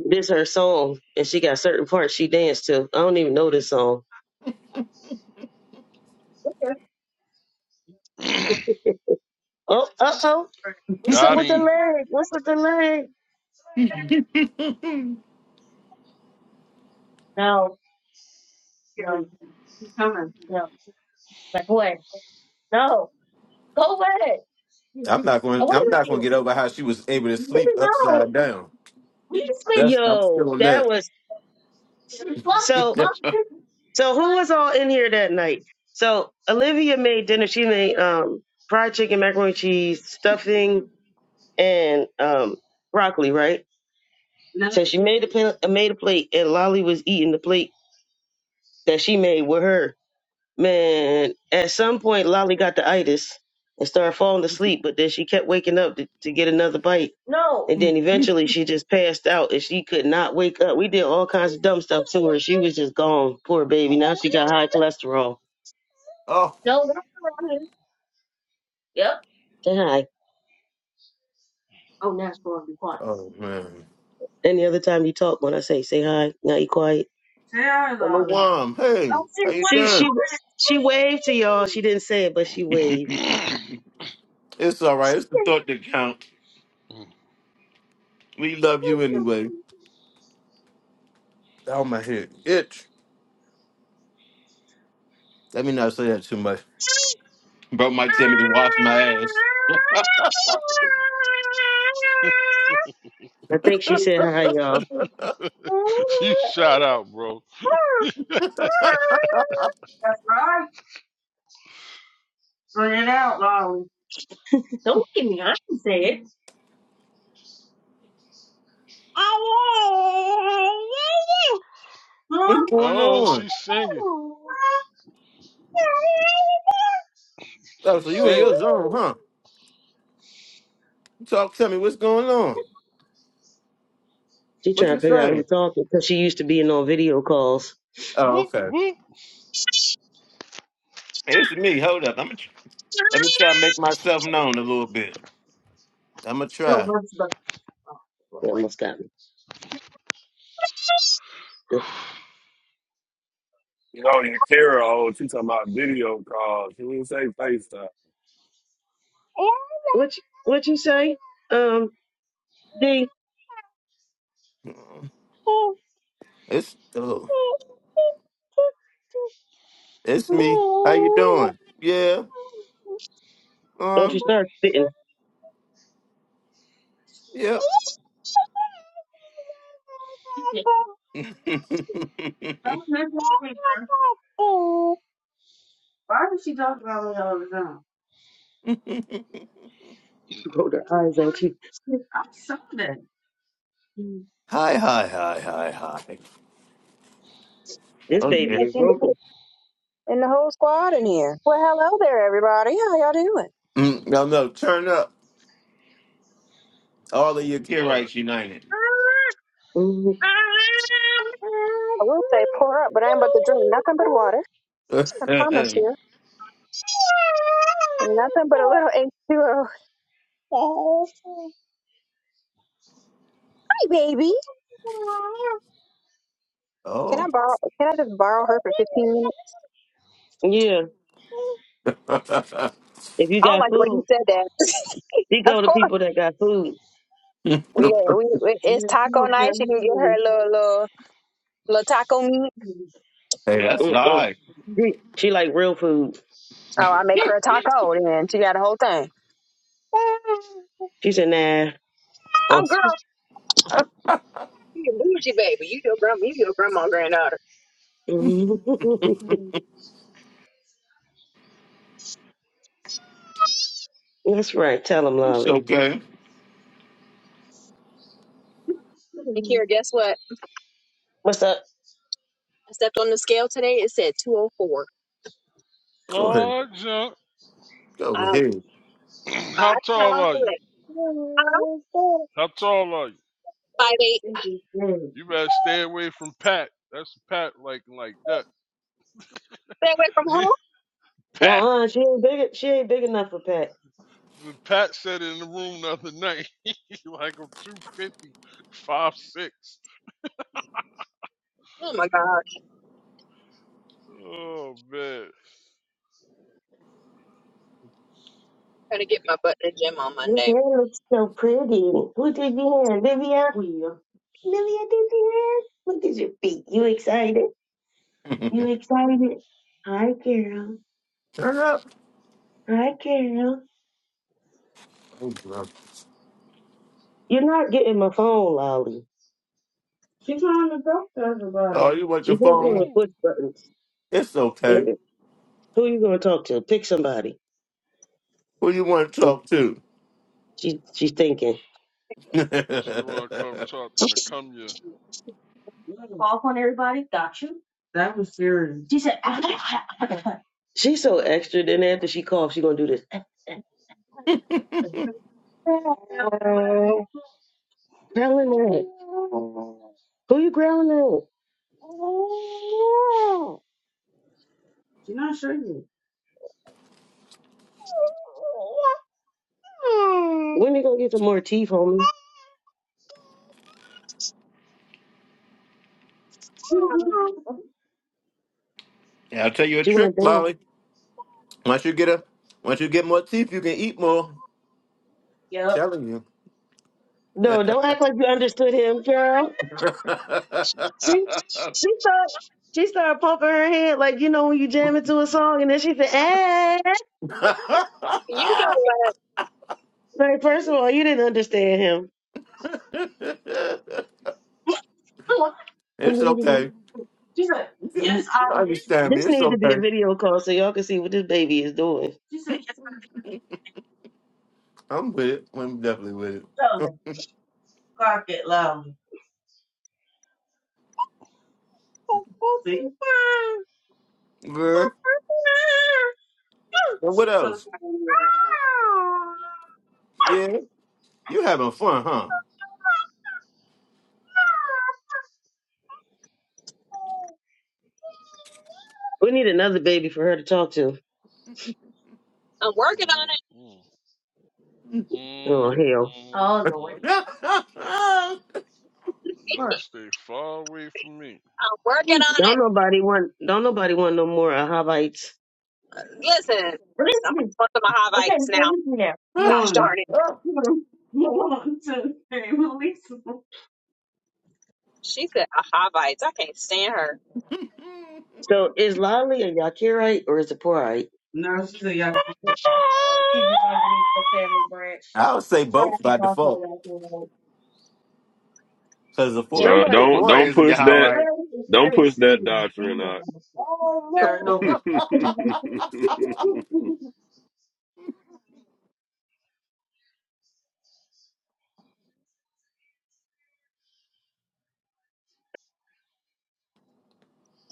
This her song, and she got certain parts she danced to. I don't even know this song. Oh, uh oh. What's up
got
with the
him.
leg? What's with the leg? Yeah, he's coming. No, back away. No, go away. I
I'm not going.
wonder what
I'm not going to get
you.
over how she was able to
Baby,
sleep upside
no.
down.
We just made-
That's I'm
Yo,
still on
that
that.
was so. So who was all in here that night? So Olivia made dinner. She made um fried chicken, macaroni and cheese, stuffing, and um broccoli. Right. No, So she made a pla- made a plate, and Lolly was eating the plate that she made with her. Man, at some point, Lolly got the itis and started falling asleep, but then she kept waking up to, to get another bite. No. And then eventually she just passed out and she could not wake up. We did all kinds of dumb stuff to her. She was just gone. Poor baby. Now she got high cholesterol.
oh,
No, that's around here. Yep. Say hi. Oh, now it's going to be quiet.
oh man.
Any other time you talk, when I say say hi, now you quiet. Say hi,
Hello,
Lolly.
Wom. Hey,
Oh,
how you
she She she
doing?
she waved to y'all. She didn't say it, but she waved.
It's all right. It's the thought that count. We love you anyway. Oh my head itch. Let me not say that too much. Bro might tell me to wash my ass.
I think she said hi, y'all.
you shout out, bro.
That's right. Bring it out. Don't give me. I can say it. Huh?
What's going
Oh,
on?
she's singing.
Oh, so
She's
you in your
singing.
zone, huh? Talk to me. What's going on?
She
What
trying
you
to figure out
say?
who's talking because she used to being on video calls.
Oh,
Whoop,
okay.
whoop.
It's me. Hold up. I'm gonna tr- let me try to make myself known a little bit. I'm gonna
No,
try.
but- but- oh, They boy. almost got me.
You know, your Kara old, she talking about video calls. She didn't say FaceTime.
What you, what you say? Um, D,
Mm-hmm. It's oh, it's me. How you doing? Yeah.
don't you
Um.
start spitting.
Yep.
Why would she talk about me all the time? She rolled her eyes at you. I saw that.
hi, hi, hi, hi, hi.
And
This
Okay.
baby is vocal.
and the whole squad in here. Well, hello there, everybody. How y'all doing?
Mm, no, no. Turn up all of
For
your
what?
Kirites United.
Mhm.
I will say, pour up, but I ain't about to drink nothing but water.
oh.
I promise
hey,
you, nothing but a little H2O. Hi, baby. Can I
Oh.
borrow? Can I just borrow her for 15 minutes?
Yeah, if you
I don't
got
like the way you
food,
said that.
she go
of
to
course.
people that got food.
We, yeah, we, we it's
Yes, you
taco
don't care
night. She can get her a little little little taco meat.
She loves
that's
Mm-mm.
live.
Mm. She like real food.
Oh, I make her a taco, and she got a whole thing.
She said, nah.
Oh,
Oh, girl.
That's right. Tell him,
it's
Lolly.
okay.
And Kira, guess what?
What's up?
I stepped on the scale today. It said 204.
Go ahead.
Oh, jump.
Go
Um,
ahead.
five
How tall
pounds.
are you?
Like,
How tall are you?
five eight.
You better stay away from Pat. That's Pat like like that.
Stay away from home?
Pat.
Nah, she ain't big. She ain't big enough for Pat.
When Pat said it in the room the other night, he like I'm 250, 5'6".
Oh my gosh.
Oh, man.
Gonna get my butt in the gym on
Your
Monday.
hair looks so pretty. Who did your hair? Livia? Livia Livia did your hair. Look at your feet. You excited? You excited? Hi, Carol.
Turn up.
Hi, Carol.
Oh, bro.
You're not getting my phone, Lolly. She trying to talk to
Oh,
everybody.
you want
She
your
just gonna
phone?
Woo.
push buttons.
It's okay.
It- Who you gonna talk to? Pick somebody.
Who you want to talk to?
She she's thinking.
She want to come talk to me. Come here.
Call upon everybody. Got you. That was serious. She said, She's so extra. Then after she coughs, she gonna do this. Growling at. Who you growling at? She not sure yet. When you gonna get some more teeth, homie?
Yeah, I'll tell you a
She
trick,
won't dance.
Molly. Once you get a, once you get more teeth, you can eat more.
Yep.
telling you.
No, don't act like you understood him, girl. She she started she started pumping her head like you know when you jam into a song and then she said, "Eh."
You know what?
Like first of all, you didn't understand him.
it's okay.
She said,
You
yes, I did.
understand me.
This
It's
needs to be a
okay.
video call so y'all can see what this baby is doing. She said, yes, I
I'm with it. I'm definitely with it.
did. Tell me. Clock it loud.
Girl. And
See?
what
She comes.
else? Yeah. You having fun, huh?
We need another baby for her to talk to.
I'm working on
Mm, mm,
Oh
mm,
hell.
mm,
Oh Lord.
mm. Y'all
it.
Look,
stay far away from me.
I'm working on
Don't
it.
nobody want don't nobody want no more uh, Havites.
Listen,
release me.
somebody's one of my
Okay,
Havites
well,
now.
release me now.
Gosh darn it.
We're gonna Move on to release me.
She said a Havites. I can't stand her.
So is Lolly a Yakirite or is it Porite? She's underneath the family branch.
I would say both
Travis is
by
also
default.
right there.
Because the
If
four,
Uh,
Somebody
don't
four
don't
is a
push
guy,
if
that
right?
Travis is
don't
here to
push
see
that
you, then
doctrine
you
out.
have to- There are no.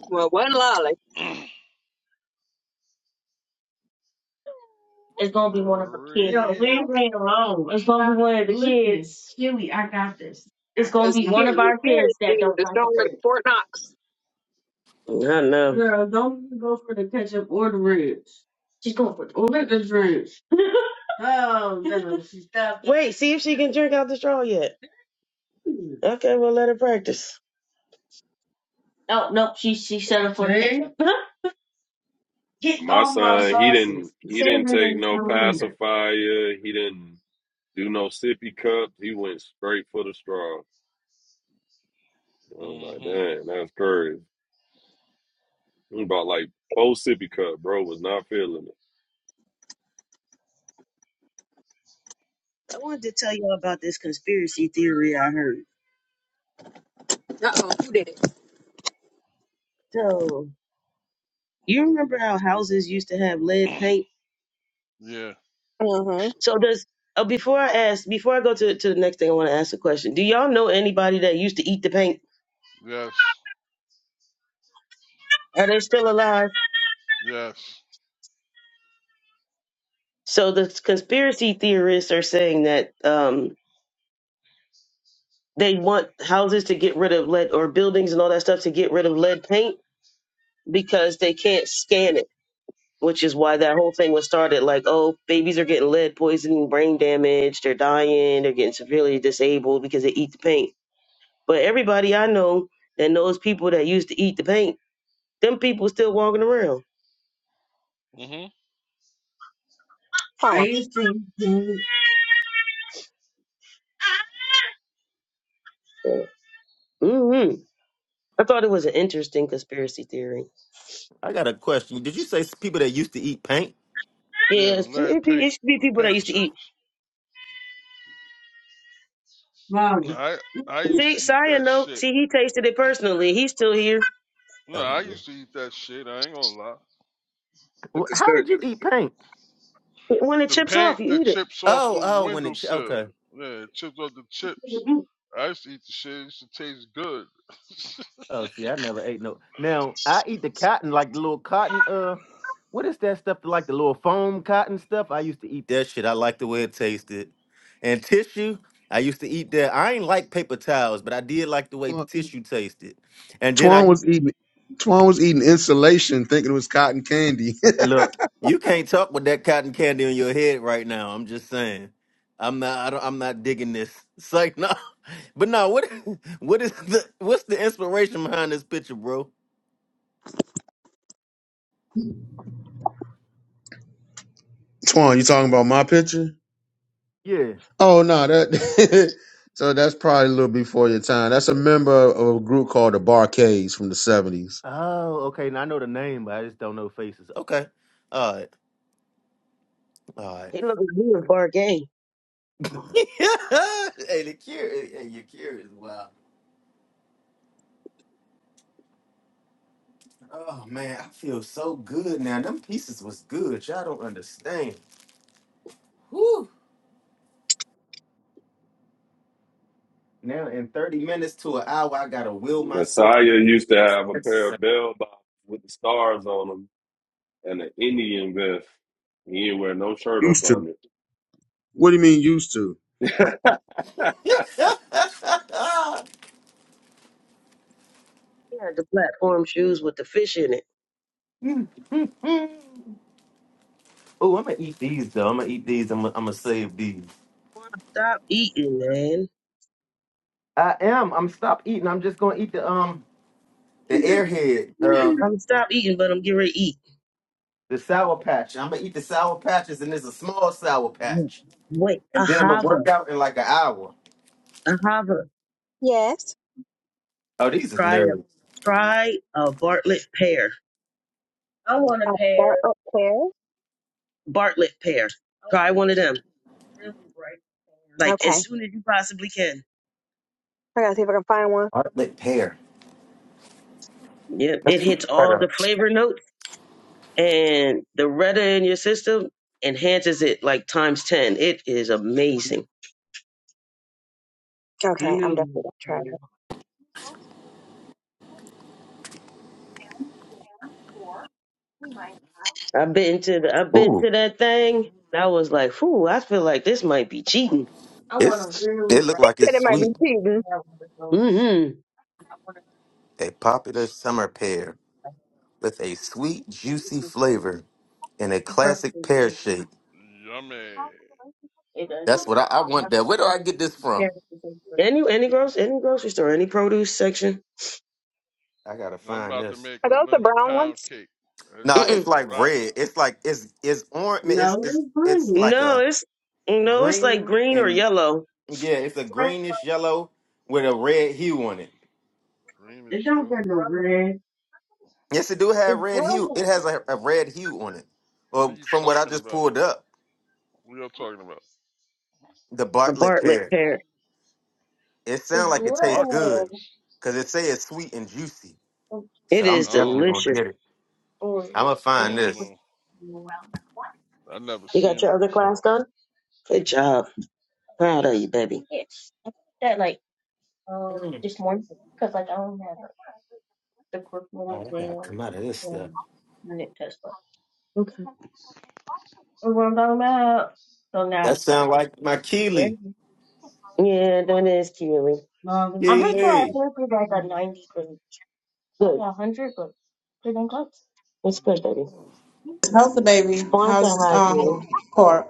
Well, like,
It's gonna be one of the kids. No, we
Brick.
ain't playing alone. It's gonna be one of the Look, at kids. Huey, I got this. It's gonna
because you
be one
hear,
of
you
our
hear it,
kids that
dude.
don't
It's
like the
stronger than
food.
Fort Knox.
I know. Girl, don't even go for the ketchup or the ribs. She's going for the or with the ribs. Oh no, she stopped. Wait, see if she can drink out the straw yet. Okay, we'll let her practice. No, no, she she settled for the See? ketchup. Get-
My son, he didn't he
Say
didn't
that on
take
the
no
calendar.
pacifier. He didn't do no sippy cups. He went straight for the straw. I was like,
hmm
damn, that's courage. He bought like four sippy cup, bro. Was not feeling it.
I wanted to tell you all about this conspiracy theory I heard. You remember how houses used to have lead paint?
Yeah.
Mm-hmm.
So does uh, before I ask, before I go to to the next thing, I want to ask a question. Do y'all know anybody that used to eat the paint?
Yes.
Are they still alive?
Yes.
So the conspiracy theorists are saying that um, they want houses to get rid of lead or buildings and all that stuff to get rid of lead paint because they can't scan it, which is why that whole thing was started. Like, oh, babies are getting lead poisoning, brain damage, they're dying, they're getting severely disabled because they eat the paint But everybody I know that knows people that used to eat the paint, them people still walking around.
hmm Yeah,
Oh,
Mm-hmm. I thought it was an interesting conspiracy theory.
I got a question. Did you say s- people that used to eat paint?
the
Yes,
lead
it, be, it
paint
should be
for
people that
paint
used to eat.
chips.
Wow.
No, I I used to
See,
eat
Saya
that
know.
shit.
See, he tasted it personally. He's still here.
No,
Oh,
I
yeah.
used to eat that shit. I ain't gonna lie.
the
Well, How
conspiracy.
did you eat paint?
When it
The
chips off,
paint
you
that
eat it.
chips off
Oh,
the
oh, when it,
windowsill.
okay.
Yeah, it chips off the chips. I used to eat the shit. It used to taste good.
Oh, see, I never ate no. Now I eat the cotton, like the little cotton. Uh, what is that stuff? Like the little foam cotton stuff. I used to eat that shit. I like the way it tasted. And tissue, I used to eat that. I ain't like paper towels, but I did like the way tissue tasted. And then I
Twan
used-
was eating, Twan was eating insulation, thinking it was cotton candy.
look. You can't talk with that cotton candy on your head right now. I'm just saying. I'm not. I don't, I'm not digging this. It's like no. But no. What? What is the? What's the inspiration behind this picture, bro?
Twan, you talking about my picture?
Yeah.
Oh no, that. so that's probably a little before your time. That's a member of a group called the Barcades from the seventies.
Oh, okay. Now I know the name, but I just don't know faces. Okay. All right. All right.
He looking good for a game.
hey, the cure. Hey, your cure is wow. Oh man, I feel so good now. Them pieces was good. Y'all don't understand. Whew. Now in thirty minutes to an hour, I gotta will myself
Messiah
to
used to have a pair
exercise.
of bell bottoms with the stars on them and an Indian vest. He didn't wear no shirt up
Used to.
on
What do you mean used to?
it.
oh,
He had the platform shoes with the fish in it.
I'm gonna eat these though. I'm gonna eat these. I'm gonna, I'm gonna save these.
I wanna stop eating, man.
I am. I'm stop eating. I'm just gonna eat the um the airhead.
I'm
Uh.
gonna stop eating, but I'm getting ready to eat.
The Sour Patch. I'm gonna eat the Sour Patches, and it's a small Sour Patch.
Wait,
And then I'm gonna
ahava,
work out in like an hour.
ahava.
Oh, these is
Try a
nerds.
try a Bartlett pear. I want a
I
pear. Bartlett pear. Try one of them. Really bright. pear. Like as soon as you possibly can.
Heartlit pear.
Yeah, it hits
Shut
all
up.
the flavor notes and the Retta in your system enhances it like times ten. It is amazing. I know. I've been to the, I've been
Ooh,
to that thing. and I was like, "Whew, I feel like this might be cheating."
it's it look like it's
might
Mm-hmm.
be
sweet.
cheating.
A popular summer pear with a sweet, juicy flavor and a classic pear shape.
Yummy.
That's what I, I want. That where do I get this from?
Any any grocery any grocery store, any produce section.
I gotta
I'm
find
about to
this.
make
Are
a
those the
lemon
brown
pound
ones?
cake. That
Nah,
joke
it's
is
Mm-mm.
like
rocking.
red. It's like it's it's orange. It's
No,
it's it's like a
it's no, it's like
Green
green or
and
yellow.
Yeah, it's a greenish yellow with a red hue on it.
Green is yellow.
Yes, it do have red hue. It has a, a red hue on it.
What are
Well,
you
from what I
talking
just
about?
pulled up,
What are y'all talking about?
the Bartlett
Apartment
pear.
pair.
It
It's
sounds
The
like it
good,
tastes good
Barclays.
because it say it's sweet and juicy.
Oh,
So
It
I'm
I
is
definitely
don't,
gonna
delicious.
get it.
oh,
I'm gonna
I
oh,
find
don't
this.
know.
Well,
I never
You got
seen
your
it
other
before.
class done? Good job. Proud of you, baby. Yes. I did that like um this morning because like I don't have like, the curriculum
Oh, I
today
gotta
on
come out of this stuff.
on unit test. stuff. Okay. That's what I'm talking about. So now I
That
just gotta
sound
finish.
like my
There.
Keely.
Yeah, that is cute. Um, I'm pretty sure I
Keely.
finished it like a 90%. Good. Yeah, 100, but pretty close. That's good, baby.
How's the baby?
Point that
How's
high, Julie.
um Cora?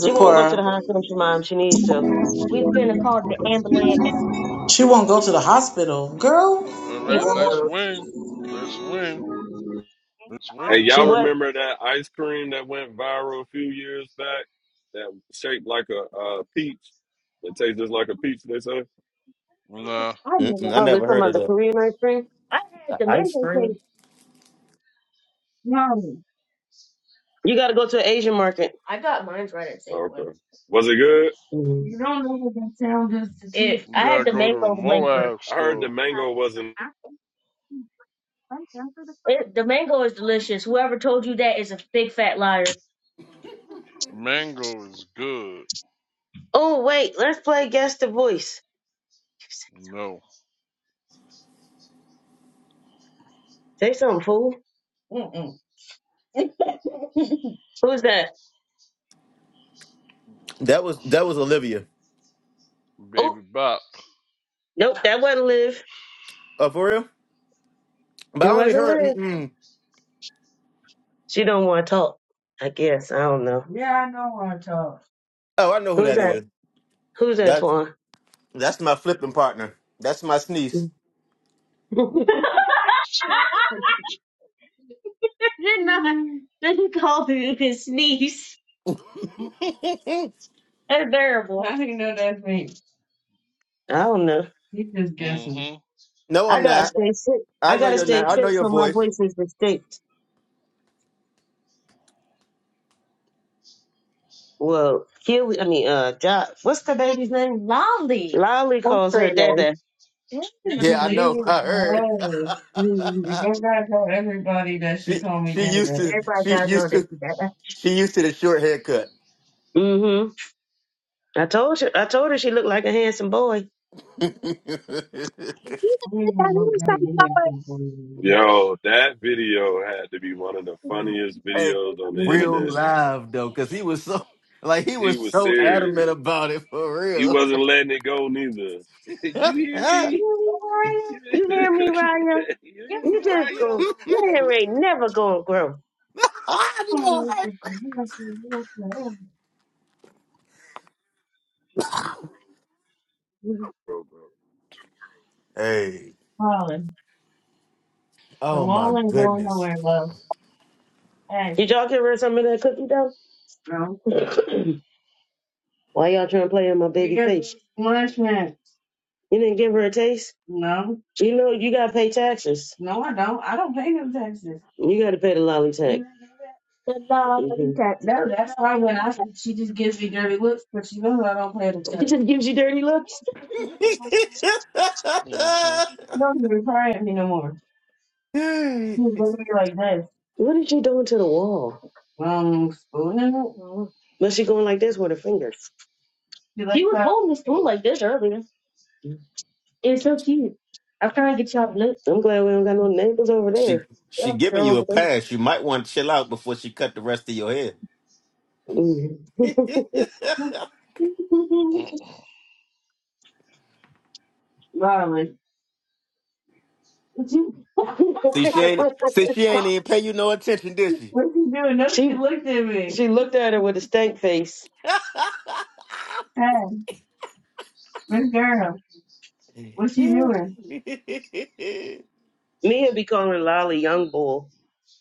She won't go to the hospital, she, mom. She needs to. We've been called the ambulance.
She won't go to the hospital. Girl,
All
She
right,
what?
let's
won't.
win. Let's win. It's
Hey,
winning
She
y'all
what?
time.
remember that ice cream that went viral a few years back that shaped like a uh, peach? It tastes just like a peach, they say.
Oh,
Nah,
I
Mm-mm,
know.
I
Oh, this
never
from
heard of
the
that.
Korean ice cream? I had the mango cake. Mom. You got to go to an Asian market. I got mine right at
Oh,
Safeway.
okay. Was it good?
Mhm. You don't know what that sound is to it,
you
I had
gotta
the
go to a
mango flavor.
Moab
I heard the
store.
mango wasn't.
It, the mango is delicious. Whoever told you that is a big fat liar.
Mango is good.
Oh wait, let's play guess the voice.
No.
Say something, fool. Mm-mm. Who's that?
That was that was Olivia.
Oh,
Baby Bop.
nope, that wasn't Liv.
Oh, for real? But
It
I only
wasn't Liv.
heard. Mm-mm.
She don't want to talk. I guess I don't know. No.
Oh, I know who
Who's
that
that?
is.
Who's that, Twan?
That's my flipping partner. That's my sneeze.
Did not. Didn't call me you sneeze. That's terrible. I do not know that's me? I don't know. He's just guessing.
Mm-hmm.
No,
I
I'm
gotta
not.
stay sick.
I
I
know
gotta
your name.
stay
I know
sick
Mm-hmm.
your
so my
voice.
voice is distinct. Well, Huey, I mean, uh, Josh, what's the baby's name? Lolly. Lolly
I'm
calls her
screaming.
Dada. Dada.
Yeah, I
Leave
know. I heard.
gotta tell everybody that she
she
called me
she
dada.
used to
Everybody
she's
gotta know
used
that
to
she Dada.
she used to the short haircut.
hmm I told her. I told her she looked like a handsome boy. Mhm.
Yo, that video had to be one of the funniest
hey,
videos on the
real
internet.
live though, because he was so like he
He
was
was
so
serious.
adamant about it for
He
real.
wasn't letting it go neither. you hear me? You
You hear me, Raya? Yep.
hear me,
You just
Raya?
go. Your hair ain't never gonna grow.
I know.
The
Bro, bro.
Hey. Oh my
wall ain't going
goodness.
nowhere, love. Hey. Did y'all get rid of some of that cookie dough? No. Why y'all trying to play in my baby Because face? Lunch man. You didn't give her a taste? No. You know you gotta pay taxes. No, I don't. I don't pay no taxes. You gotta pay the lolly tax. You know that? The lolly Mhm. tax. No, that's why when I said she just gives me dirty looks, but she knows I don't pay the It tax. She just gives you dirty looks?
Mm-hmm.
She don't even cry at me no more.
Hey.
She was looking at me like this. What is she doing to the wall? Um, spooning it. Was she going like this with her fingers? You like He was that? holding the spoon like this earlier. It's so cute. I'm trying to get y'all nuts. I'm glad we don't got no neighbors over
She
there.
she giving you a pass. You might want to chill out before she cut the rest of your head.
Mm.
mm-mm.
Darling. What you
see she ain't see she ain't even pay you no attention, did she?
doing? No, she she looked at me. she looked at her with a stank face. Hey, good girl. What's
hey
she doing? Mia be calling Lolly young bull.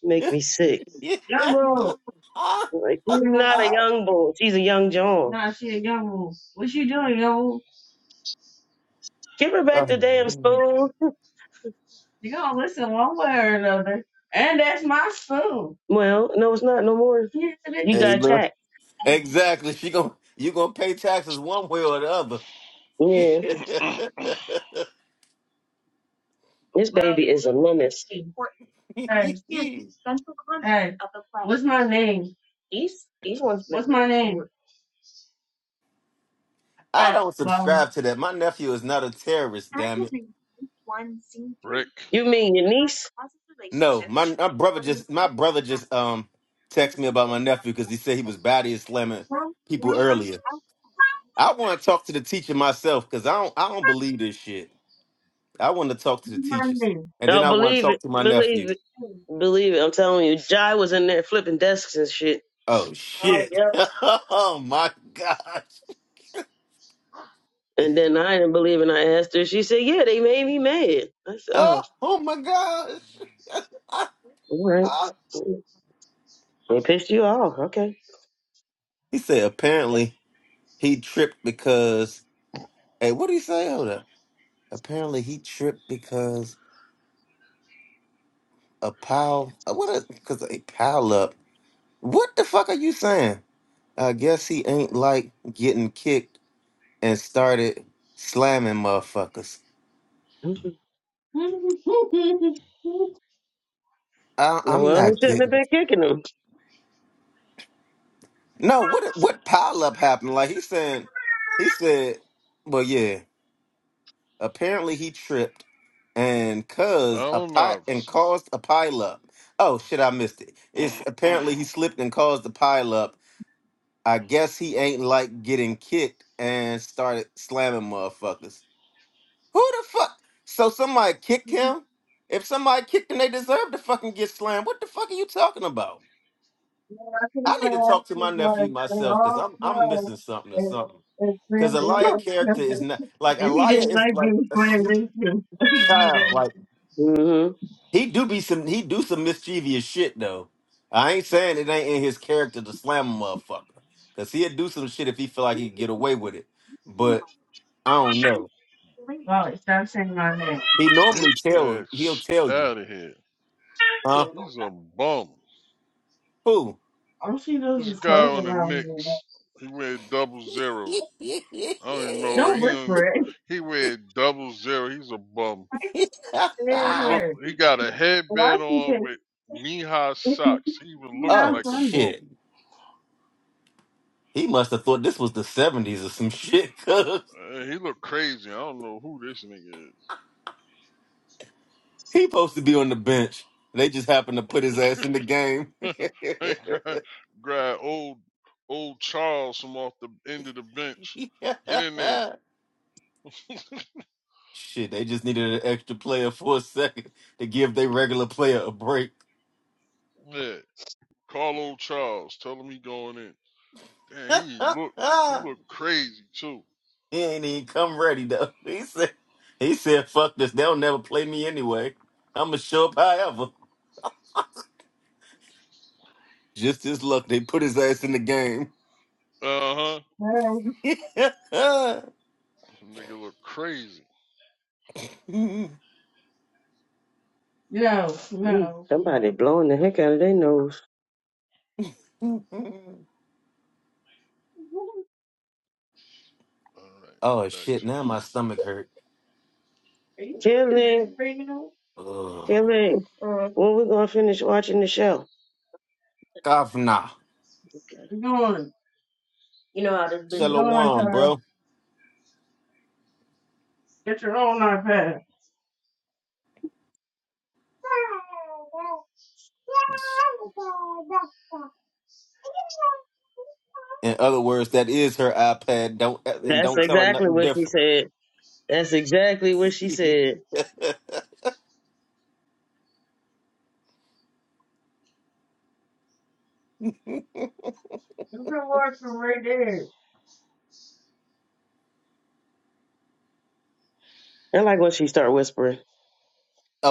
Make me sick. Young Bull. Like she's not a young bull. She's a young John. nah, she a young Bull. What she doing, young Bull? Give her back the damn spoon. You're gonna listen one way or another. And that's my spoon. Well, no, it's not no more. Yeah, it is. You got
look.
attacked.
Exactly. She going you gonna pay taxes one way or the other.
Yeah, this Well, baby is a menace. Important to Hey. Understand the central concept Hey. Of the play. What's my name? These these ones What's my name?
I
Ah,
don't
Well,
subscribe to that. My nephew is not a terrorist,
As
Damn
of one scene
Rick.
three. You mean your niece? Positive
No, my,
relationships.
my brother
When we
just my
test
brother
that,
just
we
um
tend
texted me
to
about my
understand the
nephew because he said
positive
he was body
relationships.
slamming
Well,
people
well,
earlier.
I-
I want to talk to the teacher myself because I don't I don't believe this shit. I want to talk to the teachers,
Monday.
and then
No,
I want to
believe
talk
it.
to my nephew.
Believe it. Believe it. I'm telling you. Jai was in there flipping desks and shit.
Oh
Oh,
shit!
yep.
oh my gosh!
And then I didn't believe it. and I asked her. She said, Yeah, they made me mad. I said, Oh,
Oh, oh my
all right.
gosh!
They pissed you off. Okay.
he said apparently he tripped because hey, what did he say? Hold up. Apparently he tripped because a pile. uh, What? Because a 'cause a pile up What the fuck are you saying? I guess he ain't like getting kicked and started slamming motherfuckers.
Mhm.
I, I'm
Well, they
not
shouldn't have
getting
been
it.
kicking them.
No, what what pile up happened? Like he said, he said, well, yeah. Apparently he tripped and caused a
Allen
pi- and
Iverson.
caused a pile up. Oh shit, I missed it. It's apparently he slipped and caused a pile up. I guess he ain't like getting kicked and started slamming motherfuckers. Who the fuck? So somebody kicked him? If somebody kicked him, they deserve to fucking get slammed. What the fuck are you talking about?
I
I need to talk to my nephew myself because I'm I'm missing something or something. Because Elia character is not like
and he
Elia
didn't
is
like
like
being
a
friends
sweet
with him.
child. Like
hmm
he do be some he do some mischievous shit though. I ain't saying it ain't in his character to slam a motherfucker. Cause he'd do some shit if he feel like he could get away with it. But I don't know.
Well, it starts saying my
He normally
Get
tell
that
he'll
sh-
tell you.
out of here.
Huh?
name.
He's a bum.
Who?
All she does
This
is close
guy on the
around me.
Knicks. He made double zeros. I don't even know.
Don't
He
look
done-
for it.
he weighed double zero. He's a bum.
I said
He look.
her.
He got a
Why
headband
she
on
take
with knee high
It's
socks. He even looks
oh
not
like a
funny.
bum.
shit. He must have thought this was the 70s or some shit, cuz
Uh, he look crazy. I don't know who this nigga
he supposed to be on the bench. They just happened to put
is.
his ass in the game.
They grab, grab old old Charles from off the end of the bench. Get in there.
Shit, they just needed an extra player for a second to give their regular player a break.
Yeah. Call old Charles. Tell him he going in. Damn, he look he look crazy too.
he ain't even come ready though. He said he said, fuck this, they'll never play me anyway. I'ma show up however. Just his luck, they put his ass in the game.
Uh huh.
Hey.
Nigga look crazy.
No, Mm, no. Somebody blowing the heck out of their nose.
All right, get
oh
back
shit!
to the
Now my stomach hurt.
Are you Kelly, bringing them?
Ugh.
Kelly, Uh, when we gonna finish watching the show?
Kafna,
Okay. you going? You know how this business. Go on,
shalom,
Kyle.
bro.
Get your own iPad.
In other words, that is her iPad. Don't and
That's
don't tell her
exactly
nothing
what she
different.
said. That's exactly what she said.
oh,
You can watch from right there. I like when she start whispering.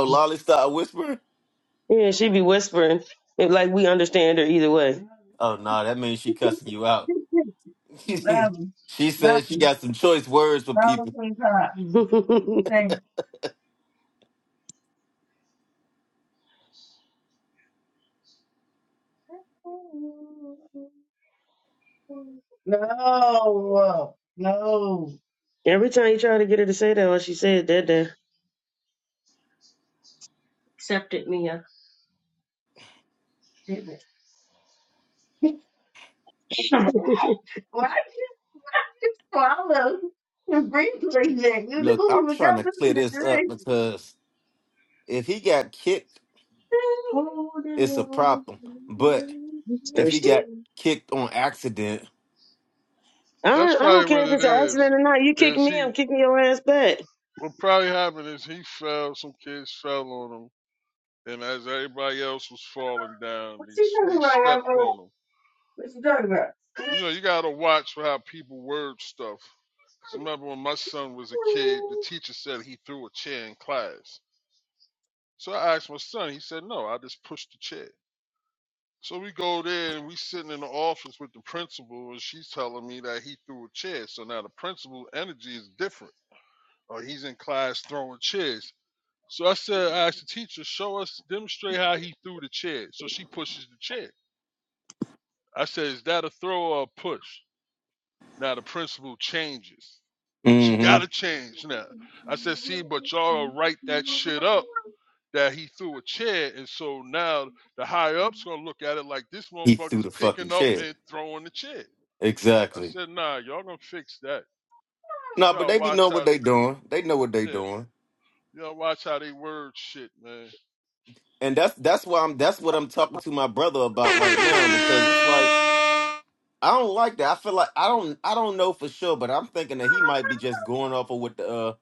Lolly started whispering.
Yeah, she be whispering. It, like we understand her either way.
Oh no, that means she cussing you out.
Love,
she
love,
said she got some choice words for
love
people.
from top. Say, no, no. Every time you try to get her to say that, what she said that day. Accepted me, I didn't. it? Why did you swallow the breathe like that? You
Look,
don't
I'm
even
trying to
got this
clear
in the
this up
drink.
because if he got kicked,
It's
it's a
Oh,
problem. But if he
thirsty.
got kicked on accident.
I
That's
don't, I
probably
don't care
what
if
it
it's an
is.
accident or not. You kick
Is
me,
he?
I'm kicking your ass back.
What probably happened is he fell. Some kids fell on him, and as everybody else was falling down, they s- they stepped
Oh,
on him.
what you talking about?
You know, you gotta watch for how people word stuff. 'Cause remember when my son was a kid, the teacher said he threw a chair in class. So I asked my son. He said, "No, I just pushed the chair." So we go there and we sitting in the office with the principal, and she's telling me that he threw a chair. So now the principal energy is different or he's in class throwing chairs. So I said, I asked the teacher, show us, demonstrate how he threw the chair. So she pushes the chair. I said, is that a throw or a push? Now the principal changes. She
hmm
got to change now. I said, see, but y'all will write that shit up that he threw a chair. And so now the high ups going to look at it like this
He threw
motherfucker's
the fucking
picking up
chair.
and throwing the chair. I
Exactly.
said, nah, y'all going to fix that. So You
No,
got
but
to
they be
watch
know what
how
they
they,
doing. They know what they
yeah,
doing,
y'all watch how they word shit, man.
and that's that's why I'm that's what I'm talking to my brother about right now because it's like. I don't like that. I feel like I don't I don't know for sure, but I'm thinking that he might be just going off of what the uh,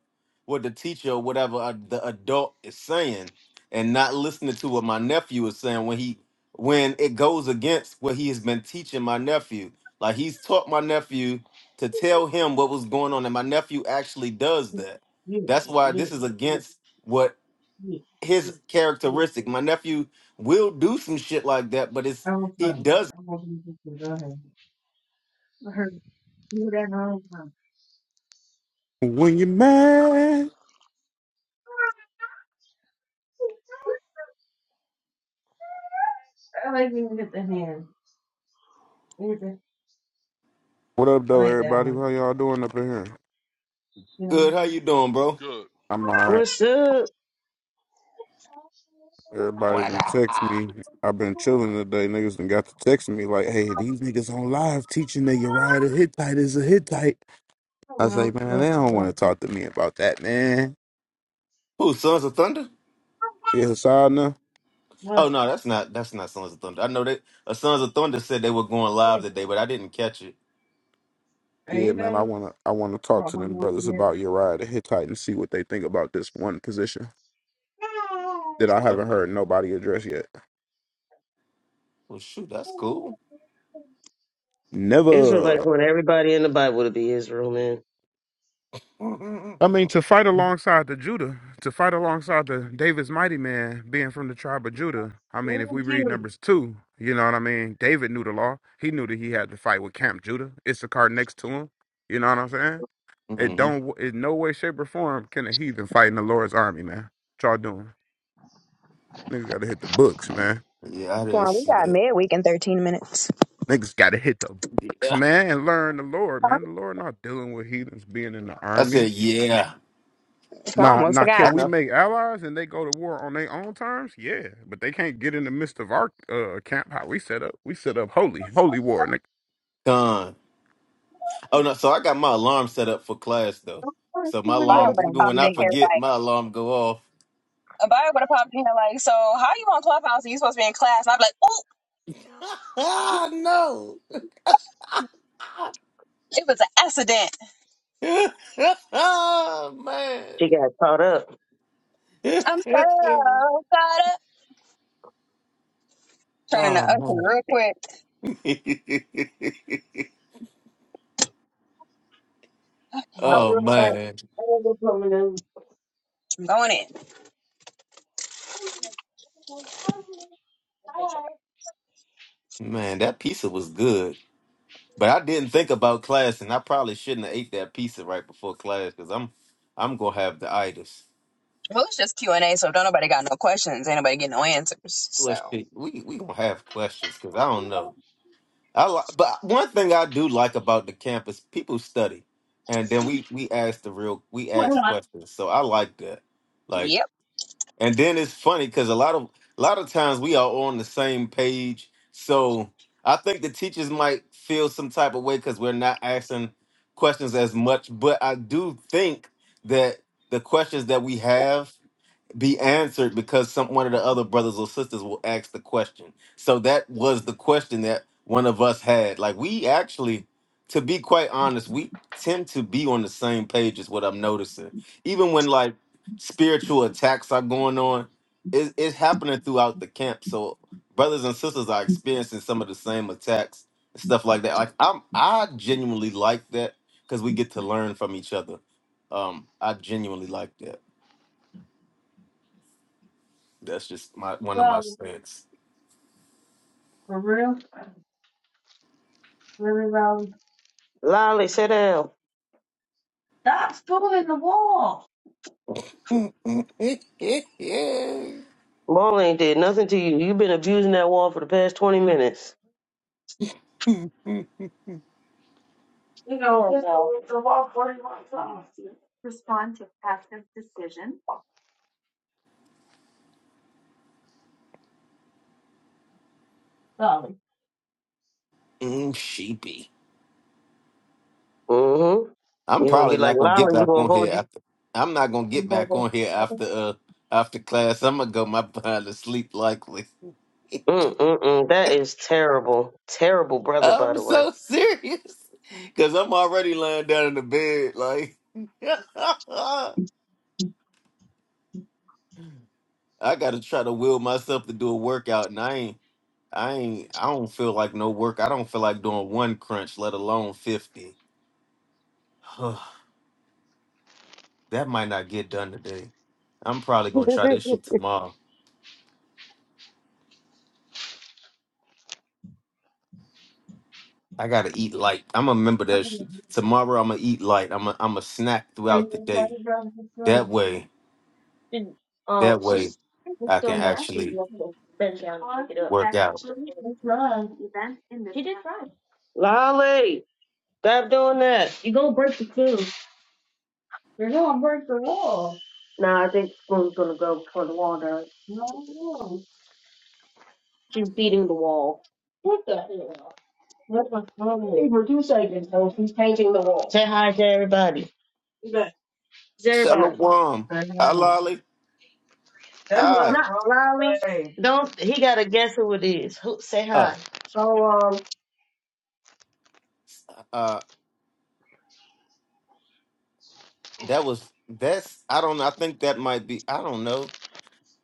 what the teacher or whatever uh, the adult is saying and not listening to what my nephew is saying when he when it goes against what he has been teaching my nephew. Like he's taught my nephew to tell him what was going on and my nephew actually does that.
You, you,
That's
hmm
why
you,
this is
you,
against what
you,
his
you.
characteristic. My nephew will do some shit like that, but it's
I want
he
fun.
does
I want you to go ahead. You that wrong.
When you are mad.
I like when you get the hand. You get the-
What up,
I
though,
like that
everybody?
one.
How y'all doing up in here?
Yeah.
good. How you doing, bro?
Good.
I'm alright.
What's up?
Everybody done text me. I've been chilling today. Niggas done got to text me like, hey, these niggas on live teaching that Uriah the Hittite is a Hittite. I say,
Oh, well,
man, they don't want to
so,
talk to me about that, man.
Who Sons of Thunder?
Yeah, Hasana.
Oh
What?
no, that's not that's not Sons of Thunder. I know that uh, Sons of Thunder said they were going
What?
live today, but I didn't catch it.
Yeah,
Ain't
man, I
no
wanna I wanna talk to them
problem
brothers
yet.
about Uriah the Hittite and see what they think about this one position that I
Okay.
haven't heard nobody address yet.
Well, shoot, that's cool.
Never.
Israelites want everybody in the Bible to be Israel, man.
I mean,
hmm
to fight alongside the Judah, to fight alongside the David's mighty man being from the tribe of Judah. I mean, if we
Thank
read
you.
Numbers 2, you know what I mean? David knew the law. He knew that he had to fight with Camp Judah, Issachar next to him. You know what I'm saying? It don't, in no way, shape, or form can a heathen fight in the Lord's army, man. What y'all doing? Niggas gotta hit the books, man.
Yeah, I didn't
Wow, we
see
got
that.
mid week in 13 minutes.
Niggas gotta hit the books,
Yeah,
man, and learn the Lord, man. The Lord not dealing with heathens being in the
I
army.
said yeah.
I
Nah,
almost
nah.
forgot.
I
Can we
know.
make allies and they go to war on their own terms? Yeah, but they can't get in the midst of our uh, camp. How we set up? We set up holy, holy war.
Done. Oh no, so I got my alarm set up for class though.
Don't put
So my
you in
Bio
the
alarm,
would have
even when
popped
I
in here
room.
forget, my
like,
alarm go off.
Bio would have popped in here like, so how you on Clubhouse and you supposed to be in class? And I'd be like, oh,
Ah no,
it was an accident.
man.
She got caught up.
I'm so sorry. Turning the usher
oh
real quick.
man.
I'll be
Oh
right back.
man,
I gotta go put me down.
I'm going in. Make sure-
man, that pizza was good, but I didn't think about class, and I probably shouldn't have ate that pizza right before class because I'm, I'm gonna have the itis.
Well, it's just Q and A, so don't nobody got no questions. Ain't nobody getting no answers. So,
Well, shit, we we gonna have questions because I don't know. I li- but one thing I do like about the campus, people study, and then we we ask the real we
What
ask
not?
questions, so I like that. Like
yep.
And then it's funny because a lot of a lot of times we are on the same page. So I think the teachers might feel some type of way because we're not asking questions as much. But I do think that the questions that we have be answered because some one of the other brothers or sisters will ask the question. So that was the question that one of us had. Like we actually, to be quite honest, we tend to be on the same page is what I'm noticing. Even when like spiritual attacks are going on, it, it's happening throughout the camp. So brothers and sisters are experiencing some of the same attacks and stuff like that. Like I'm I genuinely like that because we get to learn from each other. Um, I genuinely like that. That's just my one of my
Well,
stance.
for real? Really, Robin? Lolly, sit down. Stop fooling the wall. Wall ain't did nothing to you. You've been abusing that wall for the past 20 minutes. You know, Or just no? the law forty one times. Respond to Patrick's decision. Lolly.
Mm, sheepy. I'm
Mm-hmm. You're gonna be
probably
like
not gonna get
Lolly. We're
back
gonna
on here
hold you.
after. I'm not gonna get back on here after uh after class. I'm gonna go my behind to sleep likely.
Mm-mm-mm. That is terrible. Terrible brother, by
I'm
the way.
so serious because I'm already lying down in the bed. Like I gotta try to will myself to do a workout, and I ain't. I ain't. I don't feel like no work. I don't feel like doing one crunch, let alone fifty. That might not get done today. I'm probably gonna try this shit tomorrow. I gotta eat light. I'm gonna remember that shit. Tomorrow I'm gonna eat light. I'm gonna I'm gonna snack throughout the day. That way,
and,
that
um,
way
she's she's
I can
still not been
actually
down to pick it up.
work out.
actually Run. events in this She did chapter. run. Lolly, stop doing that. You gonna break the food? Cool. No, I think Spoon's gonna go for the wall though. No. She's beating the wall. What the hell? What the hell? Say hi to everybody. Look, To everybody.
Shalom, Alali.
That's what I'm
Hi.
Not Lolly. saying. Don't he gotta guess who it is. Who say
Uh,
hi. So, um,
uh, that was that's. I don't. know. I think that might be. I don't know.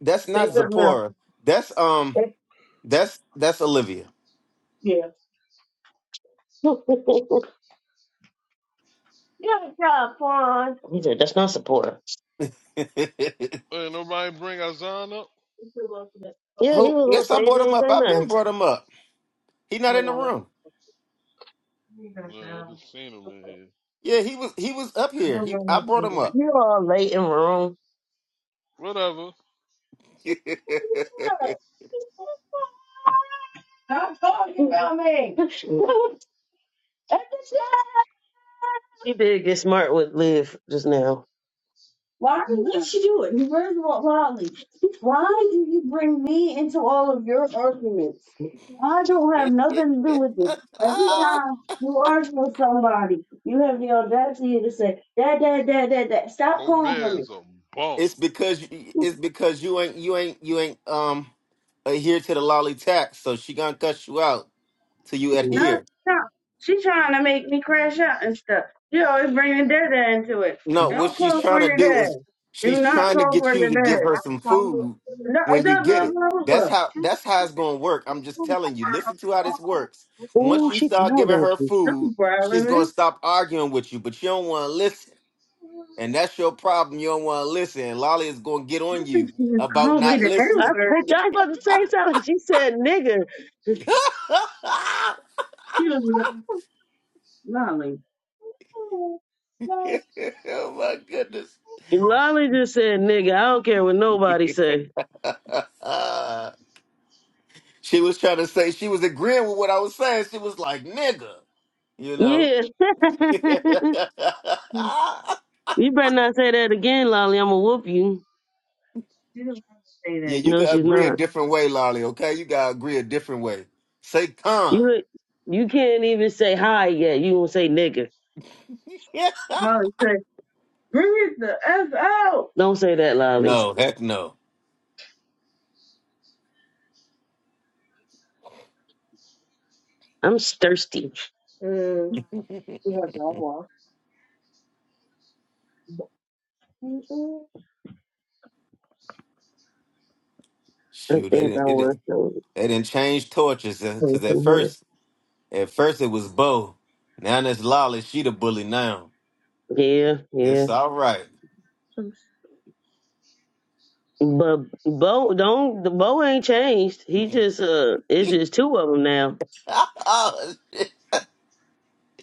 That's
Say
not
something
Zipporah. That's um. That's that's Olivia.
else. he said, That's not supporter.
Hey, nobody bring Azan up?
Yeah, he
Who?
was on
Yes, I
stage
brought
and
him
he
up.
said
I've been brought him up. He not in the
nothing.
room.
No, I just seen him in here.
Yeah, he was he was up here. He I brought him up.
You all late in the room.
Whatever.
it's
i talking about me. At the He did get smart with Liv just now. Why did she do it? Where's Lolly? Why do you bring me into all of your arguments? Why would this? Every time you argue with somebody, you have the audacity to say, Dad, Dad, Dad, Dad, Dad, stop calling for
Gobert
me.
is a bum.
because you- it's because you ain't you ain't you ain't um adhere to the lolly tax, so she gonna cut you out till you
No,
adhere.
stop. She trying to make me crash out and stuff. You always bringing Dad dad into it.
No, what
Don't
she's
call
trying
for
to
your
do is
dad. Do
she's
not
trying to
call
get
for
you
your
to give
dad.
her some food
No,
when you
blah,
get
blah,
it.
blah,
That's how
blah.
that's how it's gonna work. I'm just telling you. Listen to how this works. Once you
He
start
growled
giving
at
her
you.
food,
Don't
she's
growling me.
gonna stop arguing with you, but you don't want to listen. And that's your problem. You don't want to listen. Lolly is going to get on
don't think
you
She
about
called me
not
the N I,
listening.
word. I was about to say something. She said nigga.
oh my goodness.
Lolly just said nigga. I don't care what nobody say.
she was trying to say, she was agreeing with what I was saying. She was like, nigga, you know?
Yeah.
yeah,
you better not say that again, Lolly. I'm gonna whoop you. She doesn't have to say that.
you
No,
can
she's
agree a
not.
different way, Lolly, okay? You got to agree a different way. Say con.
You you can't even say hi yet. You gonna say nigga. Lolly it said, bring it the F out. Don't say that, Lolly.
no, heck no.
I'm thirsty. Mm, we have that one. I
Shoot, they
think
didn't,
I
it didn't,
want some
they didn't change torches
come
because at
from
first At first it was Bo. Now that's Lolly. She the bully now.
here. Yeah, yeah.
It's all right.
But Bo don't the Bo ain't changed. He just uh, it's just two of them now
oh, shit.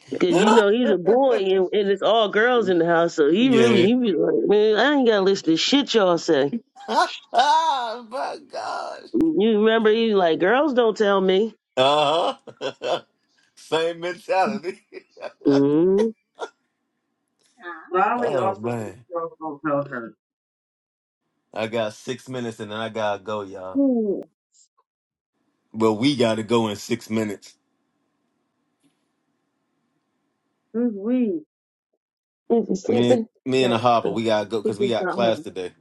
because you know he's a boy and, and it's all girls in the house. So he really
yeah.
he be like, man, I ain't gotta listen to shit y'all say.
oh, my gosh.
You remember he like girls don't tell me.
Uh-huh. Same mentality.
Mm-hmm. Lolly
oh,
also thinks
man.
girls don't tell her.
I got six minutes and then I got to go, y'all. Well, we got to go in six minutes.
Is he
Me,
sleeping?
me and the
No,
Harper, we got to go
he
because we
just
got
not
class
home.
today.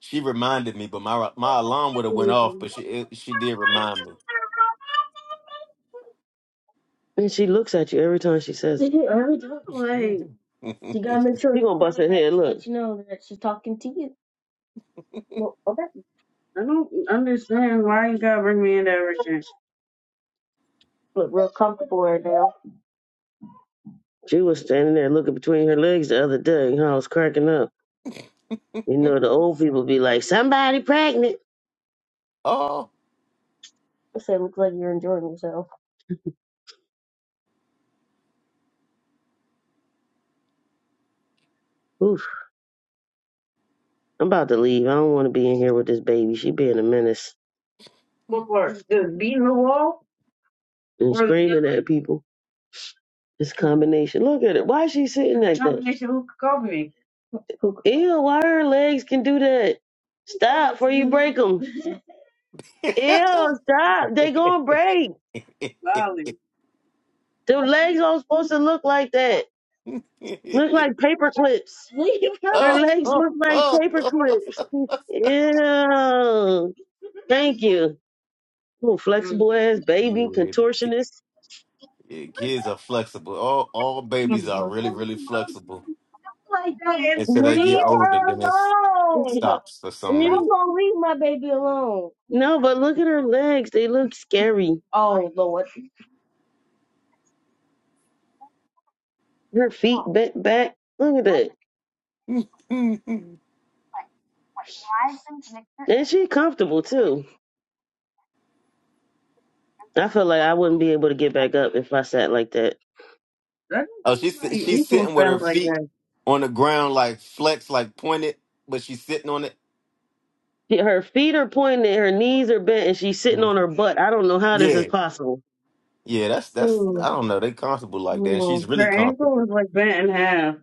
She reminded me, but my my alarm would have
He
went
just not
off,
home.
but she it, she did remind
And she looks at you every time she says it. Every time, like,
me.
you gotta make sure She gonna bust her head. Look. that you know that she's talking to you. I don't understand why you gotta bring me in that relationship. She was standing there looking between her legs the other day. and I was cracking up. You know, the old people be like, somebody pregnant.
oh.
I said, looks like you're enjoying yourself. Oof, I'm about to leave. I don't want to be in here with this baby. She being a menace What part? Just beating the wall? and Or screaming at people. This combination. Look at it. Why is she sitting like that? combination who could cover me? Ew, why her legs can do that? Stop before you break them. Ew, stop. They gonna break. Golly.
oh,
Their legs all supposed to look like that. Look like paper clips. Their
oh,
legs
oh,
look like paper
oh.
clips. Ew. Thank you. Ooh, flexible ass baby,
Yeah.
contortionist.
Yeah, kids are flexible. All all babies are really, really flexible.
Leave her
Until they get older, then it
alone.
stops for some reason.
alone. No, but look at her legs. They look scary. Oh. Her feet bent back. Look at that. And she comfortable too. I feel like I wouldn't be able to get back up if I sat like that. I don't
Oh,
think
she's
my
sit- she's
ankles
sitting with her
bend like
feet
that.
on the ground, like flexed, like pointed, but she's sitting on it.
She- Her feet are pointed, her knees are bent, and she's sitting on her
Mhm.
butt. I don't know how this is
Yeah,
possible.
yeah. That's that's. I
Ooh.
don't know. They comfortable like that, and she's really
Her ankle
comfortable.
was like bent in half,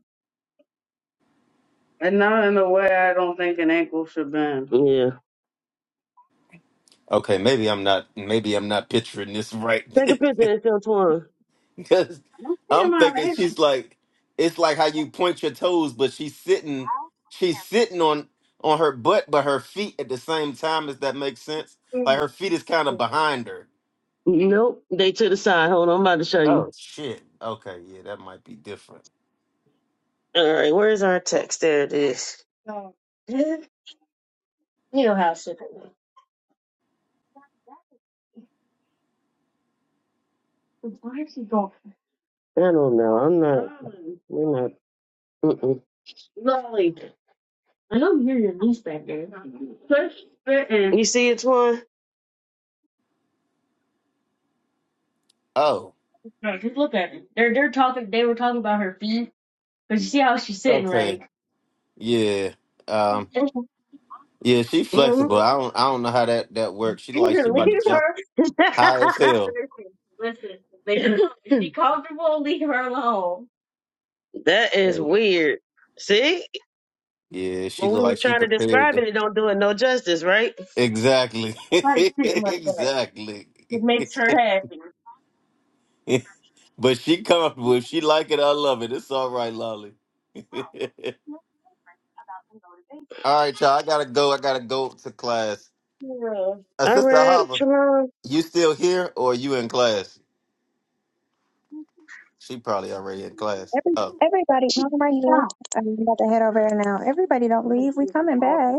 and not in a way I don't think an ankle should bend. Yeah.
Okay, maybe I'm not. Maybe I'm not picturing this
Take a
right.
picture and show Twan.
Because
I don't care
I'm
my
thinking
ankle.
she's like, it's like how you point your toes, but she's sitting, she's sitting on on her butt, but her feet at the same time. If that makes sense, like her feet is kind of behind her.
Nope. They to the side. Hold on, I'm about to show
Oh
you.
shit. Okay, yeah, that might be different.
All right, where's our text? There it is. No. You know how to ship it should be. Why is he going? I don't know. I'm not. We're not. Mm-mm. Lolly, I don't hear your niece back there. Quit spitting. You see it, Twan?
Oh,
No, just look at it. They're they're talking. They were talking about her feet, but you see how she's sitting,
okay,
right?
yeah, um,
Mm-hmm.
yeah, she
You
flexible. I don't, I don't know how that that works. She
can
like she
Mhm.
about to
leave
jump
her.
high as hell.
Listen, listen. They can, if she comfortable, leave her alone. that is
Right.
weird. See,
Yeah, she
when we
look
were
like she
trying to
prepared
describe
to.
it, it don't do it no justice, right?
Exactly.
Like sitting like that,
exactly.
it makes her happy.
but she comfortable. If she like it, I love it. It's all right, Lolly. all right, y'all. I gotta go. I gotta go to class.
Yeah.
Uh,
All
Sister
right,
Hava,
tomorrow.
you still here or you in class? She probably already in class. Oh,
i right here. I'm about to head over there now. Everybody don't leave. We coming back.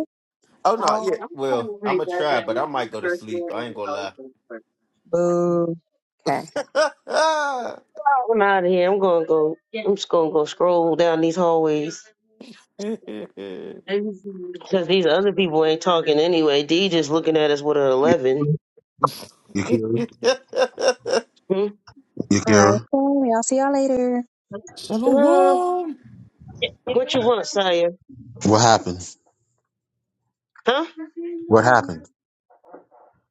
oh no. Yeah. Well, I'm gonna try, but I might go to sleep. I ain't gonna
Boo. Okay.
lie.
I'm out of here. I'm gonna go. I'm just gonna go scroll down these hallways because these other people ain't talking anyway. D just looking at us with an eleven.
Yakira.
Hmm?
All right.
Yakira.
So, y'all.
Shalom.
Shalom.
What you want, Saya?
What happened?
Huh?
What happened?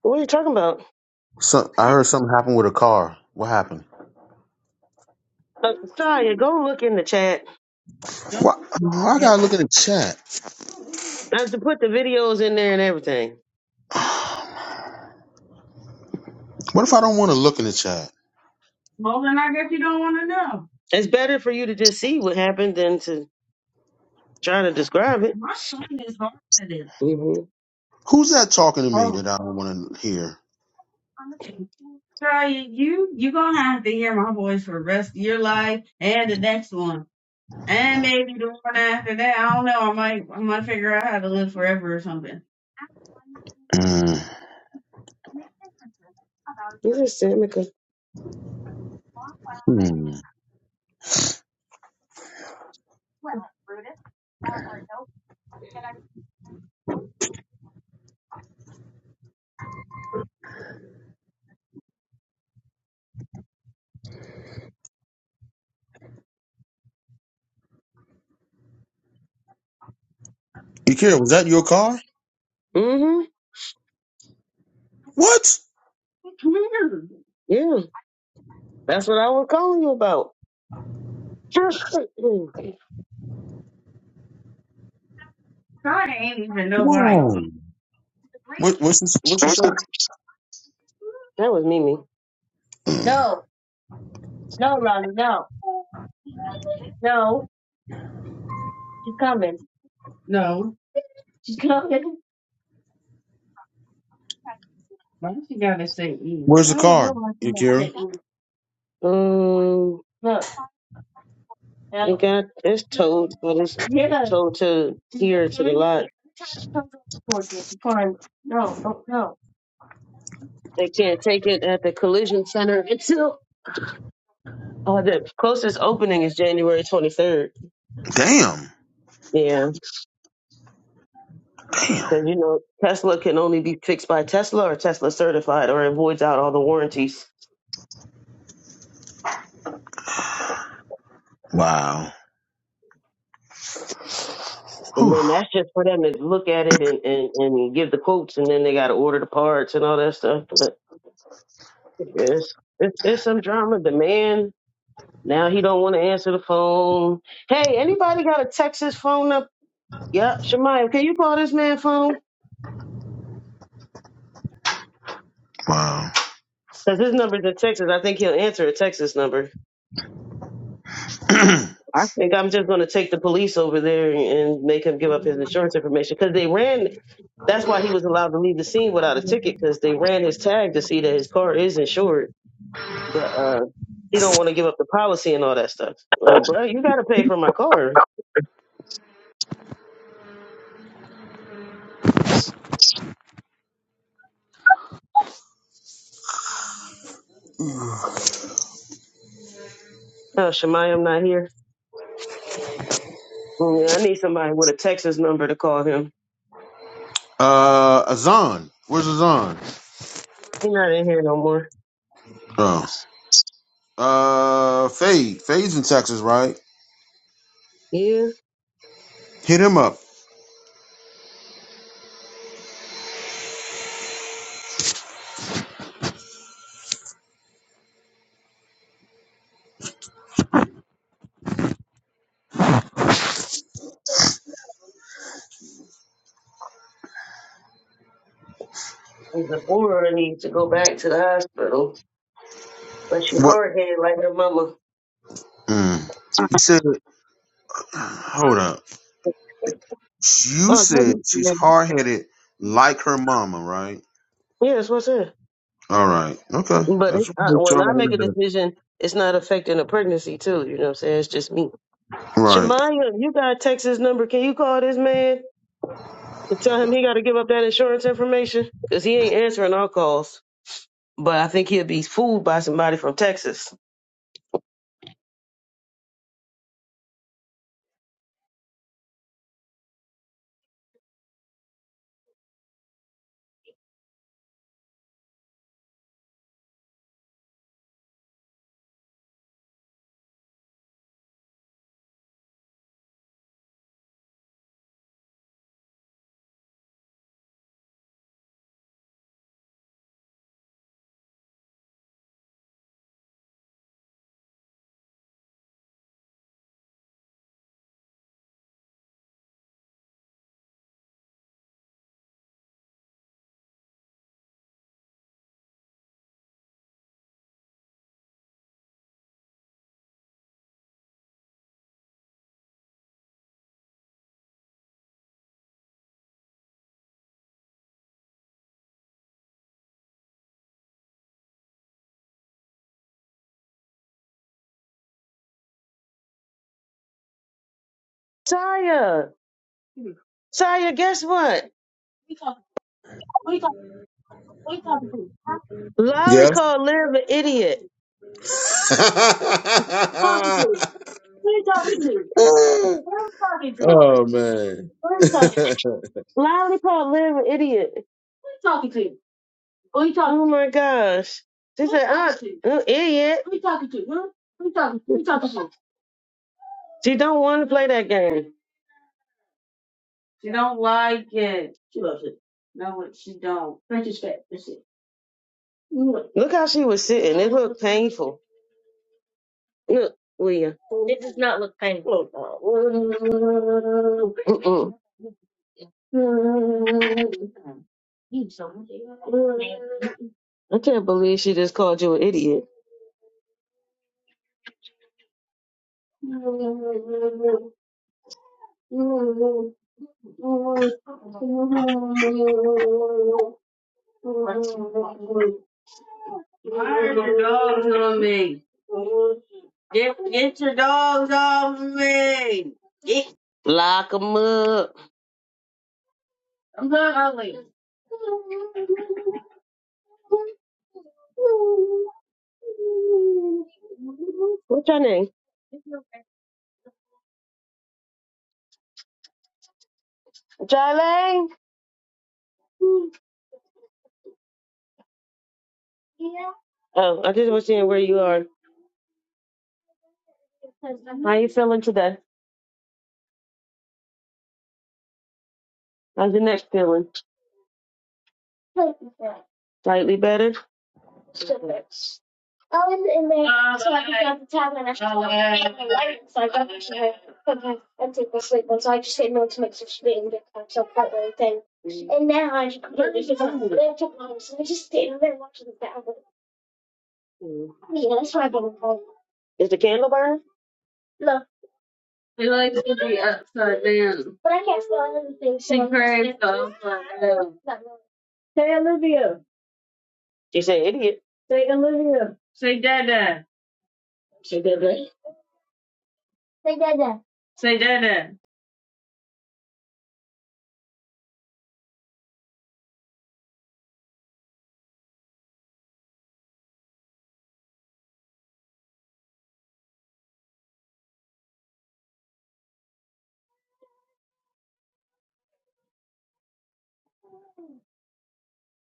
What are you talking about?
Some, I heard something happened with a car. What happened?
Uh, Saya, go look in the chat.
Why, I gotta look in the chat.
I have to put the videos in there and everything.
What if I don't want to look in the chat?
Well, then I guess you don't want to know. It's better for you to just see what happened than to try to describe it. My son is hard at it. hmm
Who's that talking to me
Oh.
that I don't want to hear?
Try you, you gonna have to hear my voice for the rest of your life and the next one. And maybe the one after that. I don't know. I might I might figure out how to live forever or something.
Mm.
This is Samica.
Hmm. Akira, was that your car?
hmm
What?
Yeah, that's what I was calling you about. That God, I ain't even know where I am.
Whoa. What, what's this, what you said?
that was Mimi.
Mm.
Oh, she's coming. No. She's coming. What?
Where's the
I don't
car,
know why she has
Akira?
sent me. Um, Look. That- it got it's towed, but it's Yeah. towed to here to the lot. Every time she comes towards me, she's pulling. No, don't, no. They can't take it at the collision center until oh, the closest opening is January 23rd.
Damn.
Yeah.
Damn.
Because you know Tesla can only be fixed by Tesla or Tesla certified, or it voids out all the warranties.
Wow.
And
Whew.
then that's just for them to look at it and, and, and give the quotes, and then they got to order the parts and all that stuff. But yes, it's it's some drama. The man now he don't want to answer the phone. Hey, anybody got a Texas phone up? Yep, Shemaya, can you call this man phone?
Wow.
Because his number's in Texas. I think he'll answer a Texas number. I think I'm just going to take the police over there and and make him give up his insurance information because they ran. That's why he was allowed to leave the scene without a ticket because they ran his tag to see that his car is insured, but uh, he don't want to give up the policy and all that stuff. Like, bro, you got to pay for my car. Oh, Shemai, I'm not here. Oh, yeah, I need somebody with a Texas number to call him.
uh, Azan. Where's Azan?
He's not in here no more.
Oh. Uh, Fade. Fade's in Texas, right?
Yeah,
Hit him up.
or I need to go back to the hospital. But she
What?
hard headed like her mama.
Mm. You said, hold up. You
Oh,
said she's
yeah,
hard headed like her mama, right?
Yeah, that's what's it.
All right. Okay.
But
That's
it's,
what
uh,
make sure
when
I
I make
heard
a
that.
decision, it's not affecting the pregnancy too. You know what I'm saying? It's just me.
Right.
Shemaya, you got Texas number. Can you call this man and tell him he got to give up that insurance information? Because he ain't answering our calls. But I think he'll be fooled by somebody from Texas. Taya, Taya, guess what? We talking, we talking, we talking to. Lolly
Yeah.
called Liv an idiot. Talking to. We talking to. Who you talking to?
oh,
Who
man.
you talking to? Lolly called Liv an idiot. Who you talking to? Who you talking Oh to? my gosh. She Who you said, talking to? uh, to? idiot. Who you talking to? Huh? Who you talking? to? Who you talking to? She don't want to play that game. She don't like it. She loves it. No, she don't. French is fat. That's it. Look how she was sitting. It looked painful. Look, William. It does not look painful. Mm-mm. I can't believe she just called you an idiot. Why are the dogs on me? Get, get your dogs off me. Get. Lock 'em up. I'm not ugly. What's your name? Jalen? Oh, I just was seeing where you are. How you feeling today? How's your neck feeling? Slightly better? I was in there, so I picked out the tab and I shut off my light, so I got to her, put my and take my sleep on, so I just didn't know to make such a big big so part of the thing. And now I just completely forgot that I took mine, so I just stayed there watching the battle. Yeah, that's why I've been playing. Is the candle burn? No, Like, but then but I can't spell anything, so she cried, so I like, no. not really. She said, idiot. Say Olivia. Say Dada. She did that. They did Say Dada.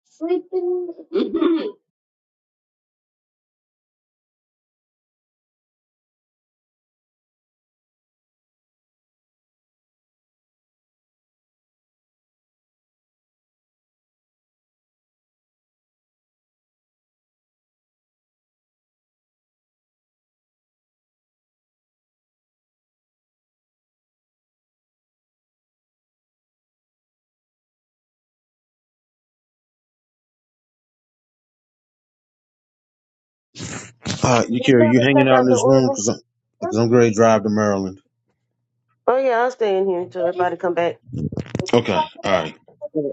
Sleeping.
uh, you care? You hanging out in this room? Because I'm, cause I'm going to drive to Maryland.
Oh yeah, I'll stay in here until everybody come back.
Okay. All right.
Yeah.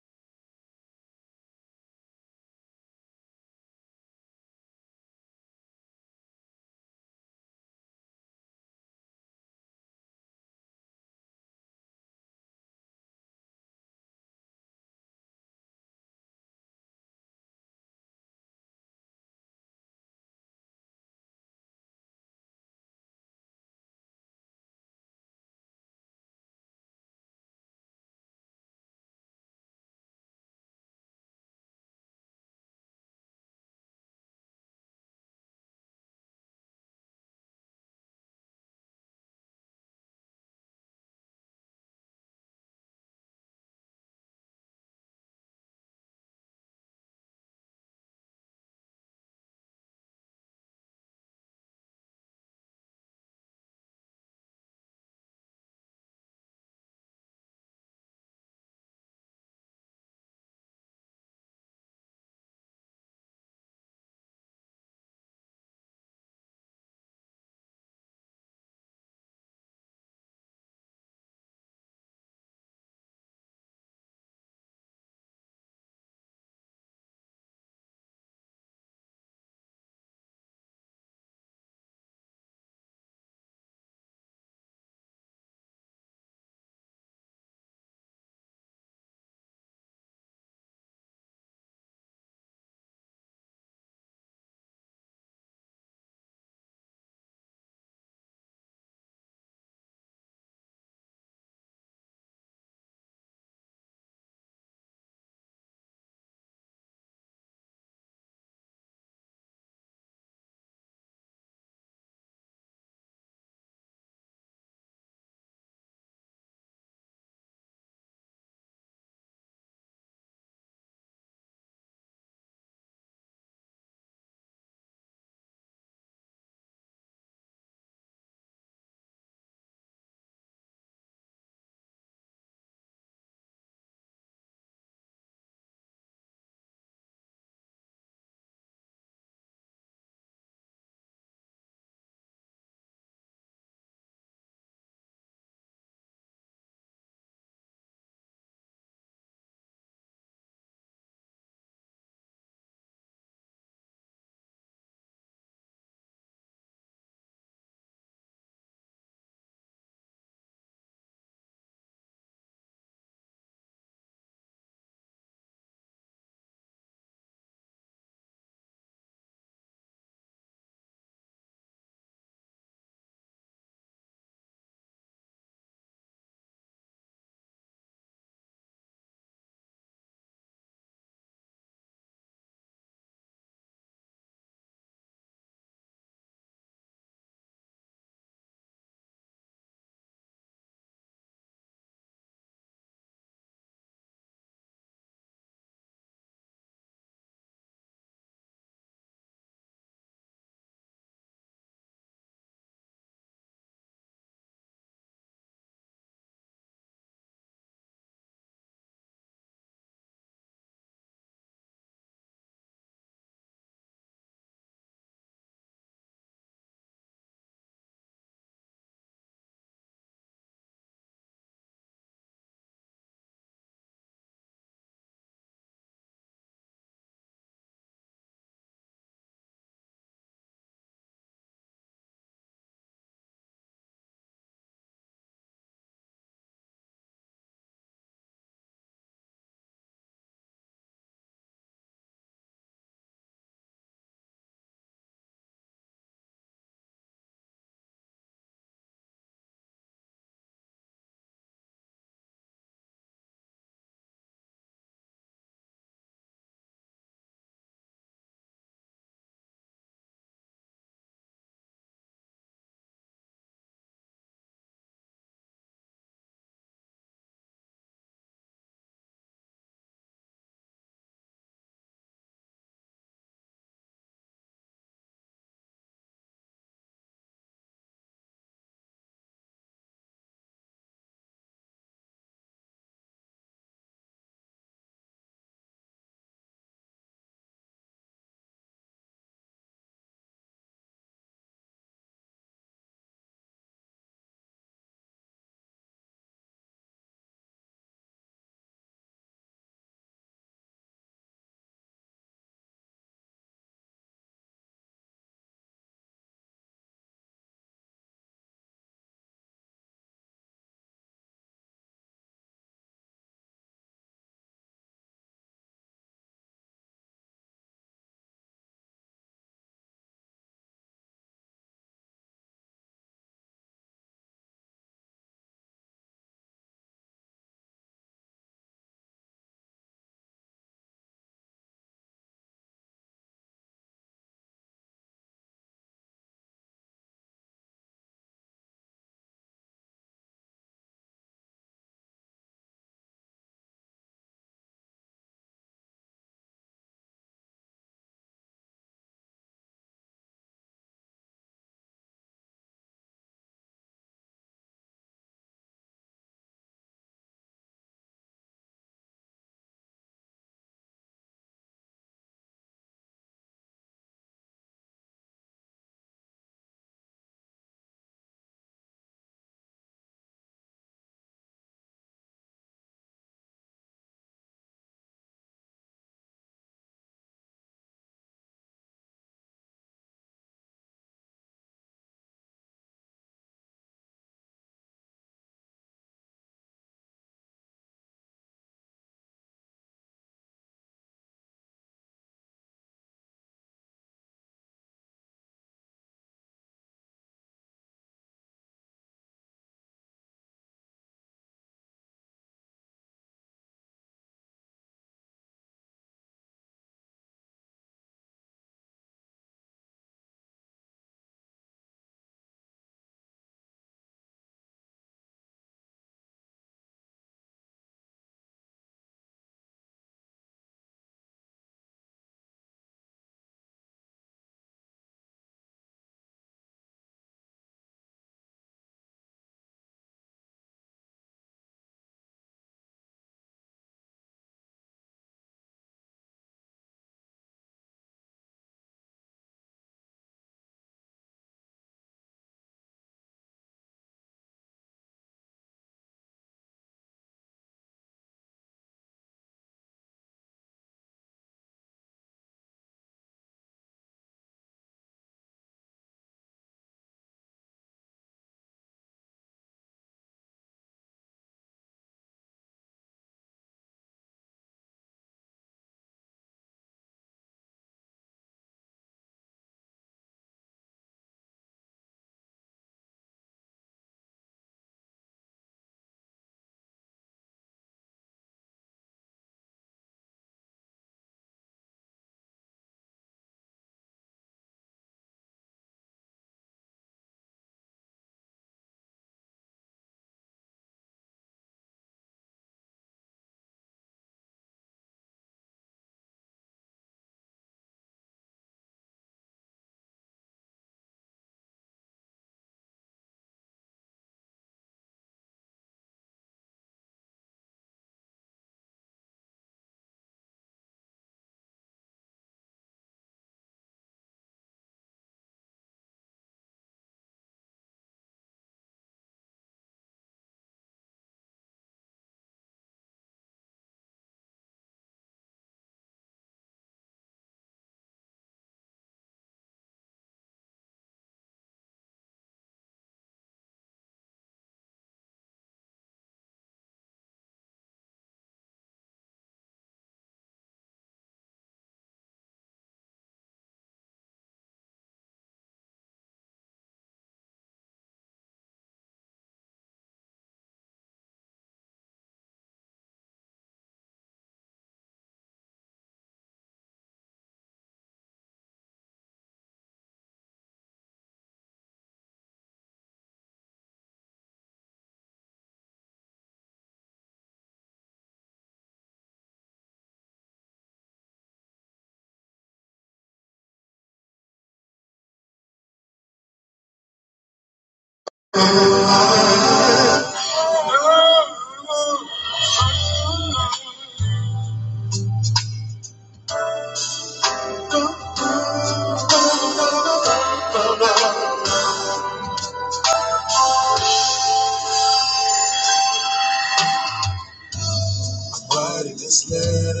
Why did this letter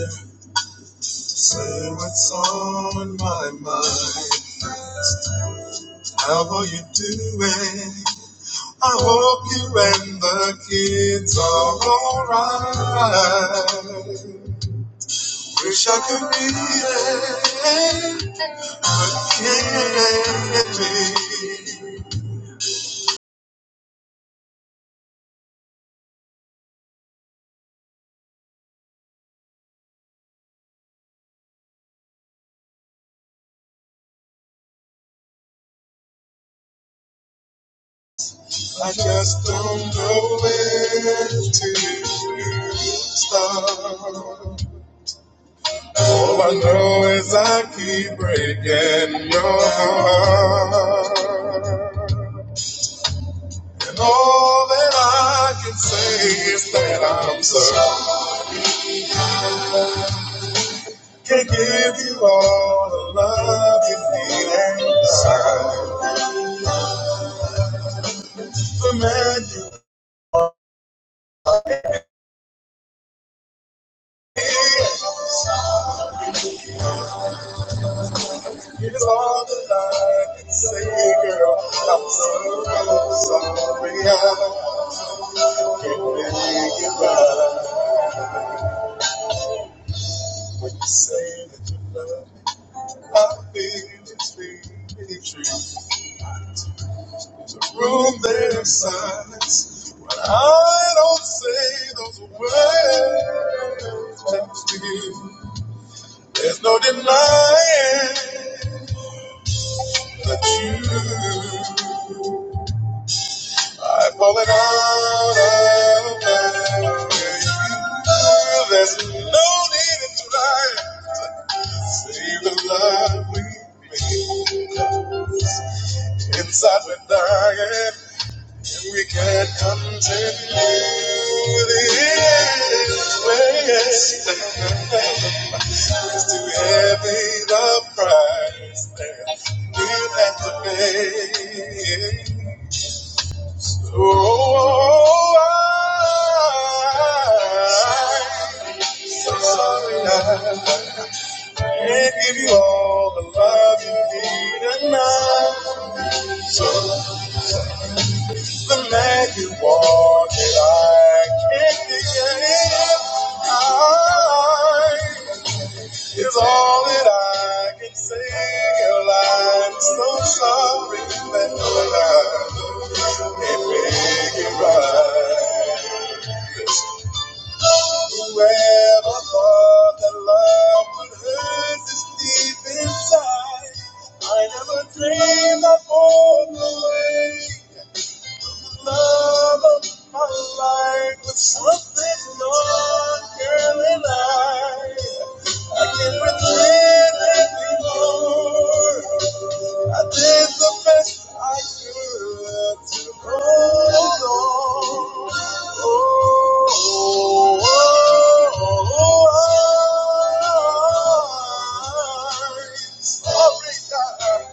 Say what's on my mind. How are you doing? I hope you and the kids are alright. Wish I could be there, but can't be. I just don't know where to start. All I know is I keep breaking your heart. And all that I can say is that I'm sorry. Can't give you all the love you need inside. The man you need is all that I can say, girl. I'm so sorry. I can't make it right. When you say that you love me, I feel it's really true. Through their silence. When I don't say those words, just to you. There's no denying the truth. I've fallen out of love. with you. There's no need in trying to save the love we made. Inside we're dying. We can't continue this way. It's too heavy the price that we have to pay. Oh, oh, oh, I'm so sorry I can't give you all the love you need enough. So The man you wanted, I can't get enough. I is all that I can say. Girl, I'm so sorry that I can't make it right. Whoever thought that love would hurt this deep inside, I never dreamed I'd fall away. love of my life with something more, girl, and I. I can pretend anymore. I did the best I could to hold on. Oh, oh, oh, I'm sorry, God.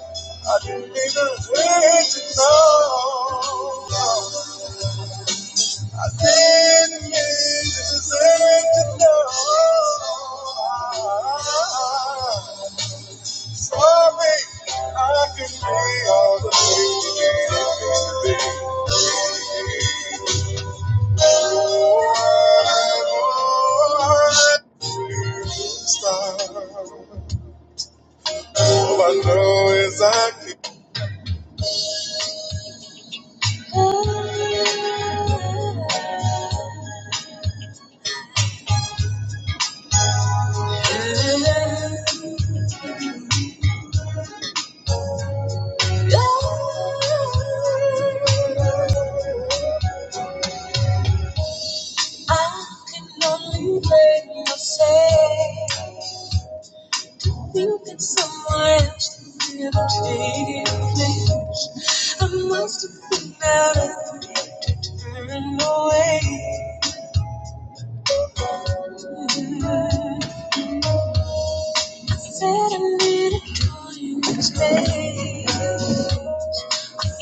I didn't mean to hurt you, no. I didn't mean to hurt you, no. Sorry, I can be all the things you need All I know is I can. go. I can only blame myself. You get somewhere else to be a change. I must have been out of Turn away. I Said I needed you and space.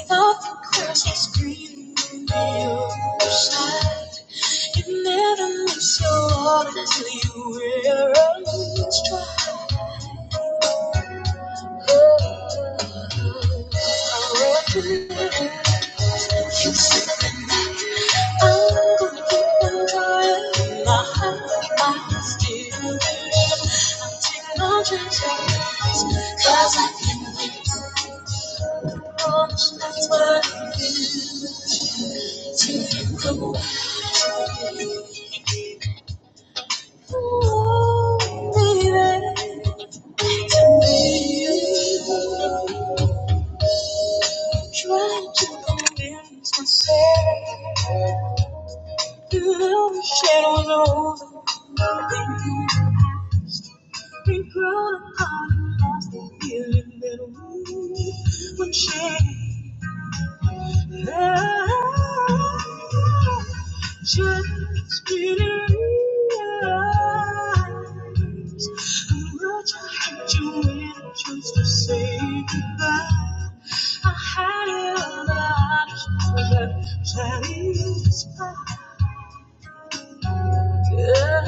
Nothing crosses green in the side. You never miss your orders, you will always try. Cause I can win, Promise that's what I feel. To you, come on. Trying to convince myself the shadows over me. Been grown apart and lost the feeling that we were sharing. Love, just realize how much I hate you when I choose to say goodbye. I had it all, but I just this not Oh,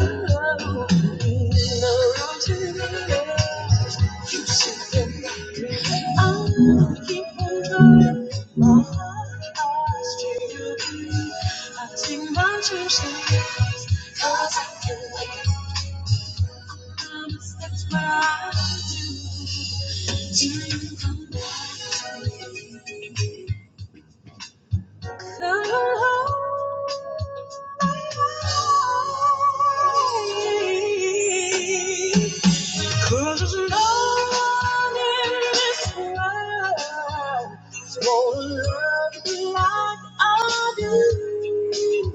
Cause Lord, in this world won't love you like I do.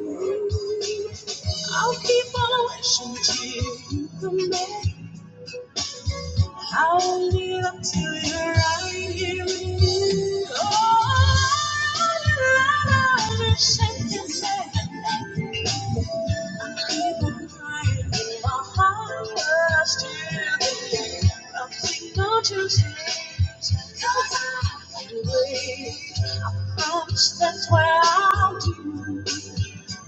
I'll keep on wishing till you come back. I'll live up till you're right here with me. Oh, I love you, shake and say. That's why I'll do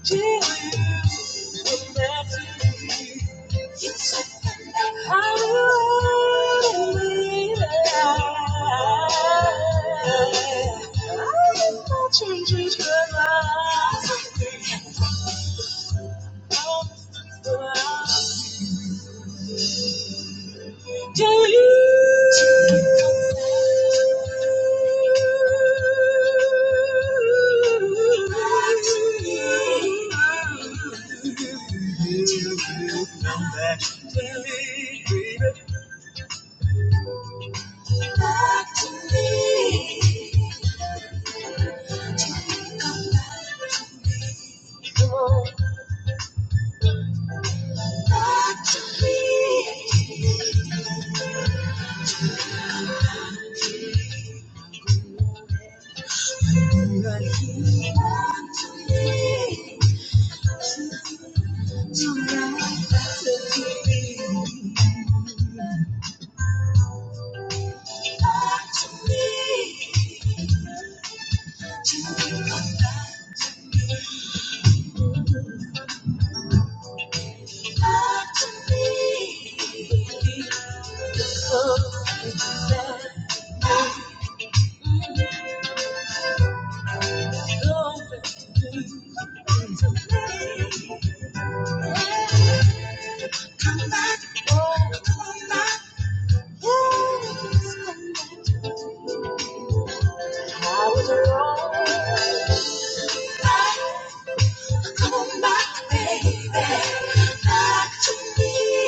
to you with everything. It's I do believe it. I will that you Changes her life. to you. Come back to me, baby. Back to me. Come back to me. Tonight. Tonight. Back to me. Back to me. Back to me. I was wrong. Come on back, baby, back to me.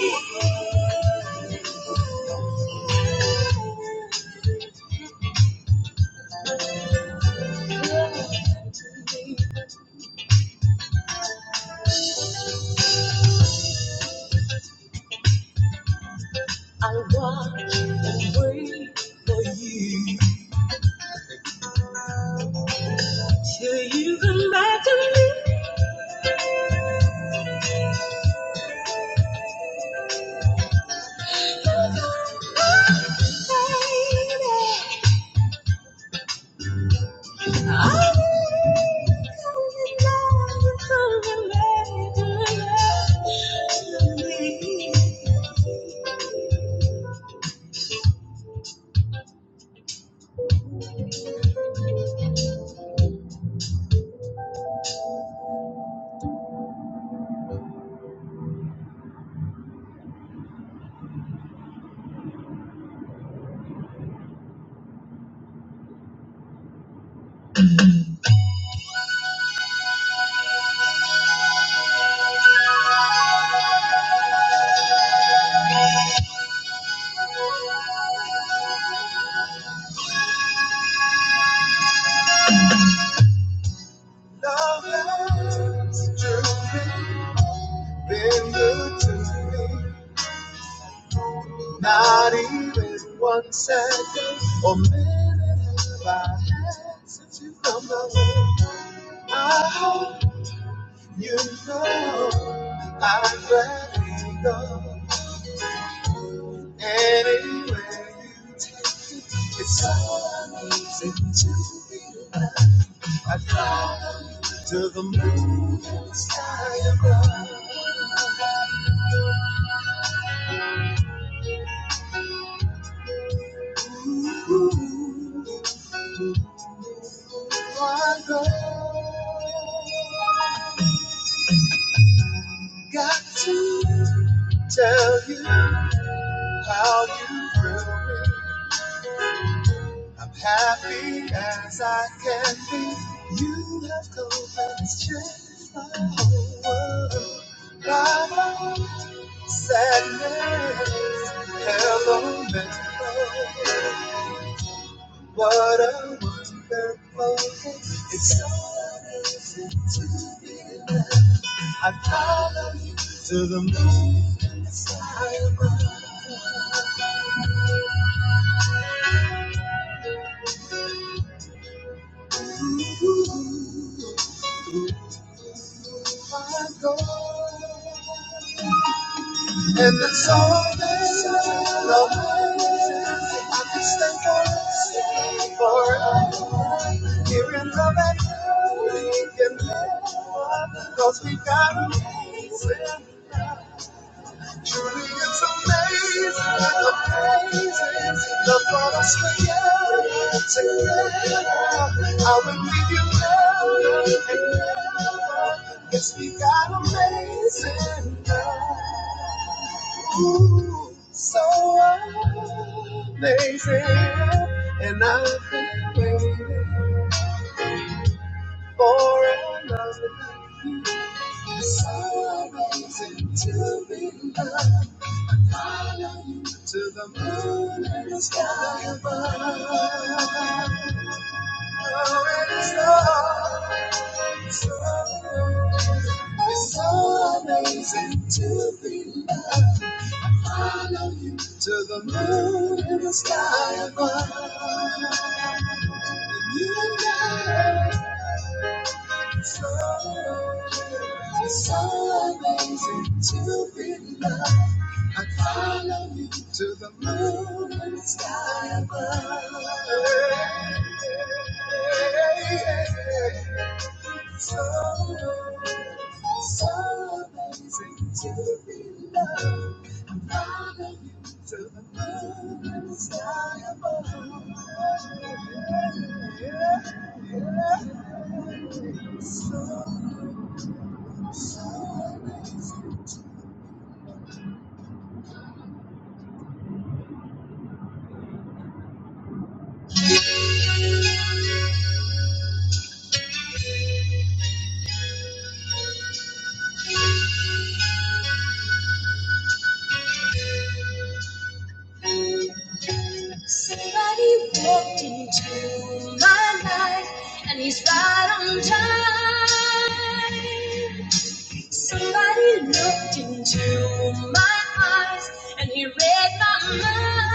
I was wait for you till you come back to me. Baby, I really don't know come back to me. Love has truly been good to me. Not even one second or minute have I had since you come my way. I hope You know I'd rather go anywhere you take me. It's so amazing to be alive. I'd follow you. to the moon I go. Got to tell you how you thrill me. I'm happy as I can be. You have come and changed my whole world. Bye bye. Sadness has a mental, but I was there for It's so easy to be loved. I follow you to the moon I go, and it's all there is. No way I can stay for it, forever. Here in love and we can live, 'cause we got a reason. Truly it's amazing, amazing. The thought of staying together. I would leave you never and never. Yes, we got amazing love. Ooh, so amazing. And I've been waiting for another. So amazing to be loved. Follow you to the moon and the sky above. Oh, and it's love, it's love. It's so amazing to be loved. Follow you to the moon and the sky above. And you know. So, it's so amazing to be loved. I follow you to the moon and the sky above. So, so amazing to be loved. I'm loving you to the moon and the sky above. So, so amazing. Somebody walked into my life and he's right on time. Somebody looked into my eyes and he read my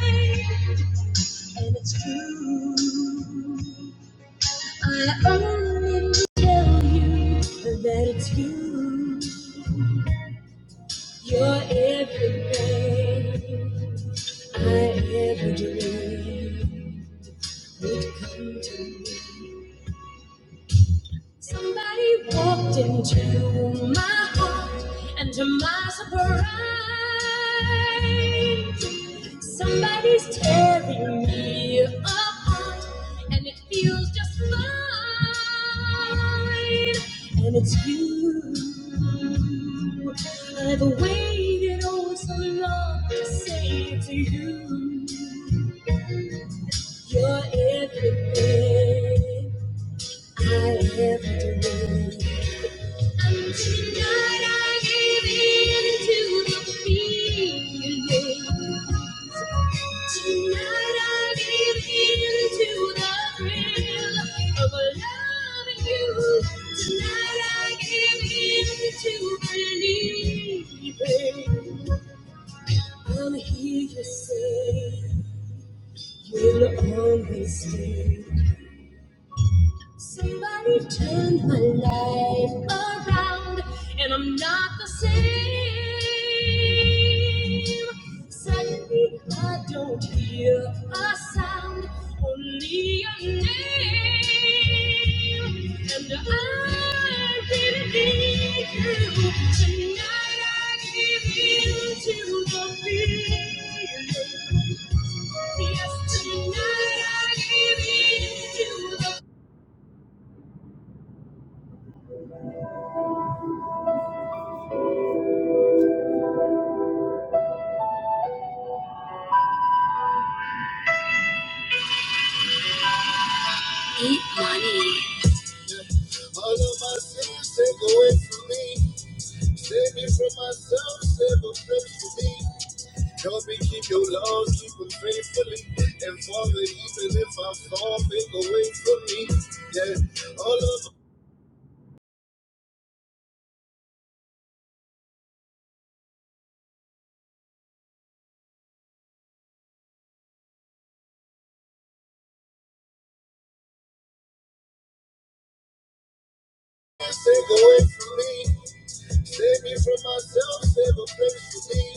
mind. And it's true. I only need to tell you that it's you. You're everything I ever dreamed would come to me. Somebody walked into my heart, and to my surprise, somebody's tearing me apart, and it feels just fine. And it's you. I've waited oh so long to say it to you. You're everything. I'm here to say you'll always stay. Somebody turned my life around, and I'm not the same. Suddenly, I don't hear a sound, only a name. And I really need you. Tonight, I give in to the feeling. Yes, tonight, I give in to the Eat money. All of my sins take away from me. Save me from myself, save a place for me. Help me keep your laws, keep them faithfully. And Father, even if I fall, make a way for me. Yeah, all of Save away from me. Save me from myself. Save a place for me.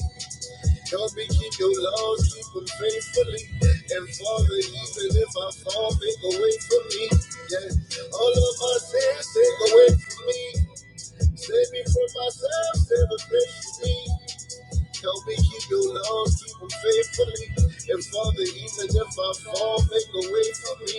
Help me keep your laws, keep them faithfully. And Father, even if I fall, make a way for me. Yeah. All of my sins, take away from me. Save me from myself, save a place for me. Helping keep your laws, keep them faithfully. And Father, even if I fall, make a way for me.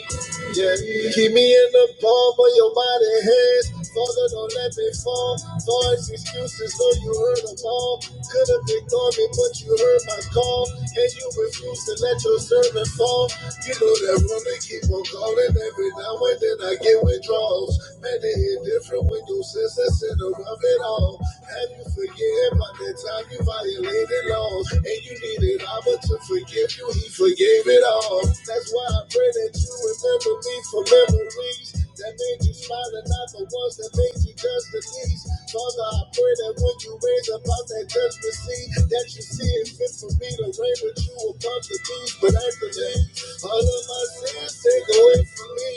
Yeah, keep me in the palm of your mighty hands. Father, don't let me fall. False excuses, though you heard them all. Could have ignored me, but you heard my call. And you refuse to let your servant fall. You know that woman keep on calling every now and then I get withdrawals. Man, they hit different windows, since senses in the it all. Have you forgiven my entire like you violated law and you needed Abba to forgive you, he forgave it all. That's why I pray that you remember me for memories that made you smile and not the ones that made you judge the least. Father, I pray that when you raise up out that judgment seat, that you see it fit for me to reign with you above the beast. But at the end, all of my sins take away from me.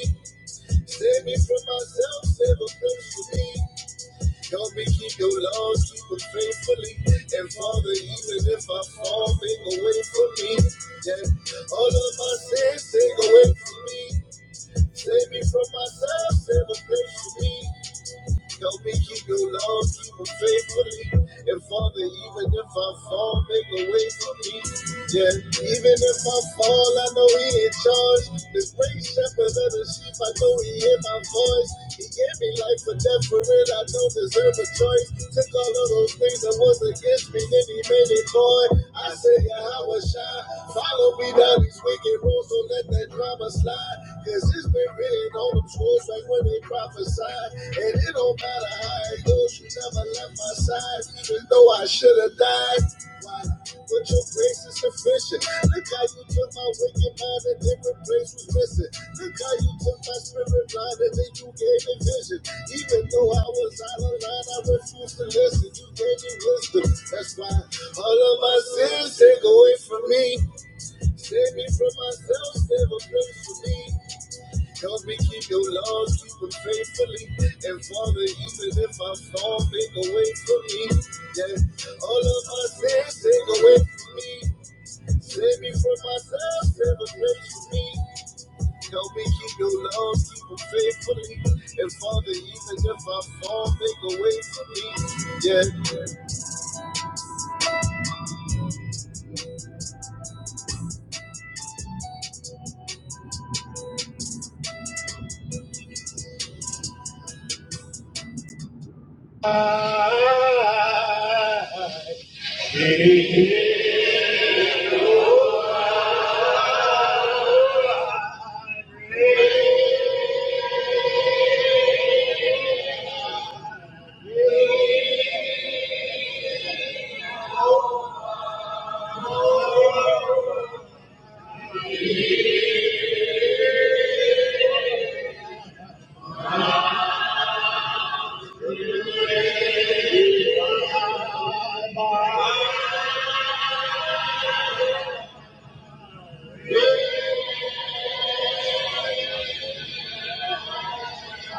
Save me from myself, save a place for me. Help me keep your laws, keep them faithfully. And Father, even if I fall, make a way for me. Yeah. All of my sins, take away from me. Save me from myself, save a place for me. Help me keep your love, keep it faithfully. And Father, even if I fall, make a way for me. Yeah, even if I fall, I know He in charge. The great shepherd of the sheep, I know He hear my voice. He gave me life for death for it, I don't deserve a choice. Took all of those things that was against me, then He made it boy. I said, Yeah, I was shy. Follow me down these wicked roads, don't let that drama slide. Cause it's been written on them scrolls like when they prophesied. And it don't matter how it goes, you never left my side, even though I should have died. Why? But your grace is sufficient. Look how you took my wicked mind and different place was missing. Look how you took my spirit blind and then you gave me vision. Even though I was out of line, I refused to listen. You gave me wisdom. That's why all of my sins take away from me. Save me from myself, save a place for me. Help me keep your laws, keep them faithfully. And Father, even if I fall, make a way for me. Yeah. All of my sins, take away from me. Save me from myself, save a place for me. Help me keep your laws, keep them faithfully. And Father, even if I fall, make a way for me. Yeah.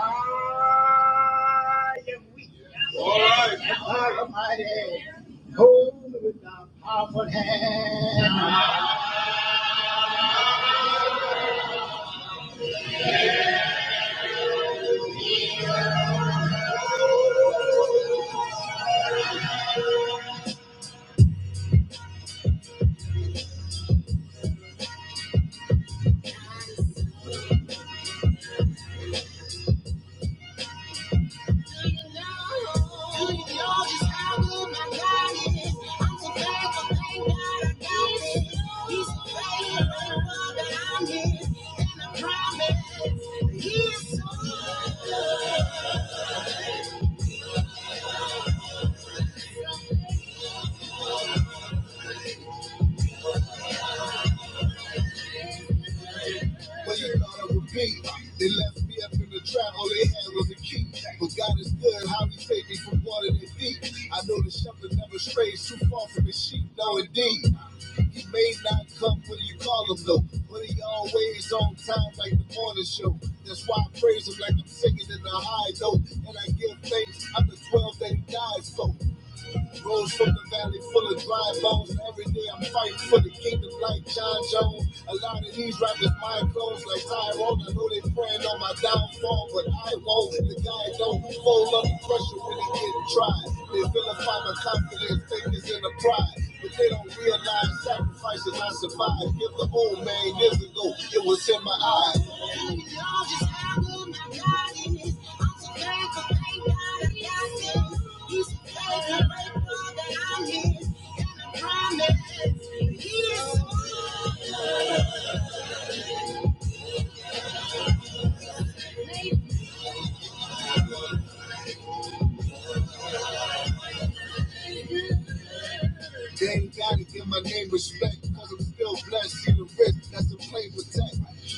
I am weak. All right. I am mighty. Hold with thy powerful hand. What you thought it would be. They left me up in the trap, all they had was a key. But God is good, how he saved me from water that deep. I know the shepherd never strays too far from his sheep, no indeed. He may not come when you call him though, but he always on time like the morning show. That's why I praise him like I'm singing in the high note, and I give thanks. I'm the 12 that he died for. Rose from the valley full of dry bones. Every day I'm fighting for the kingdom like John Jones. A lot of these rappers mind closed like Tyrone. I know they praying on my downfall, but I won't. The guy don't fold under pressure when he get tried. They vilify my confidence, think it's in the pride, but they don't realize. God sacrifices I survived. If the old man years ago, it was in my eyes. And we all just have what my God is. I'm so thankful, thank God I got this. He's the faithful faithful that I'm his, and I promise he is mine. Dame Daddy, give my name respect, cause I'm still blessed. See the rich, that's the play with tech.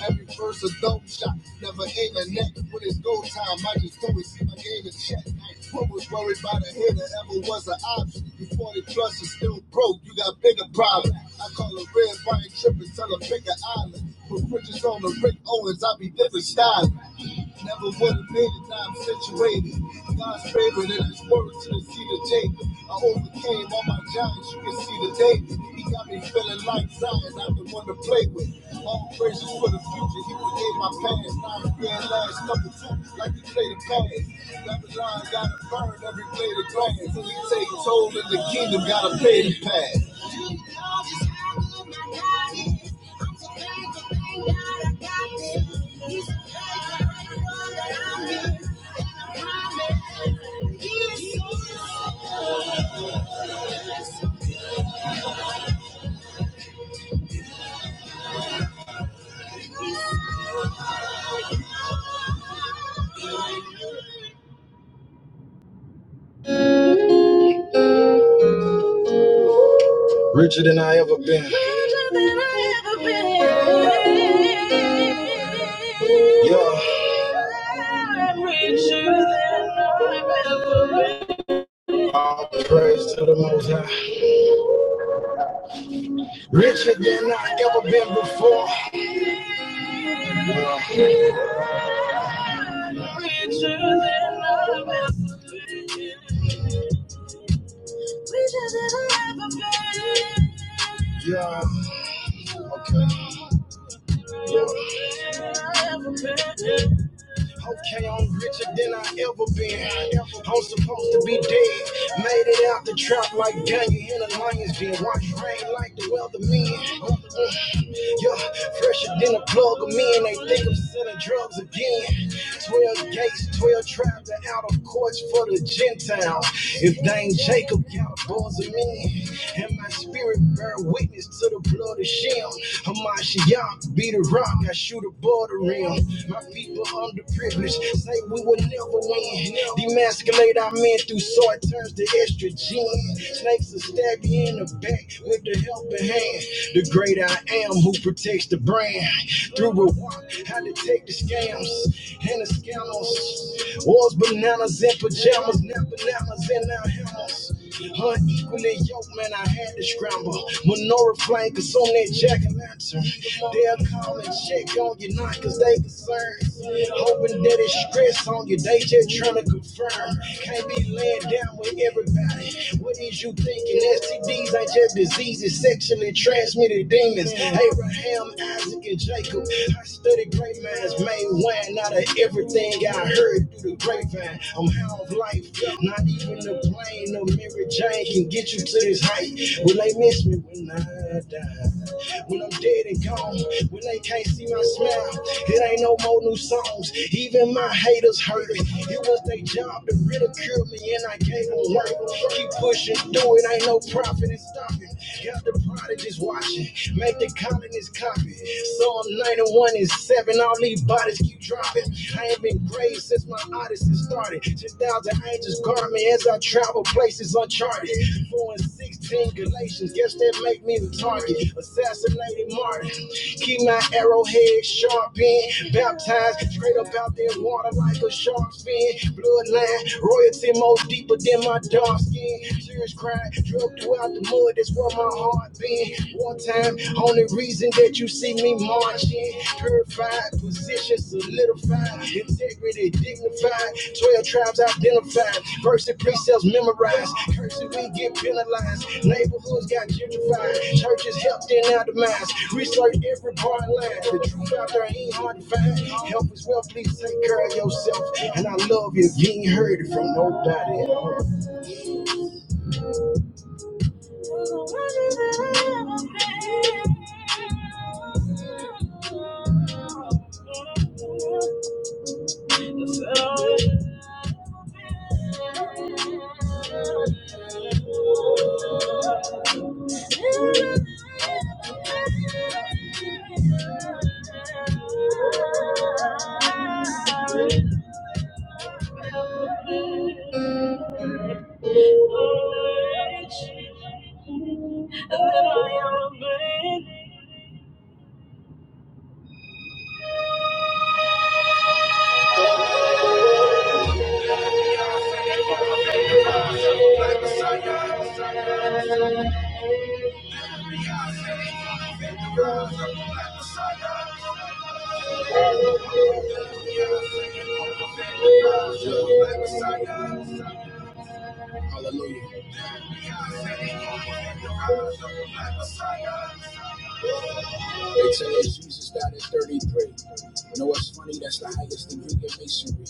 Every verse a dope shot, never aim a neck. When it's go time, I just go and see my game in check. What was worried about a hitter ever was an option? Before the trust is still broke, you got bigger problems. I call a red wine trip and tell a bigger island. With riches on the Rick Owens, I be different styling. Never would have made it, now I'm situated. God's favorite and his word to the seed of Jacob. I overcame all my giants, you can see the David. He got me feeling like Zion, I'm the one to play with. All praises for the future, he forgave my past. Now I'm being last couple two, like he played a pass. Babylon gotta burn every blade of grass. Only take toll in the kingdom, gotta pay the past. Thank you. Richer than I ever been. Richer than I ever been. Yeah. I'm Richer than I've ever been. All praise to the Most High. Richer than I've ever been before. Yeah. Richer than I've ever been. Richer than I've ever been. Yeah. Okay. Okay, I'm richer than I ever been. I'm supposed to be dead. Made it out the trap like Daniel in a lion's den. Watch rain like the weatherman. Yeah, fresher than a plug of men. They think I'm selling drugs again. Twelve gates, twelve tribes, and out of courts for the Gentiles. If Dame Jacob got a buzz of men, and my spirit bear witness to the blood love the sham. I'm Ashiyan, be the rock, I shoot above the rim. My people underprivileged, say we will never win. Demasculate our men through sword turns to estrogen. Snakes will stab you in the back with the helping hand. The great I am who protects the brand. Through a walk, I detect the scams and the scandals. Wars, bananas, and pajamas, now bananas in our hammers. Unequally yoked, man, I had to scramble. Menorah flame, cause on that jack and lantern. They'll call and check on you not, cause they concerned. Hoping that it's stress on you, they just trying to confirm. Can't be laying down with everybody. What is you thinking? STDs ain't just diseases, sexually transmitted demons. Abraham, Isaac, and Jacob. I studied great minds, made wine out of everything I heard skipping through the grapevine. I'm high off life. Not even the plane or Mary Jane can get you to this height. Will they miss me when I die? When I'm dead and gone, when they can't see my smile, it ain't no more new songs. Even my haters heard it. It was their job to ridicule me, and I gave them work. Keep pushing through it, ain't no profit in stopping. Got the prodigies watching, make the colonies copy. Psalm 91 and 7, all these bodies keep dropping. I ain't been great since my odyssey started. 10,000 angels guard me as I travel places uncharted. 4 and 16 Galatians, guess that make me the target. Assassinated Martin, keep my arrowhead sharp in. Baptized straight up out there water like a shark's fin. Bloodline, royalty more deeper than my dark skin. Serious crime pride. Drug throughout the mud, that's where my heart been. One time, only reason that you see me marching. Purified, position solidified, integrity dignified. Twelve tribes identified, verse and precepts memorized. Cursing, we get penalized. Neighborhoods got gentrified, churches helped and atomized. Research every part line. The truth out there ain't hard to find. Help as well, please take care of yourself. And I love you you ain't heard it from nobody else. Thank you. Hallelujah. They tell us Jesus died at 33. You know what's funny? That's the highest degree in masonry.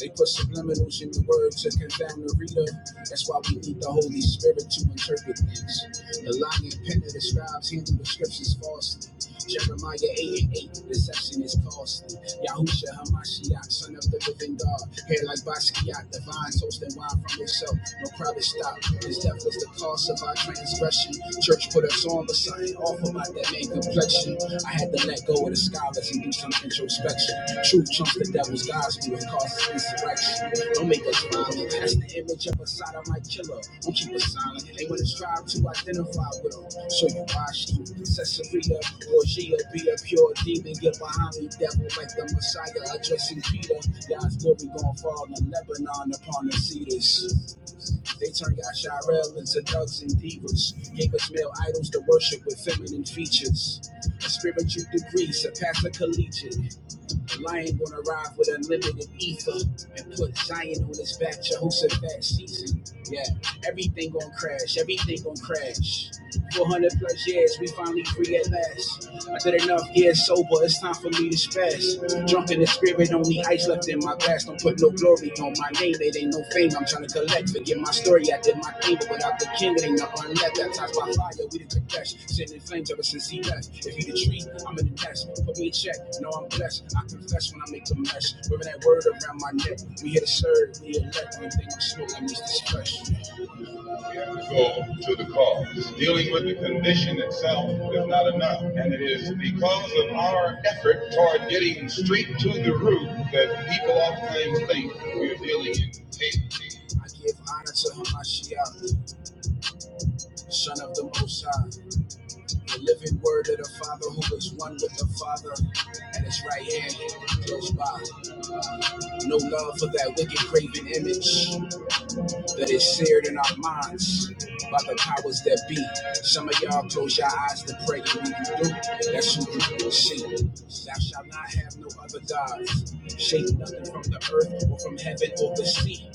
They put subliminals in the word to confound the reader. That's why we need the Holy Spirit to interpret things. The lying pen of the scribes handle the scriptures falsely. Jeremiah 8 and 8, deception is costly. Yahusha Hamashiach, son of the living God. Hair like Basquiat, divine, toasting wine from himself. No crowd stop. His death was the cost of our transgression depression. Church put us on, but something awful about that man complexion. I had to let go of the scholars and do some introspection. Truth trumps the devil's gospel and causes insurrection. Don't make us violent. That's the image of a sodomite killer. Don't keep us silent. They want to strive to identify with them. So you watch them. Caesarea, Borgia, be a pure demon. Get behind me, devil, like the Messiah addressing Peter. God's glory gonna fall in Lebanon upon the cedars. They turned Yasharel into thugs and divas, gave us male idols to worship with feminine features. A spiritual degree surpassed a collegiate. The lion gonna arrive with unlimited ether and put Zion on his back, Jehoshaphat season. Yeah, everything gonna crash, everything gonna crash. 400 plus years, we finally free at last. I did enough years sober, it's time for me to spaz. Drunk in the spirit, only ice left in my glass, don't put no glory glory. On my name, it ain't no fame. I'm trying to collect. Forget my story. I did my thing, but without the king, it ain't nothing left. Baptized by fire, we the confess. Sitting in flames ever since he left. If you the tree, I'm in the nest. Put me in check. No, I'm blessed. I confess when I make a mess. Wearing that word around my neck. We here to serve. We elect. Everything I'm smoking is this fresh go to the cause. Dealing with the condition itself is not enough, and it is because of our effort toward getting straight to the root that people oftentimes think we're dealing in safety. I give honor to Hamashiach, son of the Most High, the living word of the Father who is one with the Father, and his right hand close by. uh, No love for that wicked, craven image that is shared in our minds by the powers that be. Some of y'all close your eyes to pray, and when you do, that's who you will see. Thou shalt not have no other gods. Shape nothing from the earth or from heaven or the sea.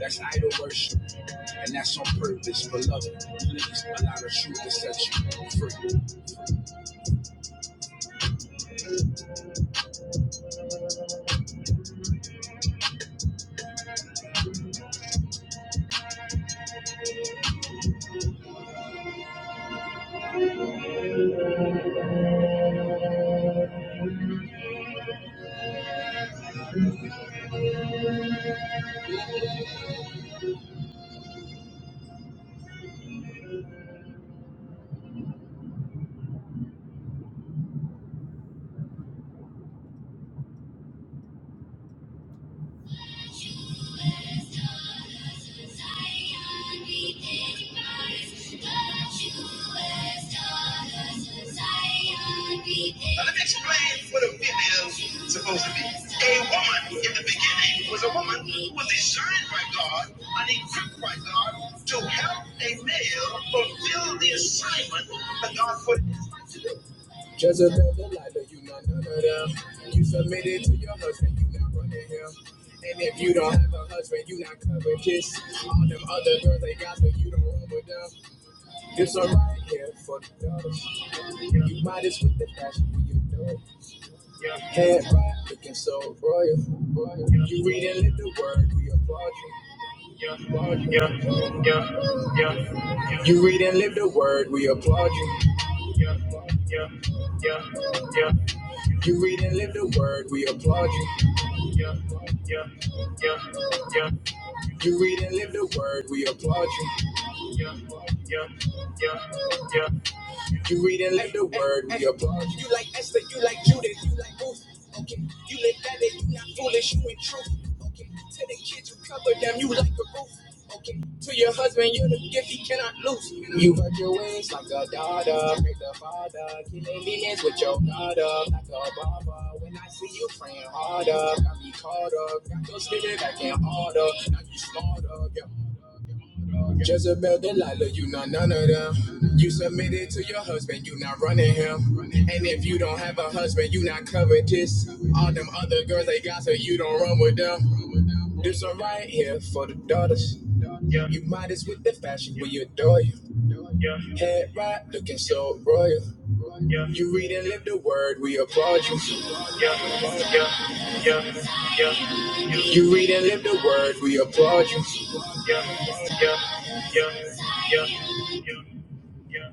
That's idol worship, and that's on purpose, beloved. Please allow the truth to set you free. Thank you. Jezebel, the lie that you not none of them. You submitted to your husband, you not running him. And if you don't have a husband, you not covetous. All them other girls, they got but you don't run with them. This one right here for the daughters. You modest with the passion for your dough. Head right, looking so royal. royal. You reading lit the word, we applaud you. Yeah, yeah, yeah, yeah. You read and live the word, we applaud you. Yeah, yeah, yeah. You read and live the word, we applaud you. Yeah, yeah. You read and live the word, we applaud you. Yeah, yeah. You read and let the word be abroad. You like Esther, you like Judith, you like Ruth. Okay, you live that day, you not foolish, you in truth. Okay, to the kids you cover them, you like a roof. Okay, to your husband, you're the gift he cannot lose. You hurt your wings like a daughter, break the father, killing demons with your daughter, like a barber. When I see you praying harder, got me caught up, got your spirit back in order. Now you smarter, your Jezebel, Delilah, you not none of them. You submitted to your husband, you not running him. And if you don't have a husband, you not covetous. All them other girls they got, so you don't run with them. This one right here for the daughters. Yeah. You modest with the fashion, we adore you. Yeah. Head right, looking so royal. Yeah. You read and live the word, we applaud you. Yeah, yeah, yeah, yeah. You read and live the word, we applaud you. Yeah, yeah, yeah, yeah, yeah, yeah.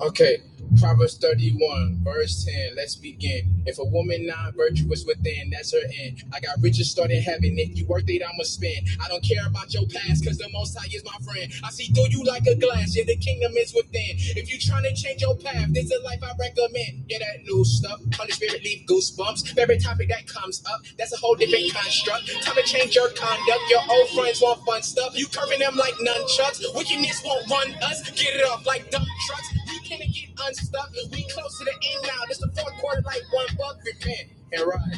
Okay, Proverbs 31, verse 10. Let's begin. If a woman not virtuous within, that's her end. I got riches started having. If you worth it, I'ma spend. I don't care about your past, cause the most high is my friend. I see through you like a glass, yeah, the kingdom is within. If you trying to change your path, this is a life I recommend. Yeah, that new stuff. Holy Spirit leave goosebumps. Every topic that comes up, that's a whole different construct. Time to change your conduct. Your old friends want fun stuff. You curving them like nunchucks. Wickedness won't run us. Get it off like dump trucks. We can't get unstuck. We close to the end now. This the fourth quarter like one buck. Repent and rise.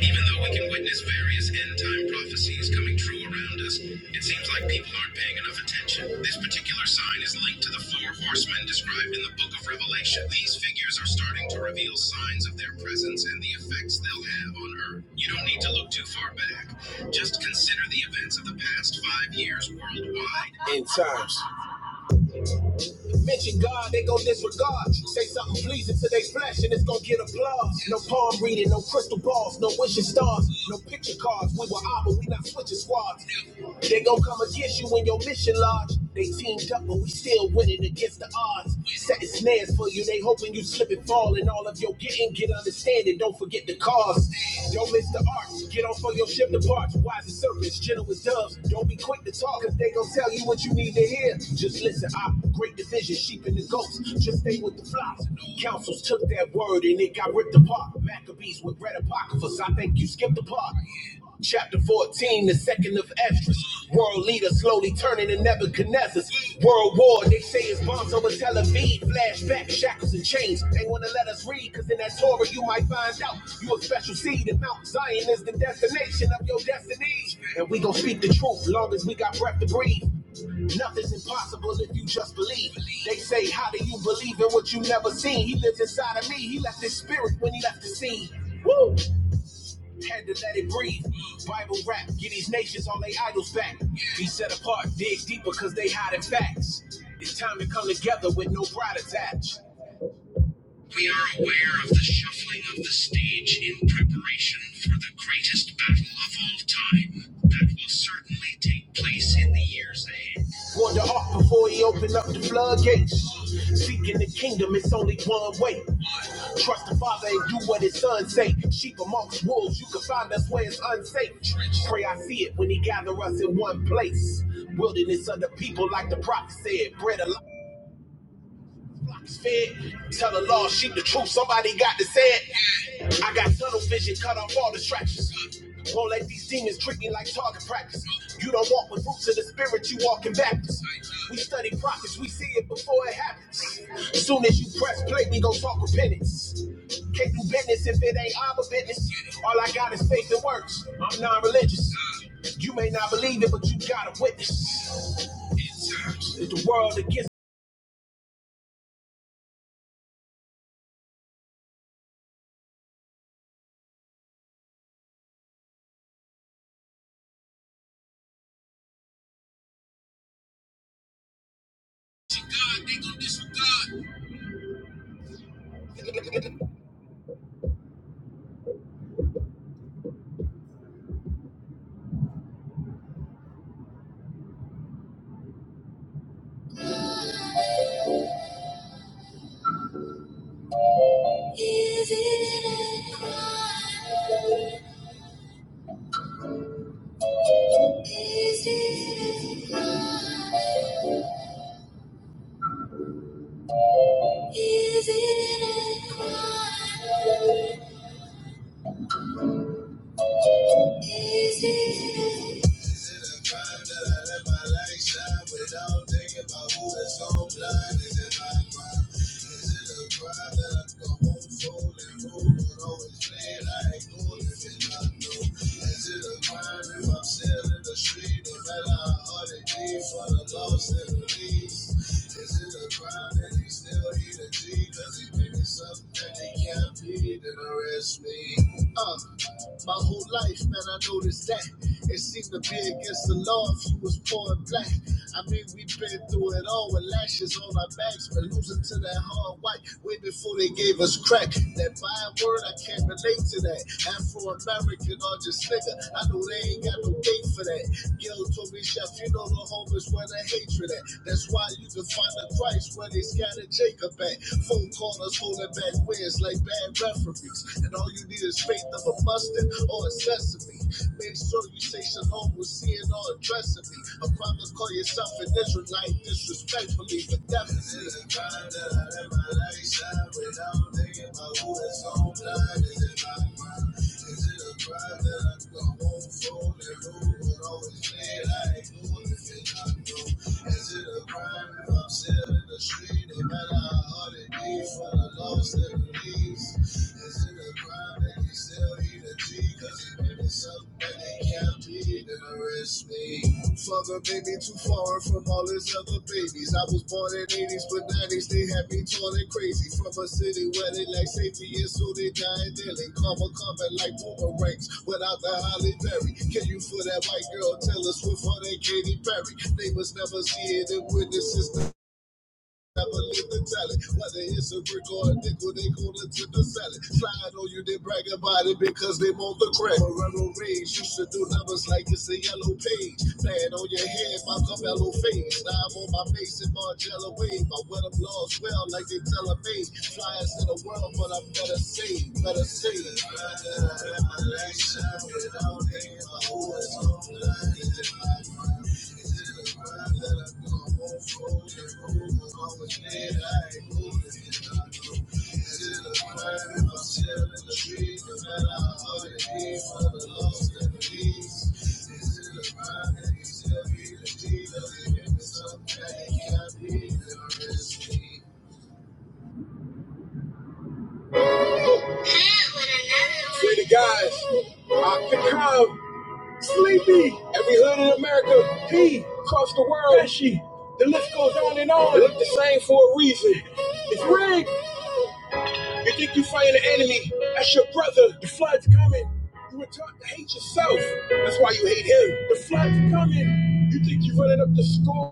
Even though we can witness various end time prophecies coming true around us, it seems like people aren't paying enough attention. This particular sign is linked to the four horsemen described in the book of Revelation. These figures are starting to reveal signs of their presence and the effects they'll have on earth. You don't need to look too far back. Just here. End times. Mention God, they gon' disregard. Say something pleasing to their flesh and it's gon' get applause. No palm reading, no crystal balls, no wishing stars, no picture cards. We were out, but we not switching squads. They gon' come against you when your mission large. They teamed up, but we still winning against the odds. Setting snares for you, they hoping you slip and fall. And all of your getting, get understanding. Don't forget the cause. Don't miss the arts. Get off on your ship to parts. Wise as serpents, gentle as doves. Don't be quick to talk if they gon' tell you what you need to hear. Just listen, I great division, sheep and the goats. Just stay with the flocks. Councils took that word and it got ripped apart. Maccabees with red apocryphals. I think you skipped the part. Chapter 14, the second of Esdras. World leaders slowly turning to Nebuchadnezzar's. World war, they say it's bombs over Tel Aviv. Flashback, shackles and chains. They want to let us read, because in that Torah you might find out you a special seed. And Mount Zion is the destination of your destiny. And we gon' speak the truth long as we got breath to breathe. Nothing's impossible if you just believe. They say, How do you believe in what you never seen? He lives inside of me. He left his spirit when he left the scene. Woo! Had to let it breathe. Bible rap, get these nations all they idols back. Be set apart, dig deeper cause they hiding facts. It's time to come together with no pride attached. Warned the ark before he opened up the floodgates. Seeking the kingdom, it's only one way. Trust the Father and do what His Son say. Sheep amongst wolves, you can find us where it's unsafe. Pray I see it when He gather us in one place. Wilderness under people like the prophet said. Bread alive. Tell the law, sheep the truth, somebody got to say it. I got tunnel vision, cut off all distractions. Won't let these demons treat me like target practice. You don't walk with roots of the spirit, you walking backwards. We study prophets, we see it before it happens. As Soon as you press play, we gon' talk repentance. Can't do business if it ain't our business. All I got is faith and works. I'm non-religious. You may not believe it, but you gotta witness. If the world against. Is it a crime? Is it a crime? Is it a Free the guys. I can come. Sleepy. Every hood in America. P. Across the world. Pesci. The list goes on and on. They look the same for a reason. It's rigged. You think you fighting the enemy. That's your brother. The flood's coming. You were taught to hate yourself. That's why you hate him. The flood's coming. You think you're running up the score.